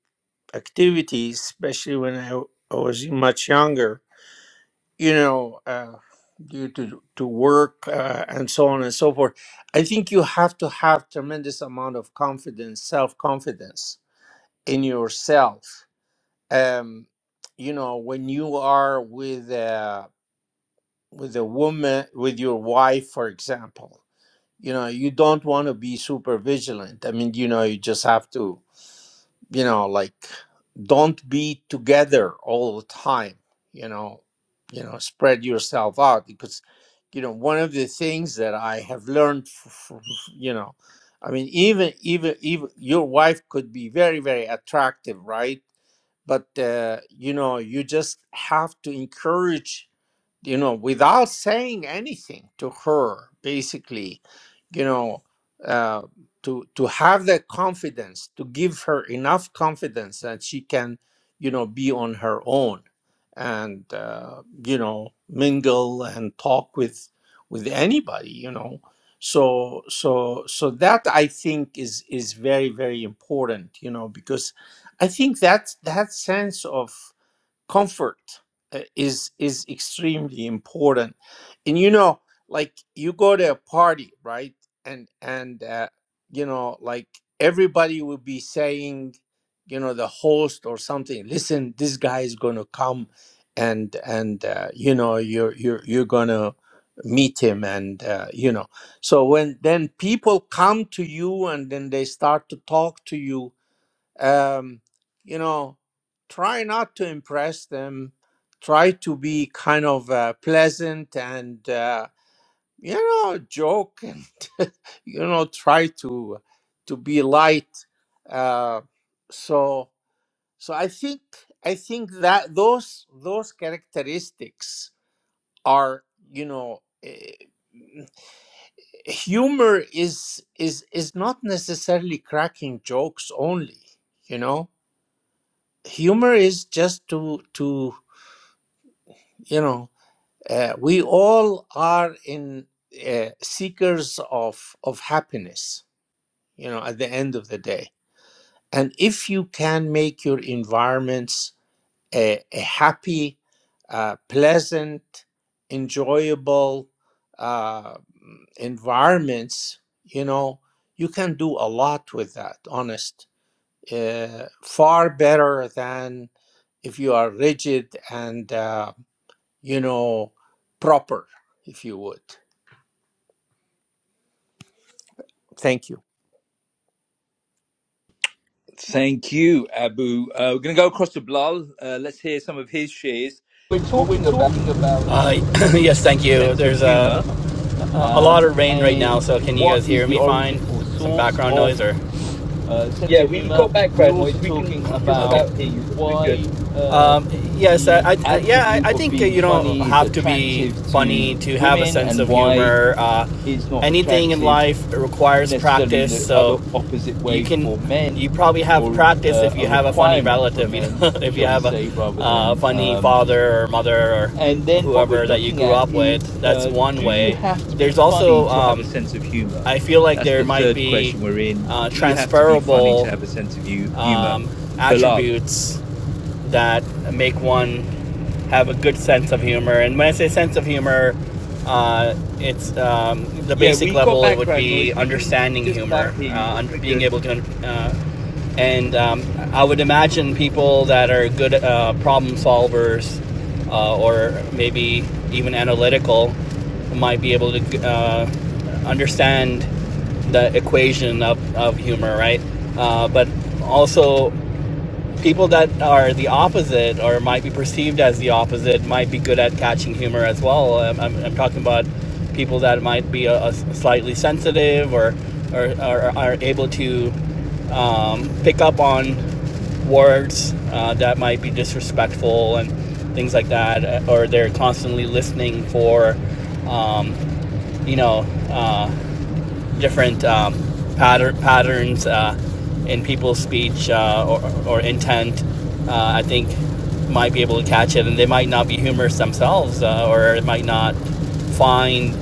[SPEAKER 4] activities, especially when I, I was much younger, you know, uh, due to, to work uh, and so on and so forth. I think you have to have tremendous amount of confidence, self-confidence in yourself. Um, you know, when you are with a, with a woman, with your wife, for example, you know you don't want to be super vigilant i mean you know you just have to you know like don't be together all the time you know you know spread yourself out because you know one of the things that i have learned f- f- f- you know i mean even even even your wife could be very very attractive right but uh, you know you just have to encourage you know, without saying anything to her, basically, you know, uh, to to have the confidence, to give her enough confidence that she can, you know, be on her own, and uh, you know, mingle and talk with with anybody, you know. So so so that I think is is very very important, you know, because I think that that sense of comfort uh, is is extremely important and you know like you go to a party right and and uh, you know like everybody will be saying you know the host or something listen this guy is going to come and and uh, you know you're you're you're going to meet him and uh, you know so when then people come to you and then they start to talk to you um, you know, try not to impress them. Try to be kind of uh, pleasant and uh, you know joke and you know try to to be light. Uh, so so I think I think that those those characteristics are you know. eh, humor is is is not necessarily cracking jokes only you know humor is just to to you know uh, we all are in uh, seekers of of happiness you know at the end of the day and if you can make your environments a, a happy uh, pleasant enjoyable uh, mm, environments you know you can do a lot with that honest uh, far better than if you are rigid and uh, you know, proper, if you would. Thank you.
[SPEAKER 1] Thank you, Abu. Uh, we're going to go across to Blal. Uh, let's hear some of his shares.
[SPEAKER 8] we're
[SPEAKER 1] What we're
[SPEAKER 8] talking about.
[SPEAKER 1] talking about
[SPEAKER 8] Uh,
[SPEAKER 1] is
[SPEAKER 8] yes, thank you.
[SPEAKER 1] sense of
[SPEAKER 8] There's a,
[SPEAKER 1] humor
[SPEAKER 8] a a lot
[SPEAKER 1] um,
[SPEAKER 8] of rain right now,
[SPEAKER 1] and
[SPEAKER 8] so can you
[SPEAKER 1] what
[SPEAKER 8] guys
[SPEAKER 1] is
[SPEAKER 8] hear
[SPEAKER 1] the
[SPEAKER 8] me fine?
[SPEAKER 1] origin or
[SPEAKER 8] Some
[SPEAKER 1] source
[SPEAKER 8] background noise
[SPEAKER 1] of
[SPEAKER 8] or?
[SPEAKER 1] uh, sense
[SPEAKER 8] Yeah,
[SPEAKER 1] of
[SPEAKER 8] we
[SPEAKER 1] humor.
[SPEAKER 8] got
[SPEAKER 1] We're
[SPEAKER 8] background noise.
[SPEAKER 1] also
[SPEAKER 8] We can
[SPEAKER 1] talking
[SPEAKER 8] just Okay.
[SPEAKER 1] about
[SPEAKER 8] about hear you. We're good.
[SPEAKER 1] why
[SPEAKER 8] Um,
[SPEAKER 1] um,
[SPEAKER 8] yes,
[SPEAKER 1] the
[SPEAKER 8] I, I, I- yeah,
[SPEAKER 1] attribute
[SPEAKER 8] I, I
[SPEAKER 1] of
[SPEAKER 8] think uh,
[SPEAKER 1] being
[SPEAKER 8] you don't
[SPEAKER 1] funny is
[SPEAKER 8] have to be
[SPEAKER 1] attractive
[SPEAKER 8] funny
[SPEAKER 1] to
[SPEAKER 8] to have a
[SPEAKER 1] women
[SPEAKER 8] sense
[SPEAKER 1] and
[SPEAKER 8] of
[SPEAKER 1] why
[SPEAKER 8] humor. Uh,
[SPEAKER 1] it's not
[SPEAKER 8] anything in
[SPEAKER 1] attractive
[SPEAKER 8] life requires
[SPEAKER 1] necessarily in
[SPEAKER 8] practice,
[SPEAKER 1] the
[SPEAKER 8] so
[SPEAKER 1] other opposite
[SPEAKER 8] you
[SPEAKER 1] way
[SPEAKER 8] can
[SPEAKER 1] for
[SPEAKER 8] you
[SPEAKER 1] men
[SPEAKER 8] probably have
[SPEAKER 1] or
[SPEAKER 8] practice
[SPEAKER 1] uh,
[SPEAKER 8] if
[SPEAKER 1] a
[SPEAKER 8] you have a funny
[SPEAKER 1] requirement for
[SPEAKER 8] relative, you know,
[SPEAKER 1] men
[SPEAKER 8] if
[SPEAKER 1] shall
[SPEAKER 8] you
[SPEAKER 1] we
[SPEAKER 8] have a
[SPEAKER 1] say rather
[SPEAKER 8] uh,
[SPEAKER 1] than
[SPEAKER 8] funny
[SPEAKER 1] um,
[SPEAKER 8] father or mother or
[SPEAKER 1] and then what we're
[SPEAKER 8] whoever that you
[SPEAKER 1] looking
[SPEAKER 8] grew
[SPEAKER 1] at
[SPEAKER 8] up with.
[SPEAKER 1] is
[SPEAKER 8] That's
[SPEAKER 1] uh,
[SPEAKER 8] one
[SPEAKER 1] do you
[SPEAKER 8] way.
[SPEAKER 1] have to be
[SPEAKER 8] There's
[SPEAKER 1] funny
[SPEAKER 8] also
[SPEAKER 1] to have a
[SPEAKER 8] um,
[SPEAKER 1] sense of humor
[SPEAKER 8] I feel like
[SPEAKER 1] that's
[SPEAKER 8] there
[SPEAKER 1] the
[SPEAKER 8] might
[SPEAKER 1] third
[SPEAKER 8] be
[SPEAKER 1] question we're in
[SPEAKER 8] uh,
[SPEAKER 1] do you have to be funny
[SPEAKER 8] transferable
[SPEAKER 1] to have a sense of you, humor
[SPEAKER 8] um,
[SPEAKER 1] bilal
[SPEAKER 8] attributes that make one have a good sense of humor. And when I say sense of humor, uh, it's um, the
[SPEAKER 1] yeah
[SPEAKER 8] basic
[SPEAKER 1] we got
[SPEAKER 8] level. It would
[SPEAKER 1] background
[SPEAKER 8] be
[SPEAKER 1] noise we can
[SPEAKER 8] understanding
[SPEAKER 1] just about
[SPEAKER 8] humor,
[SPEAKER 1] hear you
[SPEAKER 8] uh, under,
[SPEAKER 1] we're
[SPEAKER 8] being
[SPEAKER 1] good
[SPEAKER 8] able to. Uh, and um, I would imagine people that are good uh, problem solvers, uh, or maybe even analytical, might be able to uh, understand the equation of, of humor, right? Uh, but also people that are the opposite or might be perceived as the opposite might be good at catching humor as well. I'm, I'm, I'm talking about people that might be a, a slightly sensitive or, or, or are able to um, pick up on words uh, that might be disrespectful and things like that, uh, or they're constantly listening for, um, you know, uh, different um, patter- patterns uh, in people's speech uh, or, or intent, uh, I think might be able to catch it, and they might not be humorous themselves, uh, or might not find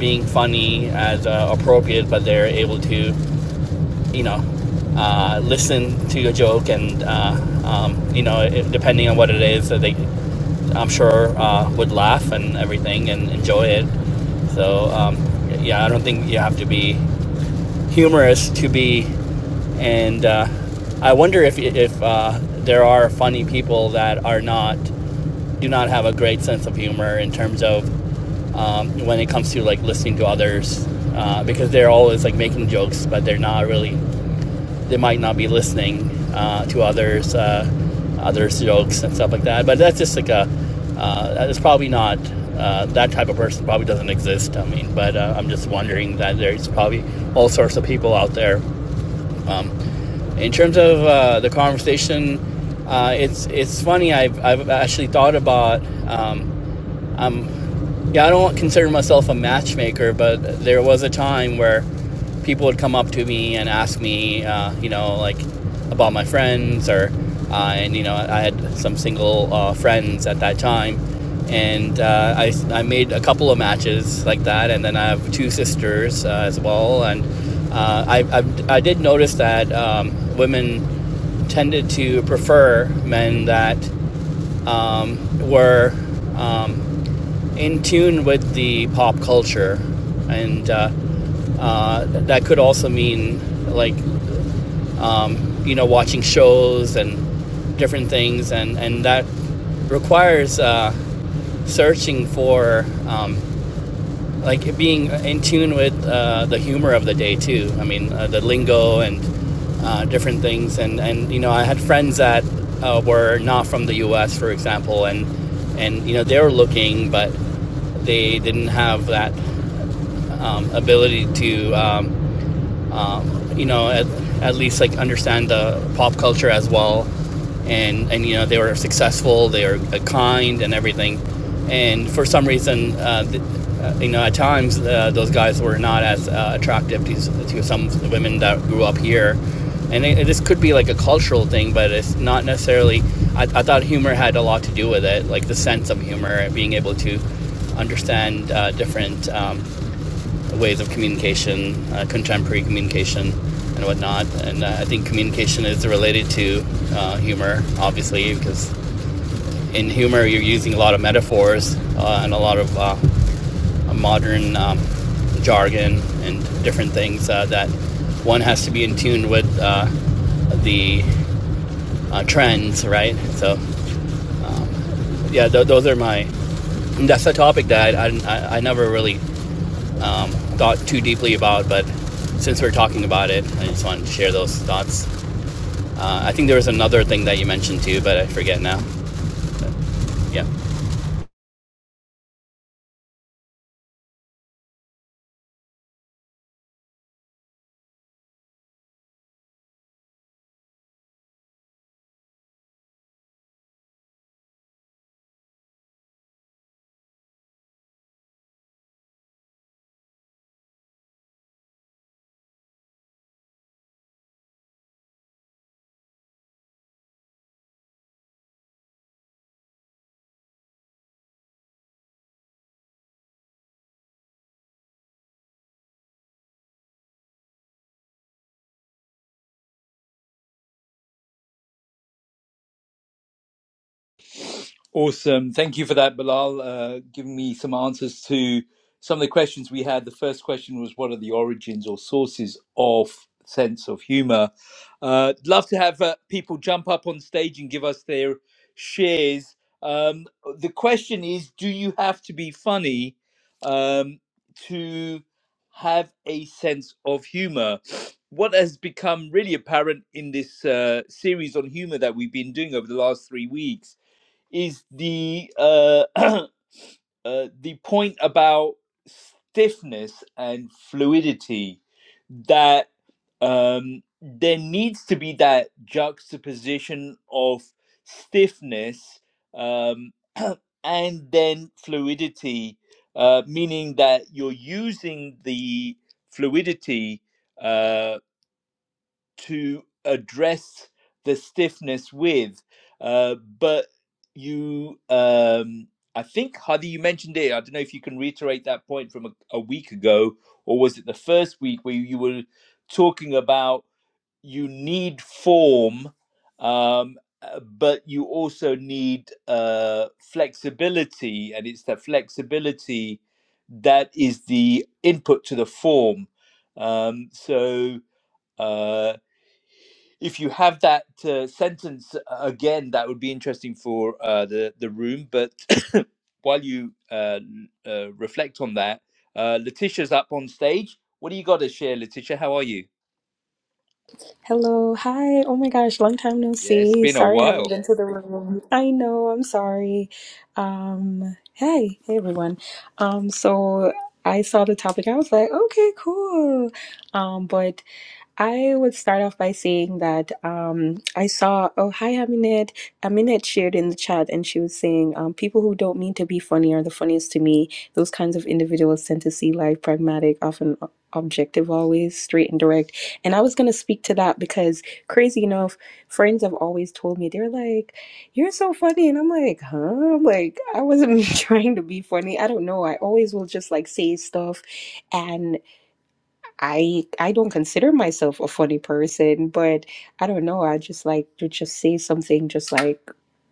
[SPEAKER 8] being funny as uh, appropriate, but they're able to, you know, uh, listen to a joke, and uh, um, you know, it, depending on what it is, that they, I'm sure, uh, would laugh and everything and enjoy it. So um, yeah, I don't think you have to be humorous to be, and uh, I wonder if if uh, there are funny people that are not do not have a great sense of humor in terms of um, when it comes to like listening to others uh, because they're always like making jokes but they're not really they might not be listening uh, to others, uh, others' jokes and stuff like that. But that's just like a, uh, it's probably not uh, that type of person probably doesn't exist. I mean, but uh, I'm just wondering that there's probably all sorts of people out there. Um, in terms of uh, the conversation, uh, it's it's funny. I've I've actually thought about. Um, um, yeah, I don't consider myself a matchmaker, but there was a time where people would come up to me and ask me, uh, you know, like about my friends or, uh, and you know, I had some single uh, friends at that time, and uh, I I made a couple of matches like that, and then I have two sisters uh, as well, and uh, I, I I did notice that um, women tended to prefer men that um, were um, in tune with the pop culture, and uh, uh, that could also mean like um, you know watching shows and different things, and and that requires uh, searching for um, like being in tune with uh, the humor of the day too. I mean, uh, the lingo and uh, different things, and and you know, I had friends that uh, were not from the U.S., for example, and and you know, they were looking, but they didn't have that um, ability to. Um, um, you know, at, at least like understand the pop culture as well. And, and you know, they were successful, they were uh, kind and everything. And for some reason, uh, th- uh, you know, at times uh, those guys were not as uh, attractive to, to some women that grew up here. And it, it, this could be like a cultural thing, but it's not necessarily. I, I thought humor had a lot to do with it, like the sense of humor and being able to understand uh, different um, ways of communication, uh, contemporary communication, and whatnot. And uh, I think communication is related to uh, humor, obviously, because in humor you're using a lot of metaphors uh, and a lot of uh, modern um, jargon and different things uh, that one has to be in tune with uh, the uh, trends, right? So, yeah, th- those are my. And That's a topic that I, I, I never really um, thought too deeply about, but since we're talking about it, I just wanted to share those thoughts. Uh, I think there was another thing that you mentioned too, but I forget now. Yeah.
[SPEAKER 1] Awesome. Thank you for that, Bilal, uh, giving me some answers to some of the questions we had. The first question was what are the origins or sources of sense of humor? Uh, love to have uh, people jump up on stage and give us their shares. Um, the question is do you have to be funny um, to have a sense of humor? What has become really apparent in this uh, series on humor that we've been doing over the last three weeks? is the uh, uh, the point about stiffness and fluidity that um, there needs to be that juxtaposition of stiffness um, and then fluidity, uh, meaning that you're using the fluidity uh to address the stiffness with. Uh, but you, um, I think, Hadi, you mentioned it. I don't know if you can reiterate that point from a, a week ago, or was it the first week where you were talking about you need form, um, uh, but you also need uh, flexibility, and it's the flexibility that is the input to the form. Um, so uh, if you have that uh, sentence uh, again, that would be interesting for uh, the the room. But while you uh, uh, reflect on that, uh, Letitia's up on stage. What do you got to share, Letitia? How are you?
[SPEAKER 9] Hello, hi. Oh my gosh, long time no
[SPEAKER 1] Yeah, it's
[SPEAKER 9] see.
[SPEAKER 1] been a
[SPEAKER 9] Sorry I haven't
[SPEAKER 1] while.
[SPEAKER 9] been to the room. I know, I'm sorry. Um, hey, hey everyone. Um, so I saw the topic. I was like, okay, cool. Um, but I would start off by saying that um, I saw, oh, hi, Aminet. Aminet shared in the chat and she was saying, um, people who don't mean to be funny are the funniest to me. Those kinds of individuals tend to see life pragmatic, often o- objective, always straight and direct and I was going to speak to that because, crazy enough, friends have always told me, they're like, you're so funny. And I'm like, huh? I'm like, I wasn't trying to be funny. I don't know. I always will just like say stuff. And. I I don't consider myself a funny person, but I don't know. I just like to just say something just like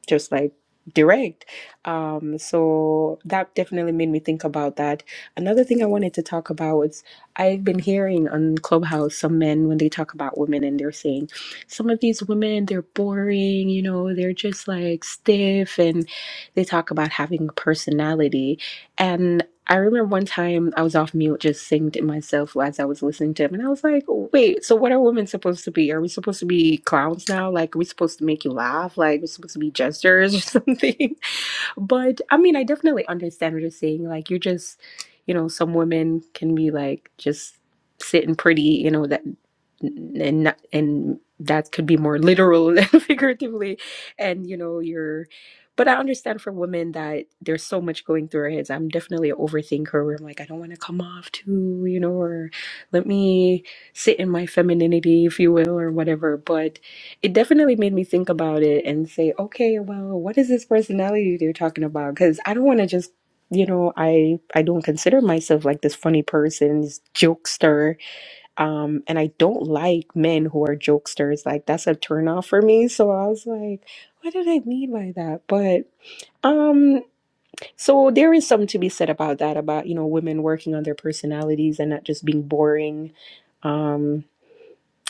[SPEAKER 9] just like direct. Um, so that definitely made me think about that. Another thing I wanted to talk about was I've been hearing on Clubhouse some men when they talk about women and they're saying some of these women they're boring, you know, they're just like stiff and they talk about having personality. I remember one time I was off mute just singing to myself as I was listening to him, and I was like, wait, so what are women supposed to be? Are we supposed to be clowns now? Like, are we supposed to make you laugh? Like, we're supposed to be jesters or something? But I mean, I definitely understand what you're saying. Like, you're just, you know, some women can be like just sitting pretty, you know, that and not- and that could be more literal than figuratively. And you know, you're but I understand for women that there's so much going through our heads. I'm definitely an overthinker where I'm like, I don't want to come off too, you know, or let me sit in my femininity, if you will, or whatever. But it definitely made me think about it and say, okay, well, what is this personality they're talking about? Because I don't want to just, you know, I I don't consider myself like this funny person, this jokester. Um, and I don't like men who are jokesters. Like that's a turn off for me. So I was like, what did I mean by that? But um, so there is something to be said about that, about, you know, women working on their personalities and not just being boring. Um,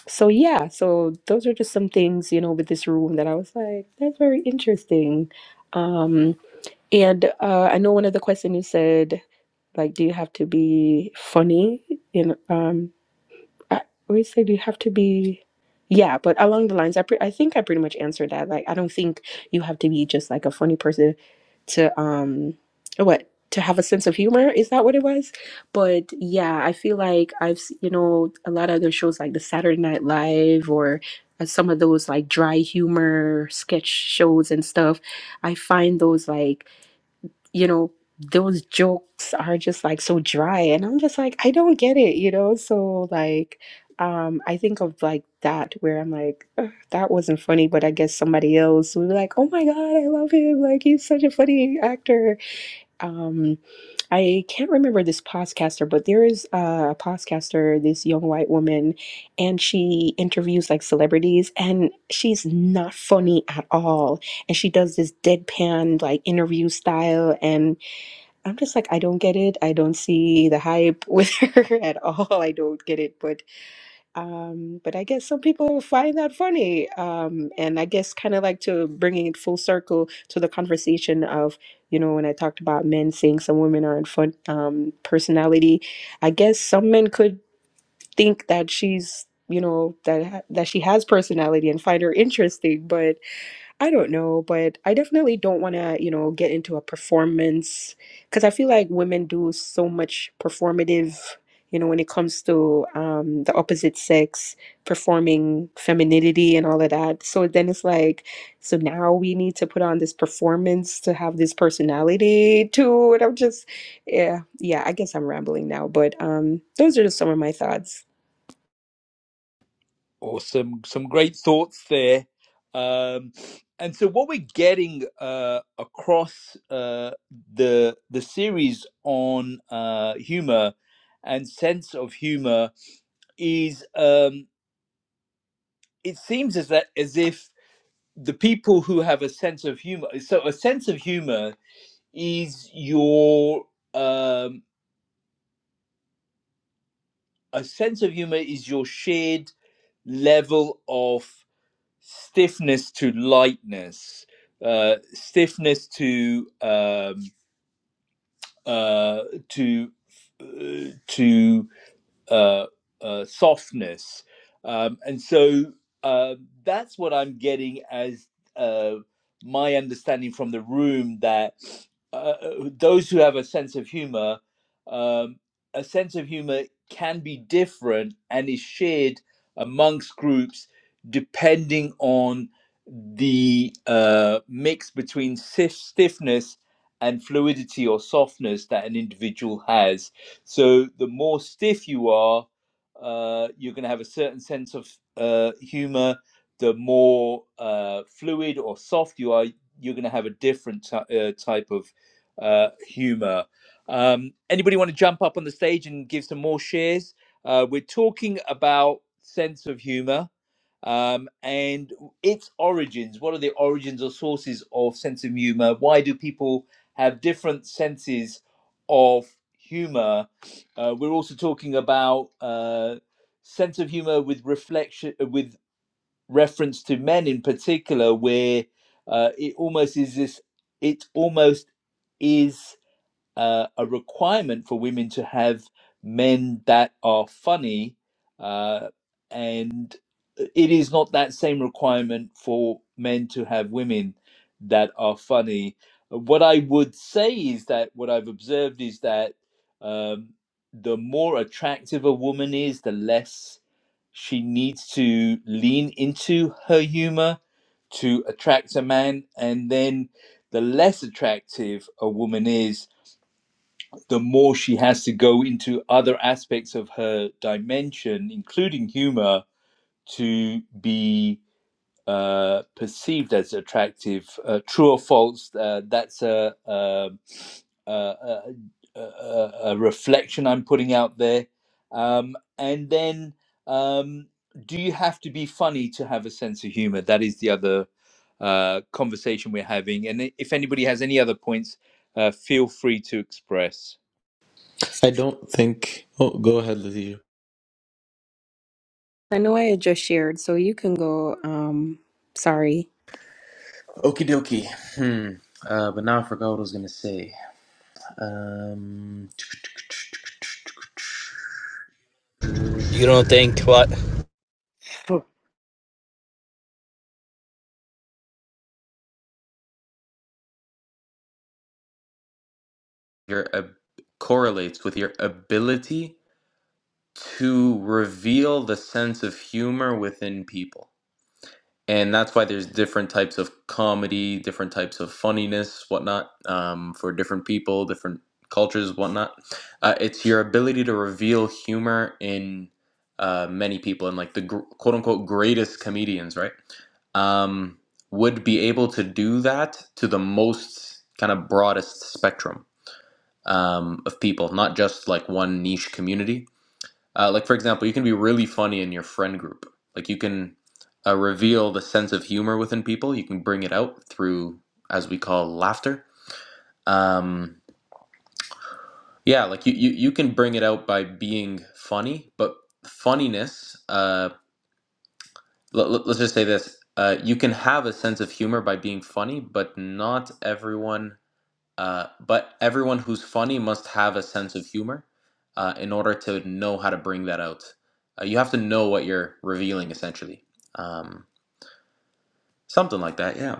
[SPEAKER 9] so yeah, so those are just some things, you know, with this room that I was like, that's very interesting. Um, and uh, I know one of the questions you said, like, do you have to be funny? You know, I always say, do you have to be? Yeah, but along the lines, I pre- I think I pretty much answered that. Like, I don't think you have to be just like a funny person to um, what to have a sense of humor. Is that what it was? But yeah, I feel like I've s- you know a lot of other shows like the Saturday Night Live or uh, some of those like dry humor sketch shows and stuff. I find those like you know, those jokes are just like so dry. And I'm just like, I don't get it, you know? So, like, um, I think of like that where I'm like, "Ugh, that wasn't funny, but I guess somebody else would be like, oh my God, I love him. Like, he's such a funny actor. Um, I can't remember this podcaster, but there is a podcaster, this young white woman, and she interviews like celebrities, and she's not funny at all. And she does this deadpan like interview style. And I'm just like, I don't get it. I don't see the hype with her at all. I don't get it. But um, but I guess some people find that funny. Um, and I guess kind of like to bringing it full circle to the conversation of, you know, when I talked about men saying some women are in fun um, personality, I guess some men could think that she's, you know, that ha- that she has personality and find her interesting. but. I don't know, but I definitely don't want to, you know, get into a performance because I feel like women do so much performative, you know, when it comes to um, the opposite sex performing femininity and all of that. So then it's like, so now we need to put on this performance to have this personality too. And I'm just, yeah, yeah, I guess I'm rambling now, but um, those are just some of my thoughts.
[SPEAKER 1] Awesome, some great thoughts there. Um, and so, what we're getting uh, across uh, the the series on uh, humor and sense of humor is. Um, it seems as that as if the people who have a sense of humor so a sense of humor is your um a sense of humor is your shared level of stiffness to lightness uh stiffness to um uh to uh, to uh, uh, softness. Um, and so uh, that's what I'm getting as uh, my understanding from the room that uh, uh, those who have a sense of humor, um, a sense of humor can be different and is shared amongst groups depending on the uh, mix between stiff- stiffness and fluidity or softness that an individual has so the more stiff you are, uh, you're going to have a certain sense of uh, humor. The more uh, fluid or soft you are, you're going to have a different ty- uh, type of uh, humor. Um, anybody want to jump up on the stage and give some more shares? Uh, we're talking about sense of humor um, and its origins. What are the origins or sources of sense of humor? Why do people have different senses of humor? Uh, we're also talking about uh, sense of humor with reflection, uh, with reference to men in particular, where uh, it almost is this. It almost is uh, a requirement for women to have men that are funny, uh, and it is not that same requirement for men to have women that are funny. What I would say is that what I've observed is that um, the more attractive a woman is, the less she needs to lean into her humor to attract a man, and then the less attractive a woman is, the more she has to go into other aspects of her dimension, including humor, to be uh, perceived as attractive. Uh, true or false? Uh, that's a, a, a, a, a reflection I'm putting out there. Um, and then, um, do you have to be funny to have a sense of humor? That is the other uh, conversation we're having. And if anybody has any other points, uh, feel free to express.
[SPEAKER 5] I don't think. Oh, go ahead, Lizzie.
[SPEAKER 9] I know I had just shared, so you can go. Um, sorry.
[SPEAKER 5] Okie dokie. Hmm. Uh, but now I forgot what I was gonna say. Um,
[SPEAKER 8] You don't think what?
[SPEAKER 10] for
[SPEAKER 5] your ab- correlates with your ability to reveal the sense of humor within people. and that's why there's different types of comedy, different types of funniness, whatnot, um, for different people, different cultures, whatnot. Uh, it's your ability to reveal humor in uh, many people, and like the gr- quote unquote greatest comedians, right? Um, would be able to do that to the most kind of broadest spectrum um, of people, not just like one niche community uh, like for example, you can be really funny in your friend group. Like you can uh, reveal the sense of humor within people. You can bring it out through, as we call, laughter. Um, yeah, like you, you you can bring it out by being funny. But funniness, uh, let, let's just say this: uh, you can have a sense of humor by being funny, but not everyone Uh, but everyone who's funny must have a sense of humor uh, in order to know how to bring that out. Uh, you have to know what you're revealing, essentially. Um, something like that, yeah.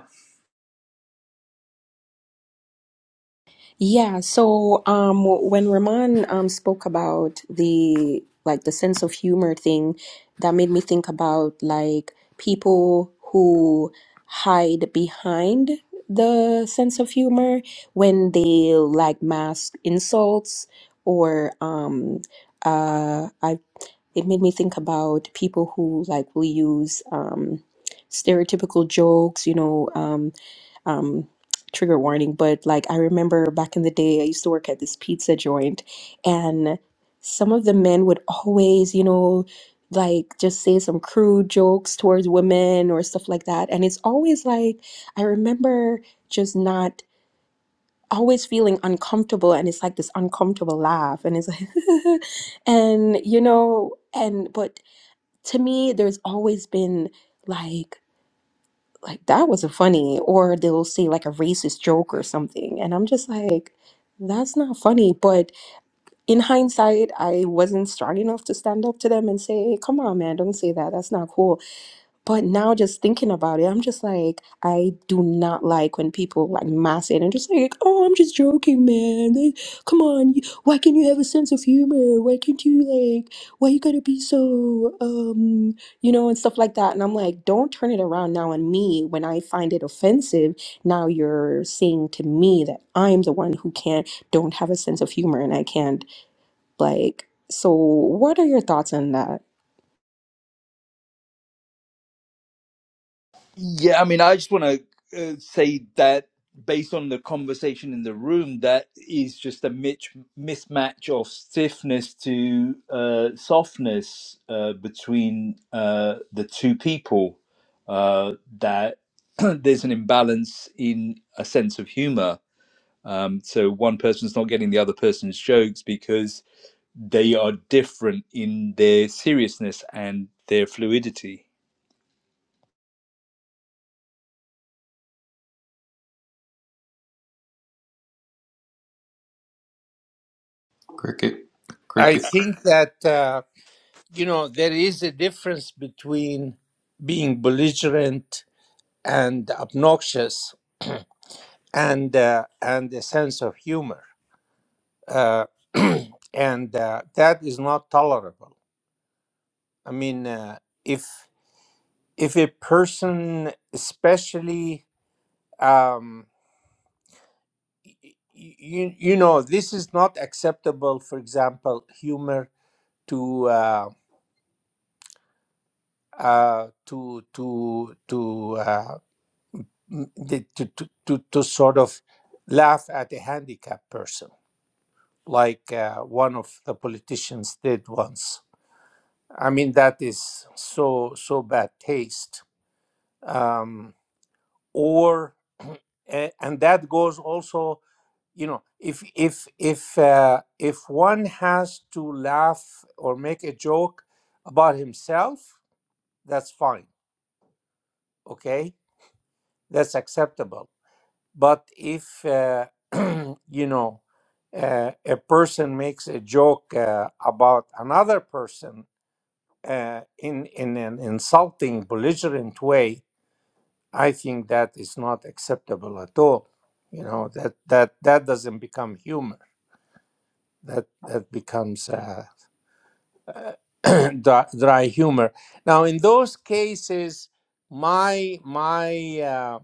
[SPEAKER 9] Yeah, so um when Rahman um spoke about the like the sense of humor thing, that made me think about like people who hide behind the sense of humor when they like mask insults or um uh I it made me think about people who like will use um stereotypical jokes, you know, um um trigger warning but like i remember back in the day i used to work at this pizza joint and some of the men would always you know like just say some crude jokes towards women or stuff like that and it's always like i remember just not always feeling uncomfortable and it's like this uncomfortable laugh and it's like and you know and but to me there's always been like like that wasn't funny or they'll say like a racist joke or something and i'm just like that's not funny but in hindsight i wasn't strong enough to stand up to them and say come on man don't say that that's not cool but now just thinking about it, I'm just like, I do not like when people like mass it and just like, oh, I'm just joking, man. Like, come on, you, why can't you have a sense of humor? Why can't you like, why you gotta be so, um, you know, and stuff like that. And I'm like, don't turn it around now on me when I find it offensive. Now you're saying to me that I'm the one who can't, don't have a sense of humor and I can't like, so what are your thoughts on that?
[SPEAKER 1] Yeah, I mean, I just want to uh, say that based on the conversation in the room, that is just a mitch- mismatch of stiffness to uh, softness uh, between uh, the two people. Uh, that there's an imbalance in a sense of humor. Um, so one person's not getting the other person's jokes because they are different in their seriousness and their fluidity.
[SPEAKER 5] Cricket,
[SPEAKER 4] I
[SPEAKER 5] cricket.
[SPEAKER 4] think that, uh, you know, there is a difference between being belligerent and obnoxious and, uh, and a sense of humor. Uh, and uh, that is not tolerable. I mean, uh, if, if a person, especially, um, y- y- you, you know, this is not acceptable, for example, humor to uh, uh, to to to, uh, to to to to sort of laugh at a handicapped person, like uh, one of the politicians did once. I mean, that is so so bad taste. Um, or and that goes also, you know, if if if uh, if one has to laugh or make a joke about himself, that's fine, okay that's acceptable. But if uh, you know uh, a person makes a joke uh, about another person uh, in in an insulting, belligerent way, I think that is not acceptable at all. You know that that that doesn't become humor. That that becomes uh, uh, dry, dry humor. Now, in those cases, my my uh,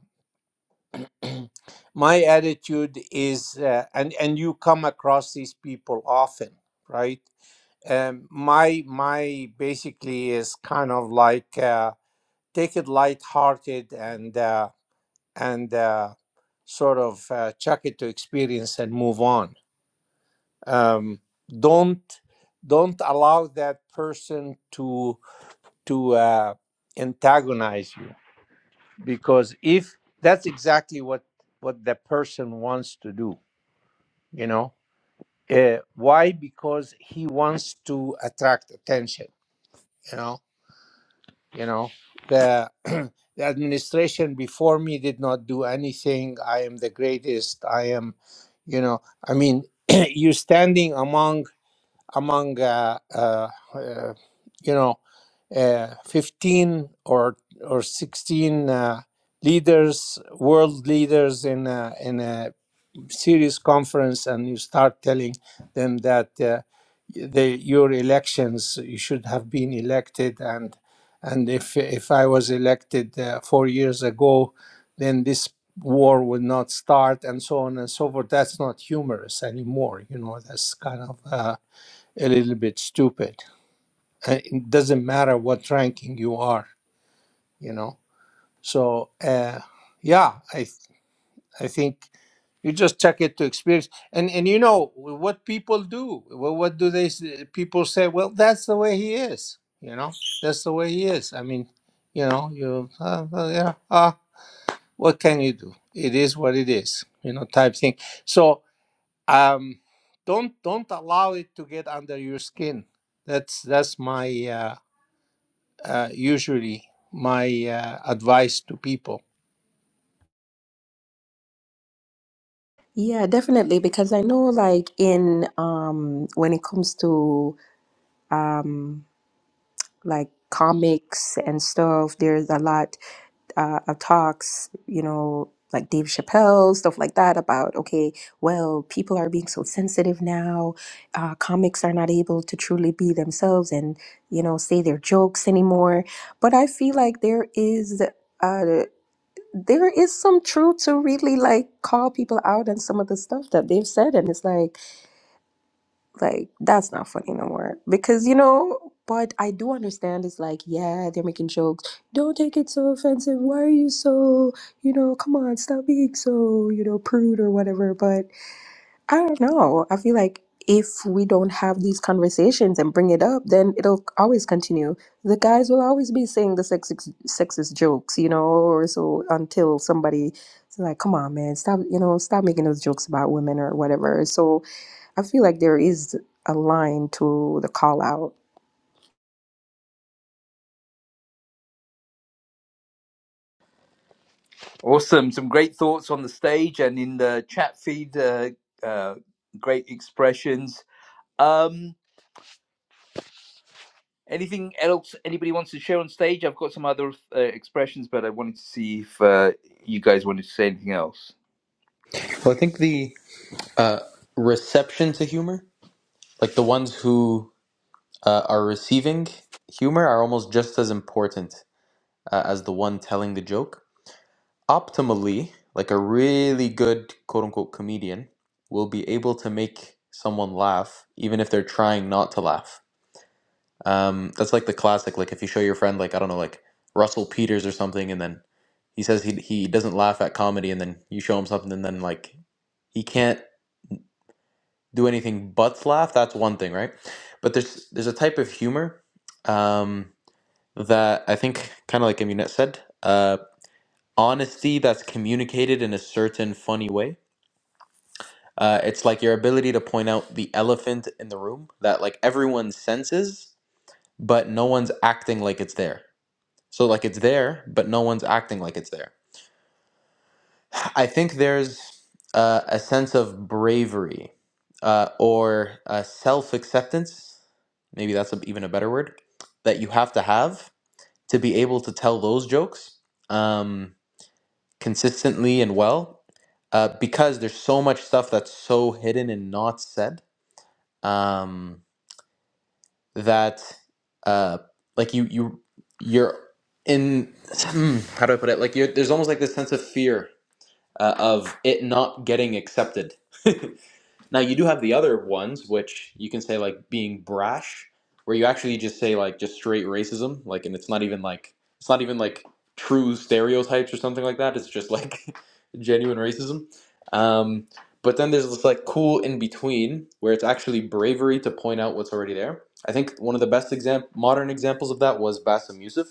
[SPEAKER 4] my attitude is uh, and and you come across these people often right um, my my basically is kind of like uh, take it lighthearted and uh, and uh, sort of uh, chuck it to experience and move on um, don't don't allow that person to to uh, antagonize you because if that's exactly what what the person wants to do you know uh, why because he wants to attract attention you know you know the the administration before me did not do anything i am the greatest i am you know i mean you standing among among uh, uh, uh, you know uh, 15 or or 16 uh, leaders world leaders in a, in a serious conference and you start telling them that uh, they, your elections you should have been elected and and if if I was elected uh, four years ago, then this war would not start and so on and so forth. That's not humorous anymore. You know that's kind of uh, a little bit stupid. Uh, It doesn't matter what ranking you are. You know so uh, yeah I th- I think. You just check it to experience, and and you know what people do. Well, what do they? s- People say, well, that's the way he is. You know, that's the way he is. I mean, you know, you uh, uh, yeah. Uh, what can you do? It is what it is. You know, type thing. So um, don't don't allow it to get under your skin. That's that's my uh, uh, usually my uh, advice to people.
[SPEAKER 9] Yeah, definitely. Because I know, like, in um, when it comes to um, like comics and stuff, there's a lot uh, of talks, you know, like Dave Chappelle, stuff like that, about okay, well, people are being so sensitive now. Uh, comics are not able to truly be themselves and, you know, say their jokes anymore. But I feel like there is uh, there is some truth to really like call people out on some of the stuff that they've said and it's like like that's not funny no more because you know but i do understand it's like yeah they're making jokes don't take it so offensive why are you so you know come on stop being so you know prude or whatever but i don't know i feel like if we don't have these conversations and bring it up then it'll always continue the guys will always be saying the sexist sexist jokes you know or so until somebody is like come on man stop you know stop making those jokes about women or whatever so I feel like there is a line to the call out.
[SPEAKER 1] Awesome. Some great thoughts on the stage and in the chat feed. Uh, uh, great expressions. Um, anything else anybody wants to share on stage? I've got some other uh, expressions, but I wanted to see if uh, you guys wanted to say anything else.
[SPEAKER 5] Well, I think the uh, reception to humor, like the ones who uh, are receiving humor, are almost just as important uh, as the one telling the joke. optimally, like a really good quote unquote comedian will be able to make someone laugh even if they're trying not to laugh. Um, that's like the classic, like if you show your friend, like, I don't know, like Russell Peters or something, and then he says he, he doesn't laugh at comedy, and then you show him something, and then like he can't do anything but laugh. That's one thing, right? But there's there's a type of humor um, that I think, kind of like Aminette said, uh, honesty that's communicated in a certain funny way Uh, it's like your ability to point out the elephant in the room that like everyone senses, but no one's acting like it's there. So like it's there, but no one's acting like it's there. I think there's uh, a sense of bravery uh, or uh, self acceptance. Maybe that's a, even a better word that you have to have to be able to tell those jokes um, consistently and well, uh, because there's so much stuff that's so hidden and not said. Um, that uh like you you you're in hmm, how do I put it like you're there's almost like this sense of fear uh, of it not getting accepted Now you do have the other ones, which you can say like being brash, where you actually just say like just straight racism, like, and it's not even like it's not even like true stereotypes or something like that. It's just like genuine racism. Um, but then there's this like cool in between where it's actually bravery to point out what's already there. I think one of the best example modern examples of that was Bassem Youssef,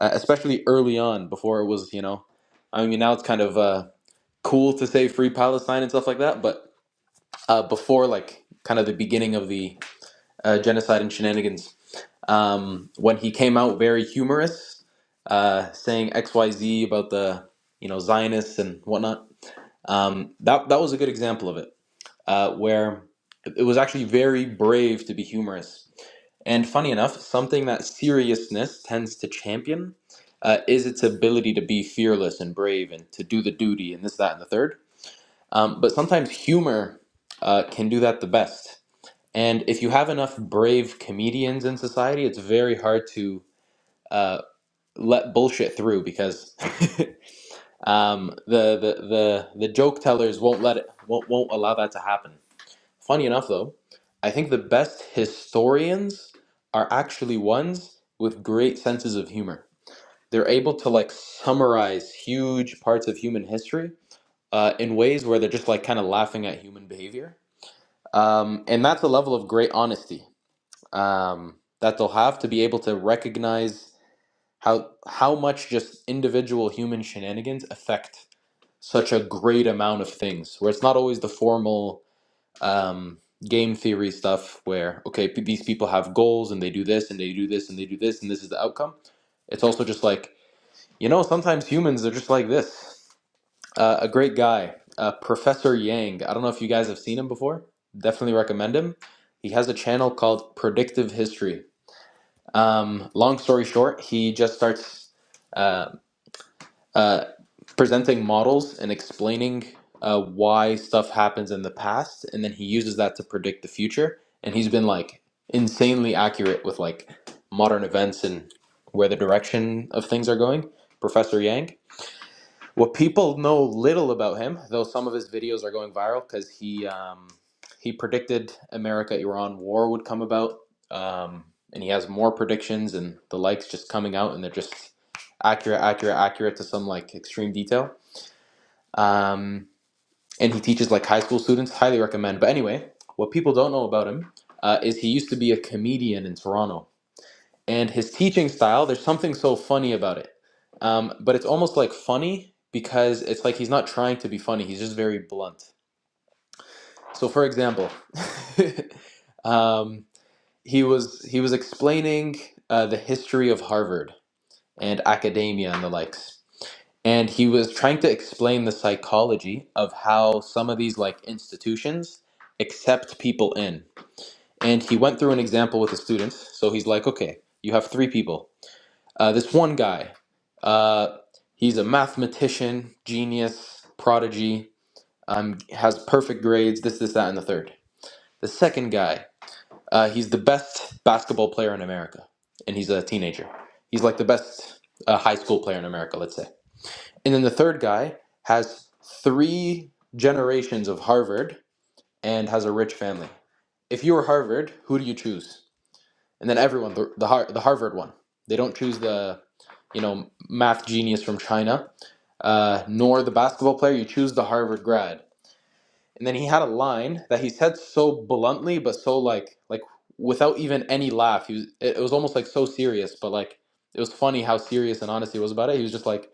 [SPEAKER 5] uh, especially early on before it was you know, I mean now it's kind of uh, cool to say free Palestine and stuff like that, but uh, before like kind of the beginning of the uh, genocide and shenanigans um, when he came out very humorous uh, saying xyz about the you know zionists and whatnot um, that, that was a good example of it uh, where it was actually very brave to be humorous and funny enough something that seriousness tends to champion uh, is its ability to be fearless and brave and to do the duty and this that and the third um, but sometimes humor uh, can do that the best and if you have enough brave comedians in society, it's very hard to uh, let bullshit through because um, the, the the the joke tellers won't let it won't won't allow that to happen. Funny enough, though, I think the best historians are actually ones with great senses of humor. They're able to like summarize huge parts of human history uh, in ways where they're just like kind of laughing at human behavior, um, and that's a level of great honesty um, that they'll have to be able to recognize how how much just individual human shenanigans affect such a great amount of things. Where it's not always the formal um, game theory stuff, where okay, p- these people have goals and they do this and they do this and they do this and this is the outcome. It's also just like you know, sometimes humans are just like this. Uh, a great guy, uh, Professor Yang. I don't know if you guys have seen him before. Definitely recommend him. He has a channel called Predictive History um, long story short, he just starts uh, uh, presenting models and explaining uh, why stuff happens in the past, and then he uses that to predict the future. And he's been like insanely accurate with like modern events and where the direction of things are going. Professor Yang. What people know little about him, though some of his videos are going viral because he um, he predicted America-Iran war would come about, um, and he has more predictions and the likes just coming out, and they're just accurate, accurate, accurate to some like extreme detail. Um, and he teaches like high school students. Highly recommend. But anyway, what people don't know about him uh, is he used to be a comedian in Toronto and his teaching style there's something so funny about it um, but it's almost like funny because it's like he's not trying to be funny he's just very blunt so for example um, he was he was explaining uh, the history of harvard and academia and the likes and he was trying to explain the psychology of how some of these like institutions accept people in and he went through an example with the students so he's like okay you have three people Uh, this one guy, uh, he's a mathematician, genius, prodigy, um, has perfect grades, this, this, that, and the third. The second guy, uh, he's the best basketball player in America, and he's a teenager. He's like the best uh, high school player in America, let's say. And then the third guy has three generations of Harvard and has a rich family. If you were Harvard, who do you choose? and then everyone the the, Har- the Harvard one. They don't choose the you know math genius from China, uh, nor the basketball player. You choose the Harvard grad. And then he had a line that he said so bluntly, but so like like without even any laugh. He was, it, it was almost like so serious, but like it was funny how serious and honest he was about it. He was just like,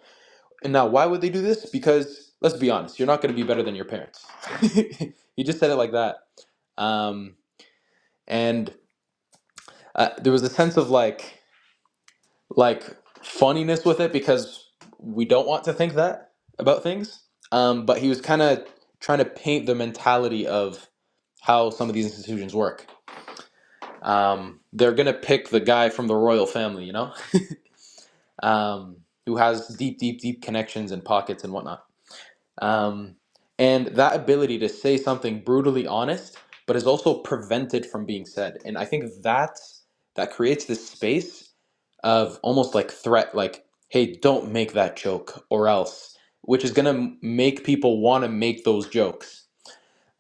[SPEAKER 5] and now why would they do this? Because let's be honest, you're not going to be better than your parents. he just said it like that. Um, and uh, there was a sense of like like funniness with it because we don't want to think that about things. Um, but he was kind of trying to paint the mentality of how some of these institutions work. Um, they're gonna pick the guy from the royal family, you know, um, who has deep, deep, deep connections and pockets and whatnot. Um, and that ability to say something brutally honest, but is also prevented from being said. And I think that that creates this space of almost like threat, like, hey, don't make that joke or else, which is going to make people want to make those jokes.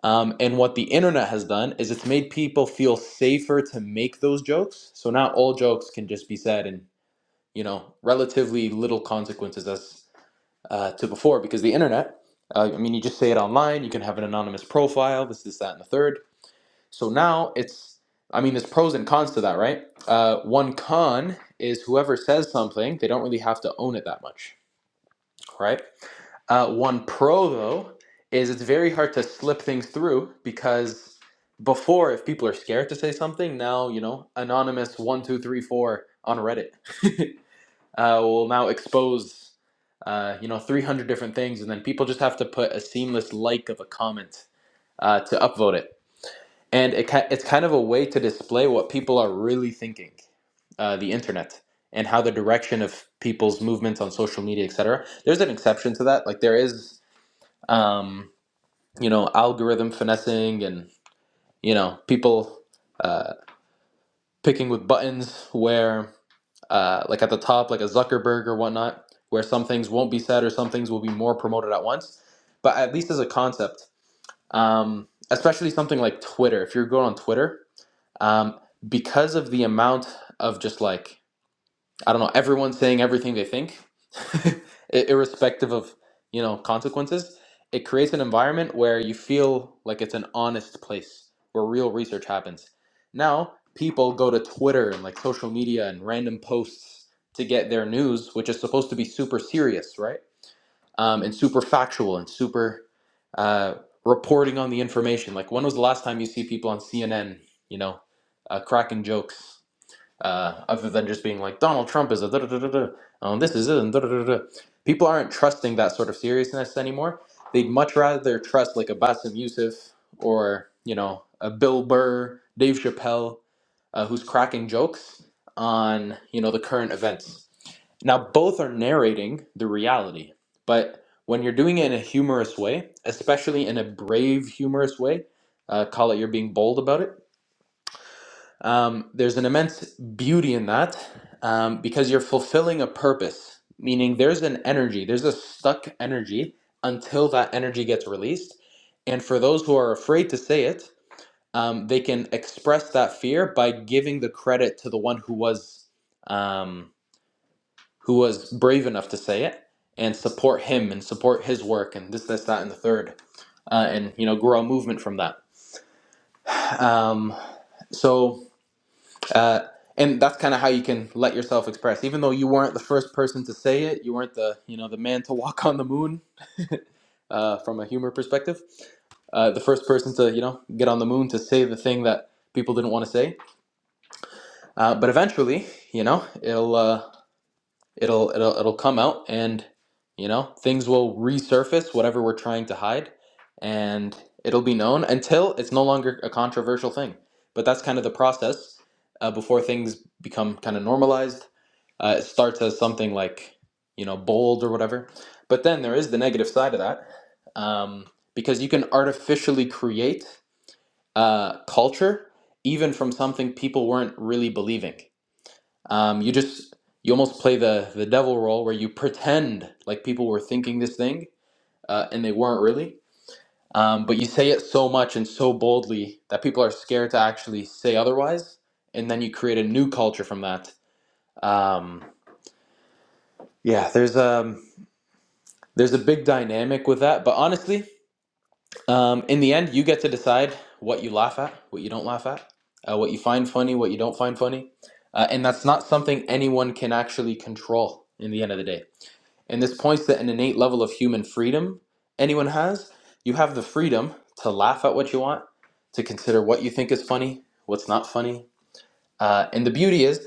[SPEAKER 5] Um, and what the internet has done is it's made people feel safer to make those jokes. So now all jokes can just be said in, you know, relatively little consequences as uh, to before because the internet, uh, I mean, you just say it online, you can have an anonymous profile, this, this, that, and the third. So now it's, I mean, there's pros and cons to that, right? Uh, one con is whoever says something, they don't really have to own it that much, right? Uh, one pro, though, is it's very hard to slip things through because before, if people are scared to say something, now, you know, anonymous 1234 on Reddit uh, will now expose, uh, you know, 300 different things, and then people just have to put a seamless like of a comment uh, to upvote it and it ki- it's kind of a way to display what people are really thinking uh, the internet and how the direction of people's movements on social media etc there's an exception to that like there is um, you know algorithm finessing and you know people uh, picking with buttons where uh, like at the top like a zuckerberg or whatnot where some things won't be said or some things will be more promoted at once but at least as a concept um, especially something like twitter if you're going on twitter um, because of the amount of just like I don't know everyone saying everything they think, irrespective of you know consequences. It creates an environment where you feel like it's an honest place where real research happens. Now people go to Twitter and like social media and random posts to get their news, which is supposed to be super serious, right? um, and super factual and super uh, reporting on the information. Like, when was the last time you see people on CNN, you know, uh, cracking jokes uh, other than just being like, Donald Trump is a da da da da da, um, this is it, and da da da da. People aren't trusting that sort of seriousness anymore. They'd much rather trust like a Bassem Youssef or, you know, a Bill Burr, Dave Chappelle, uh, who's cracking jokes on, you know, the current events now, both are narrating the reality, but when you're doing it in a humorous way, especially in a brave, humorous way, uh, call it you're being bold about it, um, there's an immense beauty in that um, because you're fulfilling a purpose, meaning there's an energy, there's a stuck energy until that energy gets released. And for those who are afraid to say it, um, they can express that fear by giving the credit to the one who was. Um, who was brave enough to say it and support him and support his work and this, this, that, and the third, uh, and you know, grow a movement from that. Um, so, uh, and that's kind of how you can let yourself express, even though you weren't the first person to say it, you weren't the you know the man to walk on the moon uh, from a humor perspective, uh, the first person to you know get on the moon to say the thing that people didn't want to say, uh, but eventually, you know, it'll. Uh, it'll it'll it'll come out and you know things will resurface whatever we're trying to hide and it'll be known until it's no longer a controversial thing but that's kind of the process uh, before things become kind of normalized uh, it starts as something like you know bold or whatever but then there is the negative side of that um, because you can artificially create uh, culture even from something people weren't really believing um, you just you almost play the the devil role where you pretend like people were thinking this thing uh, and they weren't really. Um, but you say it so much and so boldly that people are scared to actually say otherwise, and then you create a new culture from that. Um, yeah, there's um there's a big dynamic with that. But honestly, um, in the end, you get to decide what you laugh at, what you don't laugh at, uh, what you find funny, what you don't find funny, uh, and that's not something anyone can actually control. In the end of the day, And this points to an innate level of human freedom anyone has. You have the freedom to laugh at what you want, to consider what you think is funny, what's not funny. Uh, and the beauty is,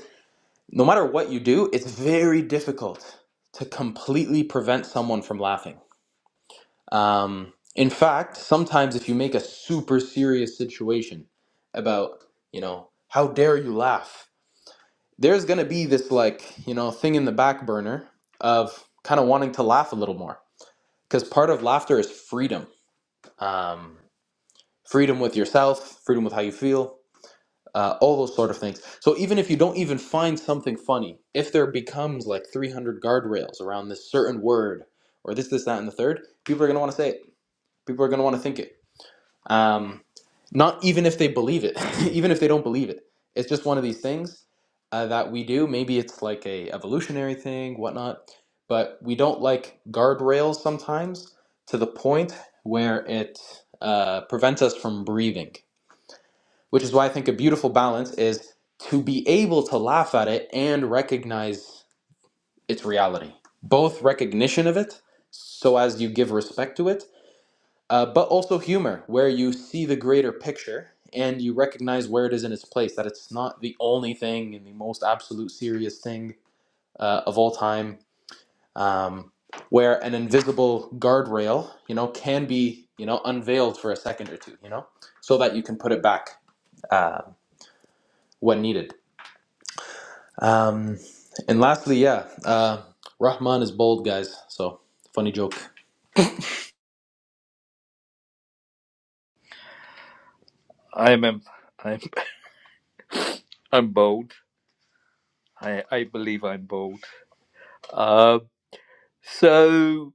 [SPEAKER 5] no matter what you do, it's very difficult to completely prevent someone from laughing. Um, in fact, sometimes if you make a super serious situation about, you know, how dare you laugh, there's going to be this, like, you know, thing in the back burner of kind of wanting to laugh a little more because part of laughter is freedom um, freedom with yourself freedom with how you feel uh, all those sort of things so even if you don't even find something funny if there becomes like 300 guardrails around this certain word or this this that and the third people are going to want to say it people are going to want to think it um, not even if they believe it even if they don't believe it it's just one of these things uh, that we do maybe it's like a evolutionary thing whatnot but we don't like guardrails sometimes to the point where it uh, prevents us from breathing which is why i think a beautiful balance is to be able to laugh at it and recognize its reality both recognition of it so as you give respect to it uh, but also humor, where you see the greater picture and you recognize where it is in its place, that it's not the only thing and the most absolute serious thing uh, of all time, um, where an invisible guardrail, you know, can be, you know, unveiled for a second or two, you know, so that you can put it back uh, when needed. Um, and lastly, yeah, uh, Rahman is bold, guys. So funny joke.
[SPEAKER 1] I am. I'm. I'm bold. I. I believe I'm bold. Uh, so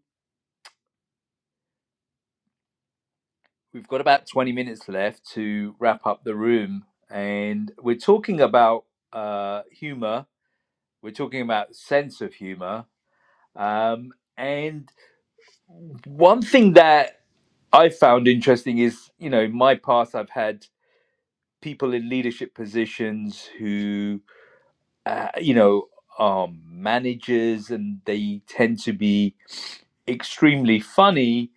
[SPEAKER 1] we've got about 20 minutes left to wrap up the room, and we're talking about uh, humor. We're talking about sense of humor Um, and one thing that I found interesting is, you know, in my past, I've had people in leadership positions who, uh, you know, are managers and they tend to be extremely funny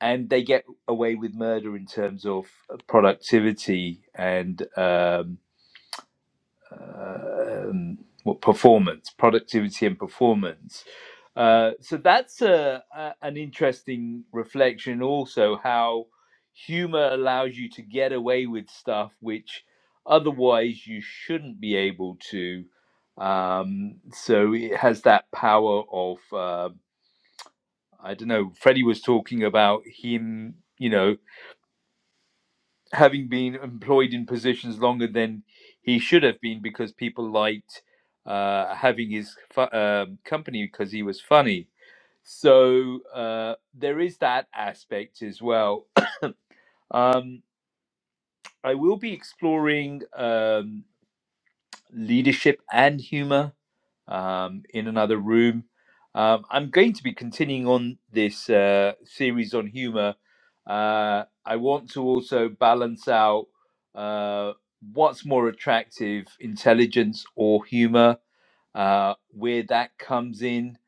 [SPEAKER 1] and they get away with murder in terms of productivity and, um uh, um, what performance, productivity, and performance. Uh, so that's a, a, an interesting reflection, also how humor allows you to get away with stuff which otherwise you shouldn't be able to. Um, so it has that power of uh, I don't know. Freddie was talking about him, you know, having been employed in positions longer than he should have been because people liked uh, having his fu- um company because he was funny. So uh, there is that aspect as well. Um, I will be exploring. Um, leadership and humor um, in another room. Um, I'm going to be continuing on this uh, series on humor. Uh, I want to also balance out uh, what's more attractive, intelligence or humor, uh, where that comes in.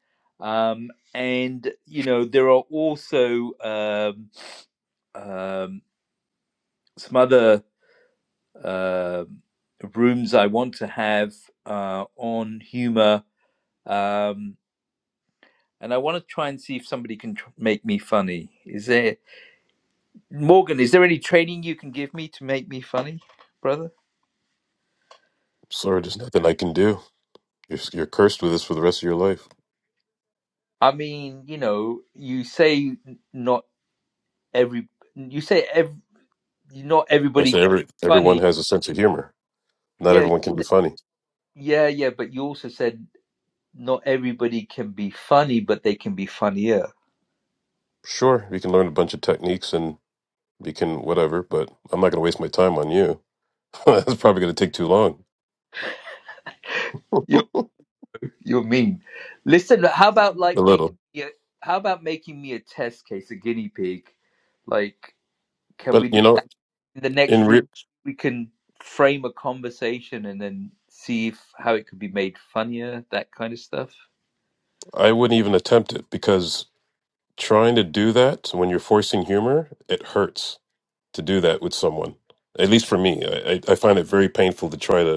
[SPEAKER 1] Um, and, you know, there are also um, um, some other um rooms I want to have uh, on humor um, and I want to try and see if somebody can tr- make me funny. Is there Morgan? Is there any training you can give me to make me funny, brother?
[SPEAKER 3] sorry there's nothing i can do you're, you're cursed with this for the rest of your life
[SPEAKER 1] I mean, you know, you say not every, you say ev- not
[SPEAKER 3] i
[SPEAKER 1] everybody
[SPEAKER 3] say
[SPEAKER 1] can
[SPEAKER 3] every
[SPEAKER 1] be
[SPEAKER 3] everyone
[SPEAKER 1] funny.
[SPEAKER 3] has a sense of humor not
[SPEAKER 1] Yeah,
[SPEAKER 3] everyone can be funny
[SPEAKER 1] yeah, yeah. But you also said not everybody can be funny, but they can be funnier.
[SPEAKER 3] sure you can learn a bunch of techniques and. we can whatever, but I'm not going to waste my time on you. That's probably going to take too long. A
[SPEAKER 1] You you're mean. Listen, how about like making
[SPEAKER 3] little.
[SPEAKER 1] me a, how about making me a test case, a guinea pig, like can
[SPEAKER 3] But
[SPEAKER 1] we
[SPEAKER 3] you
[SPEAKER 1] do?
[SPEAKER 3] know,
[SPEAKER 1] in the
[SPEAKER 3] in
[SPEAKER 1] next room
[SPEAKER 3] re-
[SPEAKER 1] we can frame a conversation and then see if, how it could be made funnier that kind of stuff
[SPEAKER 3] I wouldn't even attempt it because trying to do that when you're forcing humor, it hurts to do that with someone. At least for me, I, I I find it very painful to try to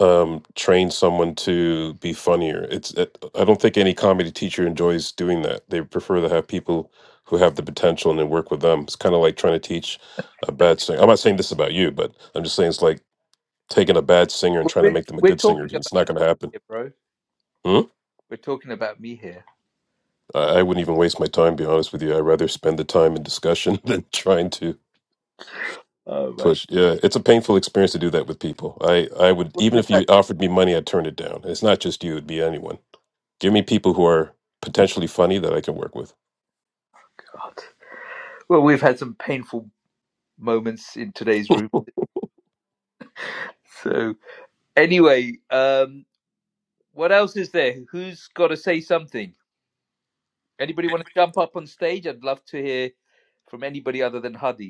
[SPEAKER 3] um, train someone to be funnier. It's it, I don't think any comedy teacher enjoys doing that. They prefer to have people who have the potential and then work with them. It's kind of like trying to teach a bad singer. I'm not saying this about you, but I'm just saying it's like taking a bad singer and
[SPEAKER 1] Well,
[SPEAKER 3] trying to
[SPEAKER 1] we're,
[SPEAKER 3] make them a
[SPEAKER 1] we're
[SPEAKER 3] good singer.
[SPEAKER 1] talking
[SPEAKER 3] It's not
[SPEAKER 1] about me
[SPEAKER 3] going to happen.
[SPEAKER 1] here bro
[SPEAKER 3] Hmm?
[SPEAKER 1] we're talking about me here
[SPEAKER 3] I, I wouldn't even waste my time. Be honest with you, I'd rather spend the time in discussion than trying to
[SPEAKER 1] oh my
[SPEAKER 3] push. Yeah, it's a painful experience to do that with people. I I
[SPEAKER 1] God.
[SPEAKER 3] would
[SPEAKER 1] well
[SPEAKER 3] even
[SPEAKER 1] we've
[SPEAKER 3] if
[SPEAKER 1] had,
[SPEAKER 3] you offered me money, I'd turn it down. It's not just you; it'd be anyone Give me people who are potentially funny that I can work with.
[SPEAKER 1] God. Well, we've had some painful moments in today's room so anyway um what else is there who's got to say something anybody want to jump up on stage i'd love to hear from anybody other than Hadi.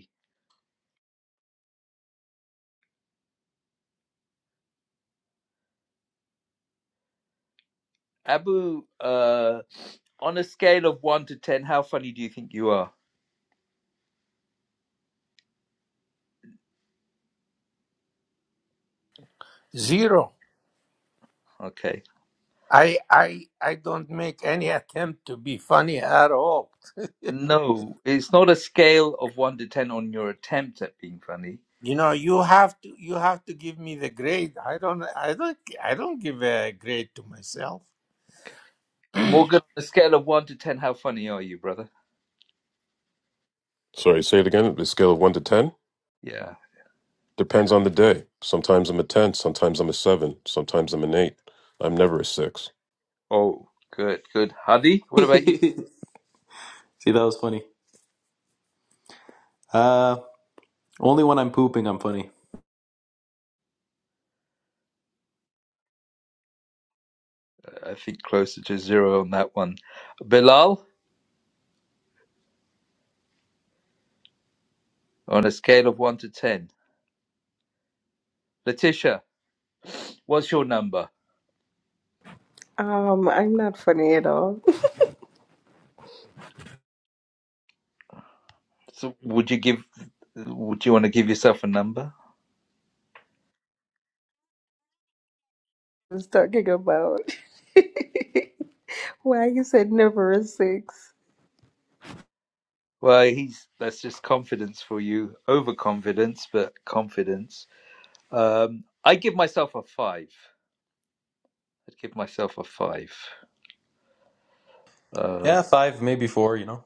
[SPEAKER 1] Abu, uh, on a scale of one to ten, how funny do you think you are?
[SPEAKER 4] Zero.
[SPEAKER 1] Okay.
[SPEAKER 4] I I I don't make any attempt to be funny at all.
[SPEAKER 1] No, it's not a scale of one to ten on your attempt at being funny.
[SPEAKER 4] You know, you have to you have to give me the grade. I don't I don't I don't give a grade to myself. I
[SPEAKER 1] Morgan, on a scale of one to ten, how funny are you, brother?
[SPEAKER 3] Sorry, say it again. The scale of one to ten
[SPEAKER 1] Yeah.
[SPEAKER 3] depends on the day. Sometimes I'm a ten. Sometimes I'm a seven. Sometimes I'm an eight. I'm never a six.
[SPEAKER 1] Oh, good, good. Hadi, what
[SPEAKER 5] see,
[SPEAKER 1] about you?
[SPEAKER 5] that was funny. Uh, only when I'm pooping, I'm funny.
[SPEAKER 1] I think closer to zero on that one. Bilal, on a scale of one to ten. Letitia, what's your number?
[SPEAKER 9] Um, I'm not funny at all.
[SPEAKER 1] So would you give? Would you want to give yourself a number?
[SPEAKER 9] I was talking about why you said never a six.
[SPEAKER 1] Well, he's that's just confidence for you. Overconfidence, but confidence. Um, I give myself a five. I'd give myself a five. Uh,
[SPEAKER 5] Yeah, five, maybe four, you know.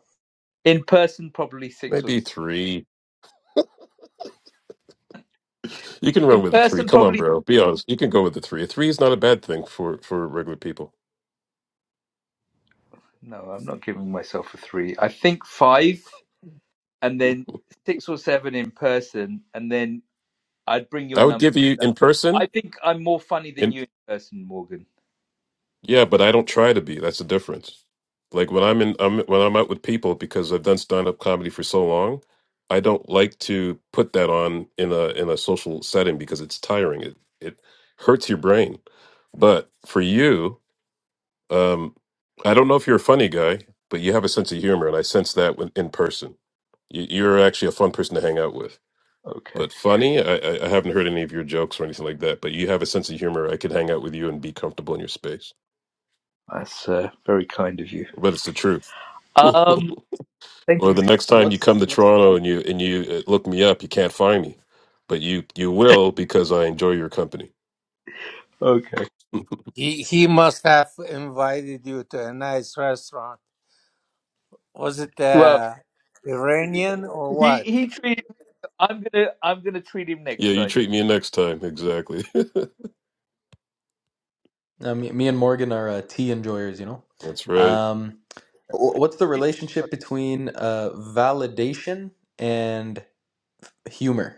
[SPEAKER 1] in person, probably six or
[SPEAKER 3] Maybe three. You can run
[SPEAKER 1] in
[SPEAKER 3] with a three.
[SPEAKER 1] person,
[SPEAKER 3] Come on,
[SPEAKER 1] probably
[SPEAKER 3] bro. Be honest. You can go with a three. A three is not a bad thing for for regular people.
[SPEAKER 1] no. I'm not giving myself a three. I think five, and then six or seven in person, and then I'd bring your
[SPEAKER 3] I would
[SPEAKER 1] number.
[SPEAKER 3] give you in
[SPEAKER 1] I
[SPEAKER 3] person.
[SPEAKER 1] think I'm more funny than
[SPEAKER 3] in.
[SPEAKER 1] you in person, Morgan.
[SPEAKER 3] Yeah, but I don't try to be. That's the difference. Like when I'm in, I'm, when I'm out with people, because I've done stand-up comedy for so long, I don't like to put that on in a in a social setting because it's tiring. It it hurts your brain. But for you, um, I don't know if you're a funny guy, but you have a sense of humor, and I sense that when, in person. You, you're actually a fun person to hang out with.
[SPEAKER 1] Okay,
[SPEAKER 3] But funny, I, I I haven't heard any of your jokes or anything like that. But you have a sense of humor. I could hang out with you and be comfortable in your space.
[SPEAKER 1] that's uh, very kind of you.
[SPEAKER 3] But it's the truth.
[SPEAKER 1] Um, thank
[SPEAKER 3] Or
[SPEAKER 5] Hmm.
[SPEAKER 3] the next time you
[SPEAKER 5] What's
[SPEAKER 3] come to
[SPEAKER 5] what's the
[SPEAKER 3] Toronto
[SPEAKER 5] rel-
[SPEAKER 3] and you and you uh, look me up, you can't find me, but you you will because I enjoy your company.
[SPEAKER 1] you. Okay.
[SPEAKER 3] yeah,
[SPEAKER 4] He he must have invited you to a nice restaurant. Was it
[SPEAKER 1] Well,
[SPEAKER 4] uh, Iranian or
[SPEAKER 1] he
[SPEAKER 4] what?
[SPEAKER 1] he treated. I'm gonna I'm gonna treat him next
[SPEAKER 3] you
[SPEAKER 1] time.
[SPEAKER 3] treat me next time exactly.
[SPEAKER 5] Uh, me, me and Morgan are uh, tea enjoyers, you know.
[SPEAKER 3] That's right.
[SPEAKER 5] Um, wh- what's the relationship between uh, validation and humor?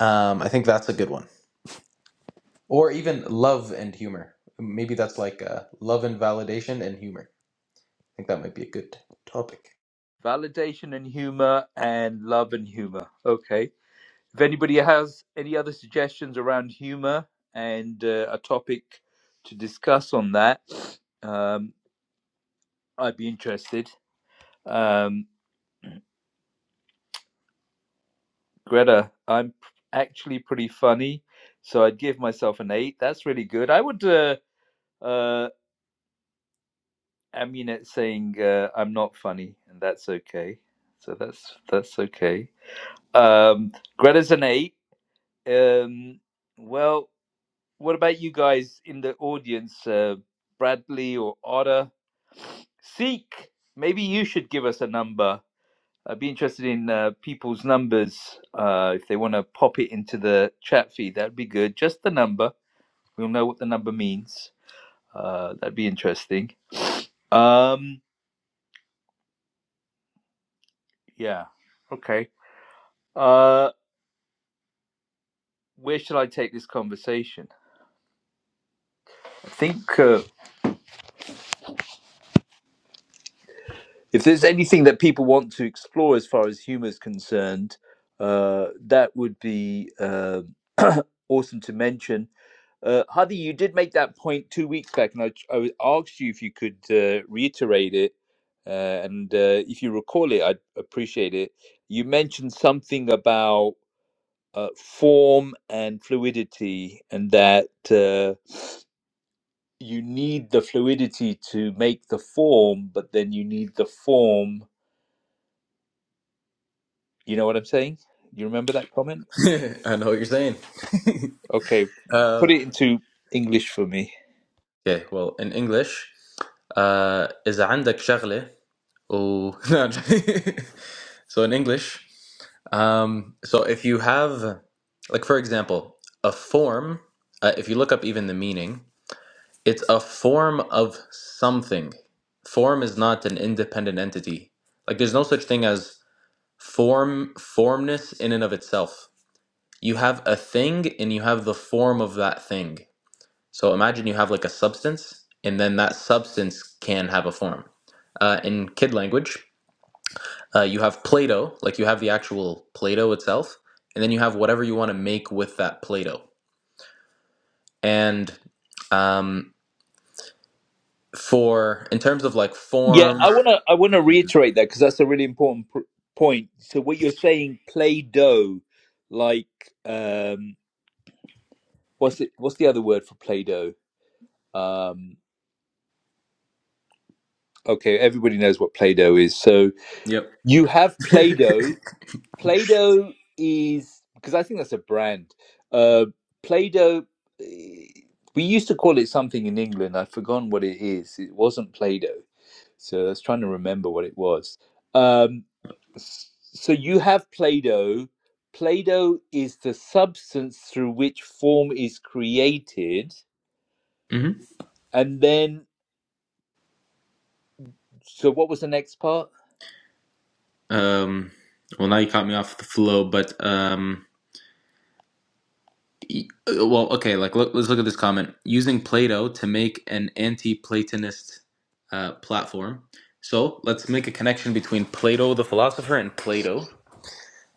[SPEAKER 5] Um, I think that's a good one. Or even love and humor. Maybe that's like uh, love and validation and humor. I think that might be a good topic.
[SPEAKER 1] Validation and humor and love and humor. Okay. If anybody has any other suggestions around humor and uh, a topic to discuss on that, um, I'd be interested. Um, Greta, I'm p- actually pretty funny, so I'd give myself an eight. That's really good. I would. Uh, uh, I mean, it's saying uh, I'm not funny, and that's okay. So that's that's okay. Um, Greta's an eight. Um, well, what about you guys in the audience, uh, Bradley or Otter? Seek, maybe you should give us a number. I'd be interested in uh, people's numbers. Uh, if they want to pop it into the chat feed, that'd be good. Just the number. We'll know what the number means. Uh, that'd be interesting. Um, yeah. Okay. Uh, where shall I take this conversation? I think. Uh, if there's anything that people want to explore as far as humor is concerned, uh, that would be uh, awesome to mention. Uh, Hadi, you did make that point two weeks back, and I, I asked you if you could uh, reiterate it. Uh, and uh, if you recall it, I'd appreciate it. You mentioned something about uh, form and fluidity, and that uh, you need the fluidity to make the form, but then you need the form You know what I'm saying? You remember that comment?
[SPEAKER 5] I know what you're saying.
[SPEAKER 1] Okay,
[SPEAKER 5] uh,
[SPEAKER 1] put it into English for me.
[SPEAKER 5] okay, well, in English, uh, إذا عندك شغلة Oh, no, I'm joking. so in English, um, so if you have, like for example, a form, uh, if you look up even the meaning, it's a form of something. Form is not an independent entity. Like there's no such thing as form, formness in and of itself. You have a thing and you have the form of that thing. So imagine you have like a substance, and then that substance can have a form uh, in kid language. Uh, you have Play Doh, like you have the actual Play Doh itself, and then you have whatever you want to make with that Play Doh. And um, for, in terms of like
[SPEAKER 1] Yeah, I
[SPEAKER 5] forms,
[SPEAKER 1] want to I want to reiterate that because that's a really important pr- point. So what you're saying play-doh like um what's it what's the other word for play-doh? Um okay, everybody knows what play-doh is. So
[SPEAKER 5] yep.
[SPEAKER 1] you have play-doh Play-Doh is because I think that's a brand. Uh, Play-Doh. eh, We used to call it something in England. I've forgotten what it is. It wasn't Play-Doh, so I was trying to remember what it was. Um, so you have Play-Doh. Play-Doh is the substance through which form is created,
[SPEAKER 5] hmm
[SPEAKER 1] and then. So what was the next part?
[SPEAKER 5] Um, well, now you caught me off the flow, but um, e- well, okay. Like, look, let's look at this comment. Using Play-Doh to make an anti-Platonist uh, platform. So let's make a connection between Plato the philosopher and Plato.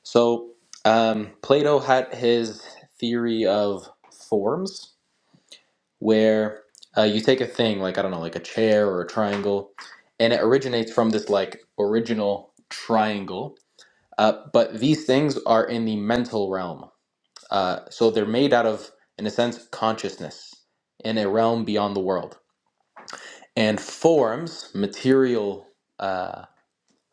[SPEAKER 5] So, um, Plato had his theory of forms, where uh, you take a thing, like, I don't know, like a chair or a triangle, and it originates from this, like, original triangle. Uh, but these things are in the mental realm. Uh, so they're made out of, in a sense, consciousness in a realm beyond the world. And forms, material. uh,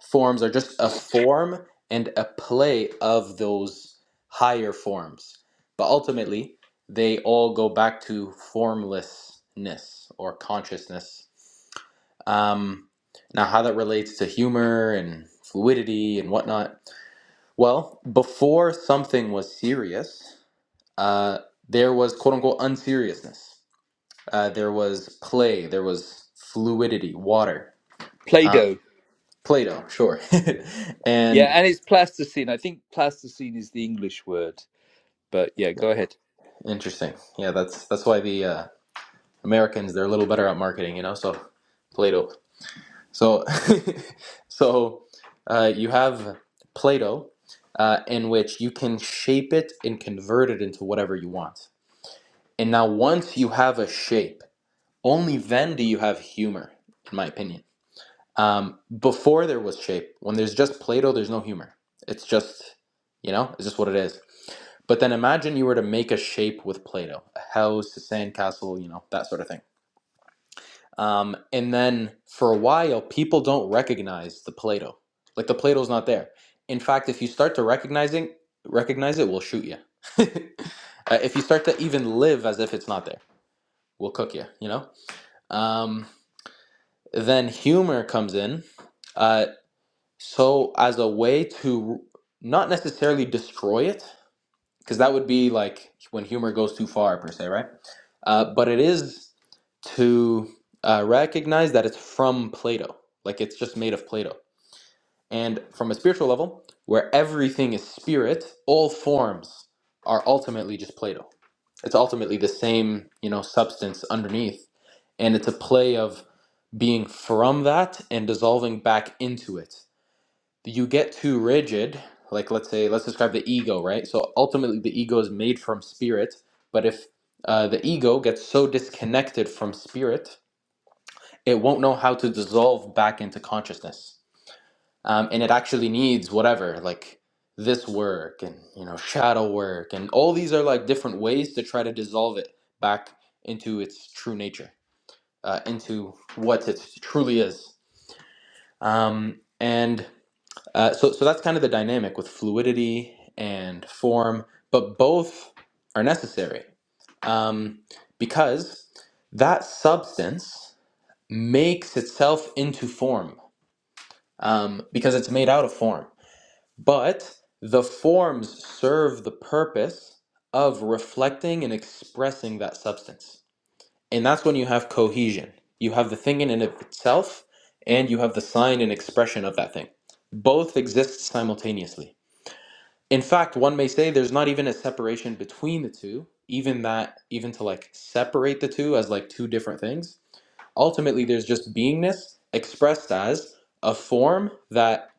[SPEAKER 5] forms are just a form and a play of those higher forms. But ultimately, they all go back to formlessness or consciousness. Um, now, how that relates to humor and fluidity and whatnot. Well, before something was serious, uh, there was quote unquote unseriousness. Uh, there was play, there was fluidity, water, uh,
[SPEAKER 1] Play-Doh.
[SPEAKER 5] Plato, sure.
[SPEAKER 1] Yeah,
[SPEAKER 5] and
[SPEAKER 1] and it's plasticine. I think plasticine is the English word. But yeah, go ahead.
[SPEAKER 5] Interesting. Yeah, that's that's why the uh, Americans they're a little better at marketing, you know. So Plato. So so uh, you have Plato, uh, in which you can shape it and convert it into whatever you want. And now, once you have a shape, only then do you have humor, in my opinion. Um, before there was shape. When there's just Play-Doh, there's no humor. It's just, you know, it's just what it is. But then imagine you were to make a shape with Play-Doh, a house, a sandcastle, you know, that sort of thing. Um, and then for a while, people don't recognize the Play-Doh. Like the Play-Doh's not there. In fact, if you start to recognizing recognize it, we'll shoot you. uh, if you start to even live as if it's not there, we'll cook you. You know. Um, then humor comes in. Uh, So, as a way to not necessarily destroy it, because that would be like when humor goes too far, per se, right? Uh, but it is to uh, recognize that it's from Plato, like it's just made of Plato. And from a spiritual level, where everything is spirit, all forms are ultimately just Plato. It's ultimately the same, you know, substance underneath, and it's a play of being from that and dissolving back into it you get too rigid like let's say let's describe the ego right so ultimately the ego is made from spirit but if uh, the ego gets so disconnected from spirit it won't know how to dissolve back into consciousness um, and it actually needs whatever like this work and you know shadow work and all these are like different ways to try to dissolve it back into its true nature uh, into what it truly is um, and Uh, so, so that's kind of the dynamic with fluidity and form, but both are necessary um, because that substance makes itself into form um, because it's made out of form. But the forms serve the purpose of reflecting and expressing that substance. And that's when you have cohesion. You have the thing in and of itself, and you have the sign and expression of that thing. Both exist simultaneously. In fact, one may say there's not even a separation between the two, even that, even to like separate the two as like two different things. Ultimately, there's just beingness expressed as a form that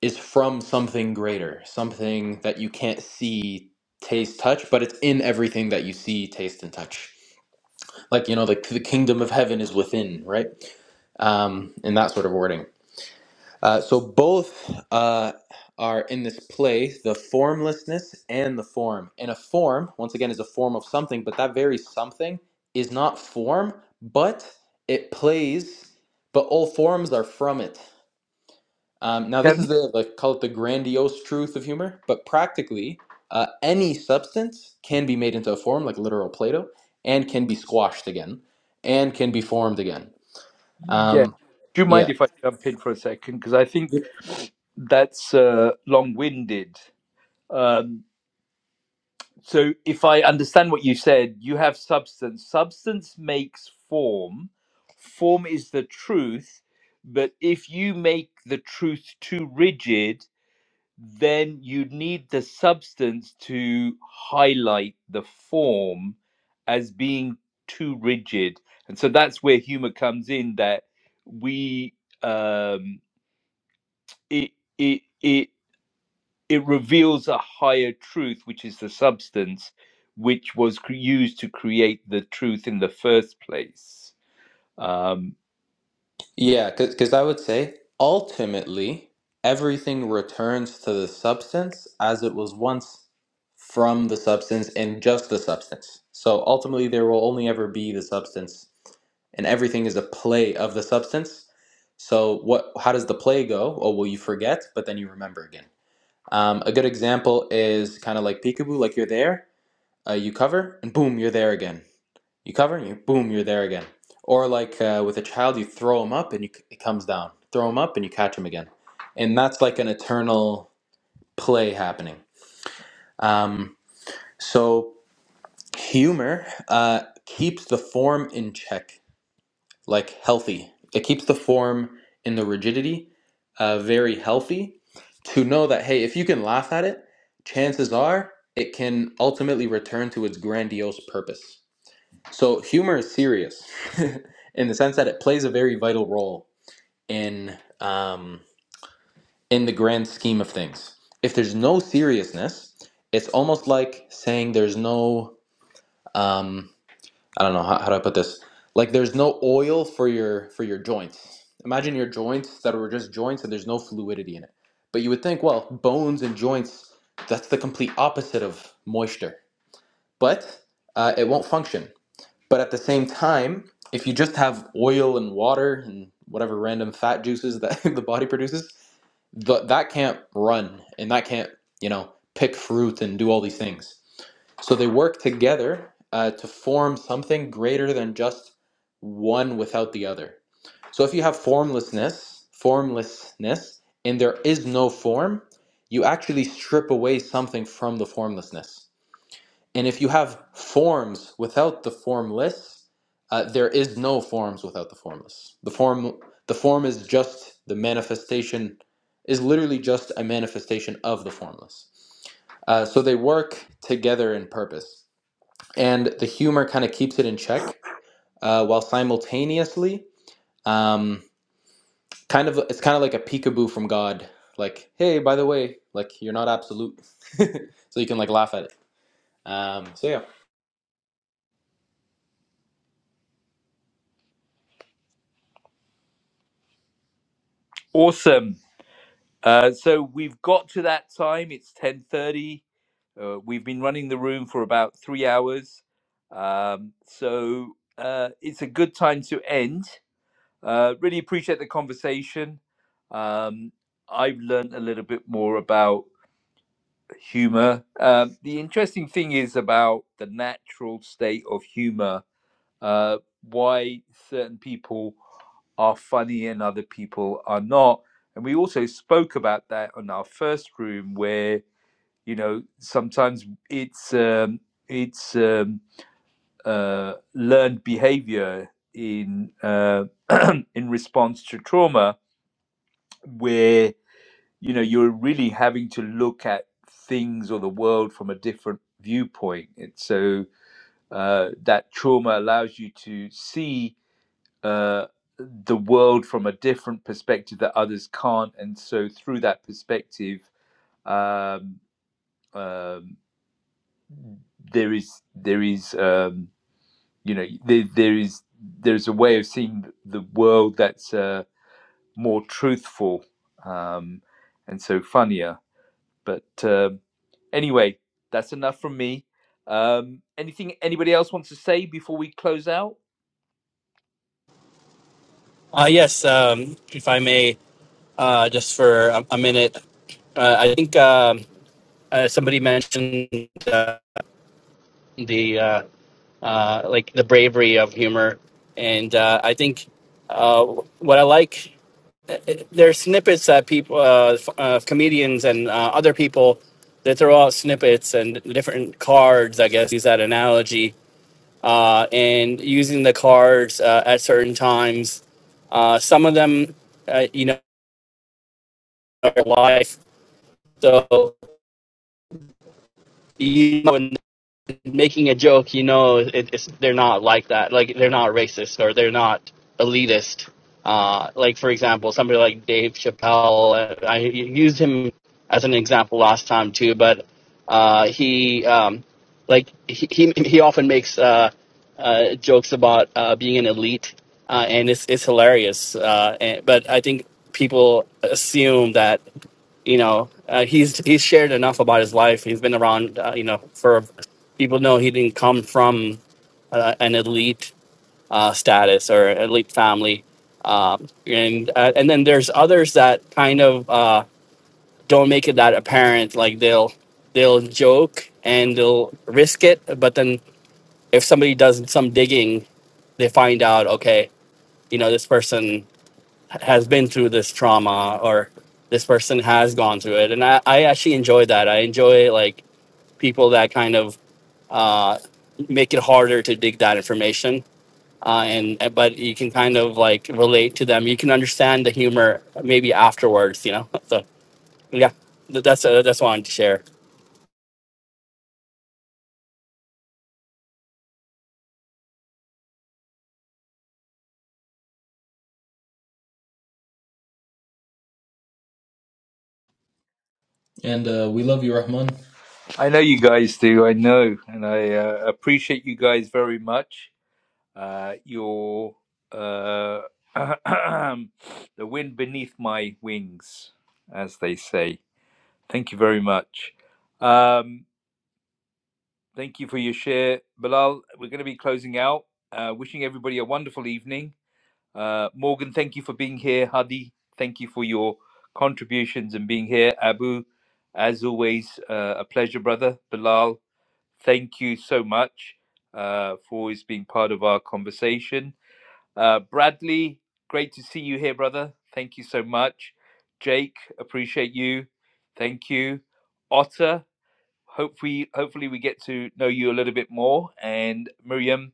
[SPEAKER 5] is from something greater, something that you can't see, taste, touch, but it's in everything that you see, taste, and touch. Like, you know, the, the kingdom of heaven is within, right? Um, in that sort of wording. Uh, so both uh, are in this play, the formlessness and the form. And a form, once again, is a form of something, but that very something is not form, but it plays, but all forms are from it. Um, now,
[SPEAKER 1] Can
[SPEAKER 5] this is the, like, call it the grandiose truth of humor, but practically uh, any substance can be made into a form, like literal Plato, and can be squashed again, and can be formed again.
[SPEAKER 1] Yeah.
[SPEAKER 5] Um,
[SPEAKER 1] Do you
[SPEAKER 5] yeah.
[SPEAKER 1] mind if I jump in for a second? Because I think that's uh, long winded. Um, so, if I understand what you said, you have substance. Substance makes form, form is the truth. But if you make the truth too rigid, then you need the substance to highlight the form as being too rigid. And so that's where humor comes in that we. Um, it it it it reveals a higher truth which is the substance which was cre- used to create the truth in the first place um
[SPEAKER 5] Yeah, because I would say ultimately everything returns to the substance as it was once from the substance and just the substance. So ultimately, there will only ever be the substance, and everything is a play of the substance. So what? How does the play go? Oh, well, you forget, but then you remember again. Um, a good example is kind of like peekaboo, like you're there, uh, you cover, and boom, you're there again. You cover and you boom, you're there again. Or like uh, with a child, you throw him up and you, it comes down. Throw him up and you catch him again. And that's like an eternal play happening. Um, so humor uh, keeps the form in check, like healthy. It keeps the form in the rigidity, uh, very healthy. To know that hey, if you can laugh at it, chances are it can ultimately return to its grandiose purpose So humor is serious in the sense that it plays a very vital role in um, in the grand scheme of things. If there's no seriousness, it's almost like saying there's no um, I don't know how, how do I put this. Like there's no oil for your for your joints. Imagine your joints that were just joints and there's no fluidity in it. But you would think, well, bones and joints, that's the complete opposite of moisture. But uh, it won't function but at the same time, if you just have oil and water and whatever random fat juices that the body produces, th- that can't run and that can't, you know, pick fruit and do all these things. So they work together uh, to form something greater than just one without the other. So if you have formlessness, formlessness, and there is no form, you actually strip away something from the formlessness. And if you have forms without the formless, uh, there is no forms without the formless. The form, the form is just the manifestation, is literally just a manifestation of the formless. Uh, so they work together in purpose, and the humor kind of keeps it in check, uh, while simultaneously, um, kind of, it's kind of like a peekaboo from God. Like, hey, by the way, like you're not absolute, so you can like laugh at it. Um, so yeah,
[SPEAKER 1] awesome uh so we've got to that time it's 10:30 uh, we've been running the room for about 3 hours um so uh it's a good time to end uh really appreciate the conversation um i've learned a little bit more about humor. Um, the interesting thing is about the natural state of humor, uh, why certain people are funny and other people are not. And we also spoke about that on our first room, where you know sometimes it's um, it's um, uh, learned behavior in uh, in response to trauma, where you know you're really having to look at things or the world from a different viewpoint and so uh, that trauma allows you to see uh, the world from a different perspective that others can't and so through that perspective um, um, there is there is um, you know there, there is there's a way of seeing the world that's uh, more truthful um, and so funnier but um, Anyway, that's enough from me. Um, anything anybody else wants to say before we close out?
[SPEAKER 8] Uh, yes, um, if I may, uh, just for a, a minute, uh, I think um, uh, somebody mentioned uh, the uh, uh, like the bravery of humor, and uh, I think uh, what I like. there's snippets that people, uh, uh, comedians and uh, other people, that throw out snippets and different cards. I guess use that analogy. Uh, and using the cards uh, at certain times. Uh, some of them, uh, you know, are life. So you. know, when making a joke, you know, it, it's they're not like that. Like they're not racist or they're not elitist. Uh, like for example, somebody like Dave Chappelle. uh, I used him as an example last time too, but uh, he um, like he, he he often makes uh, uh, jokes about uh, being an elite, uh, and it's it's hilarious. Uh, and, but I think people assume that you know uh, he's he's shared enough about his life he's been around uh, you know for people know he didn't come from uh, an elite uh, status or elite family um, and uh, and then there's others that kind of uh, don't make it that apparent like they'll they'll joke and they'll risk it but then if somebody does some digging they find out okay you know this person has been through this trauma or this person has gone through it and i, I actually enjoy that i enjoy like people that kind of uh, make it harder to dig that information uh, and but you can kind of like relate to them you can understand the humor maybe afterwards you know so yeah th- that's uh, that's what i wanted to share
[SPEAKER 5] and uh, we love you, Rahman.
[SPEAKER 1] I know you guys do. I know, and I uh, appreciate you guys very much. Uh, your uh, the wind beneath my wings, as they say. Thank you very much. Um, thank you for your share, Bilal. We're going to be closing out. Uh, wishing everybody a wonderful evening. Uh, Morgan, thank you for being here. Hadi, thank you for your contributions and being here. Abu, as always, uh, a pleasure, brother. Bilal, thank you so much uh, for always being part of our conversation. Uh, Bradley, great to see you here, brother. Thank you so much. Jake, appreciate you. Thank you. Otter, hopefully, hopefully we get to know you a little bit more. And Miriam,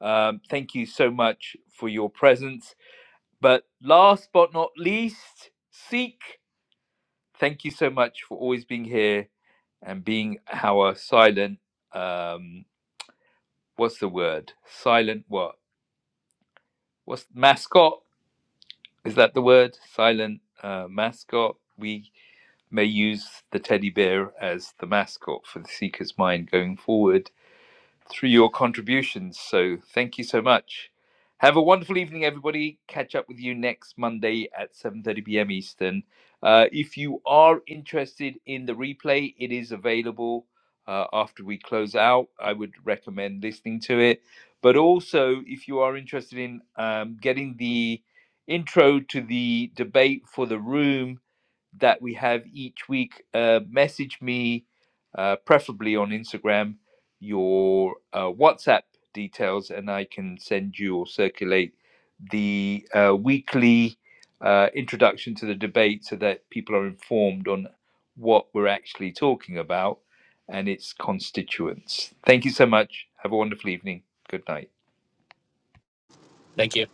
[SPEAKER 1] um, thank you so much for your presence but last but not least, Seek, thank you so much for always being here and being our silent, um, what's the word? Silent what? What's mascot? Is that the word? Silent uh, mascot. We may use the teddy bear as the mascot for the Seeker's Mind going forward. through your contributions. So thank you so much. Have a wonderful evening, everybody. Catch up with you next Monday at 7:30 p.m. Eastern. Uh, if you are interested in the replay, it is available uh, after we close out. I would recommend listening to it. But also, if you are interested in um, getting the intro to the debate for the room, that we have each week, uh, message me, uh, preferably on Instagram, your uh, WhatsApp details, and I can send you or circulate the uh, weekly uh, introduction to the debate so that people are informed on what we're actually talking about and its constituents. Thank you so much. Have a wonderful evening. Good night.
[SPEAKER 8] thank you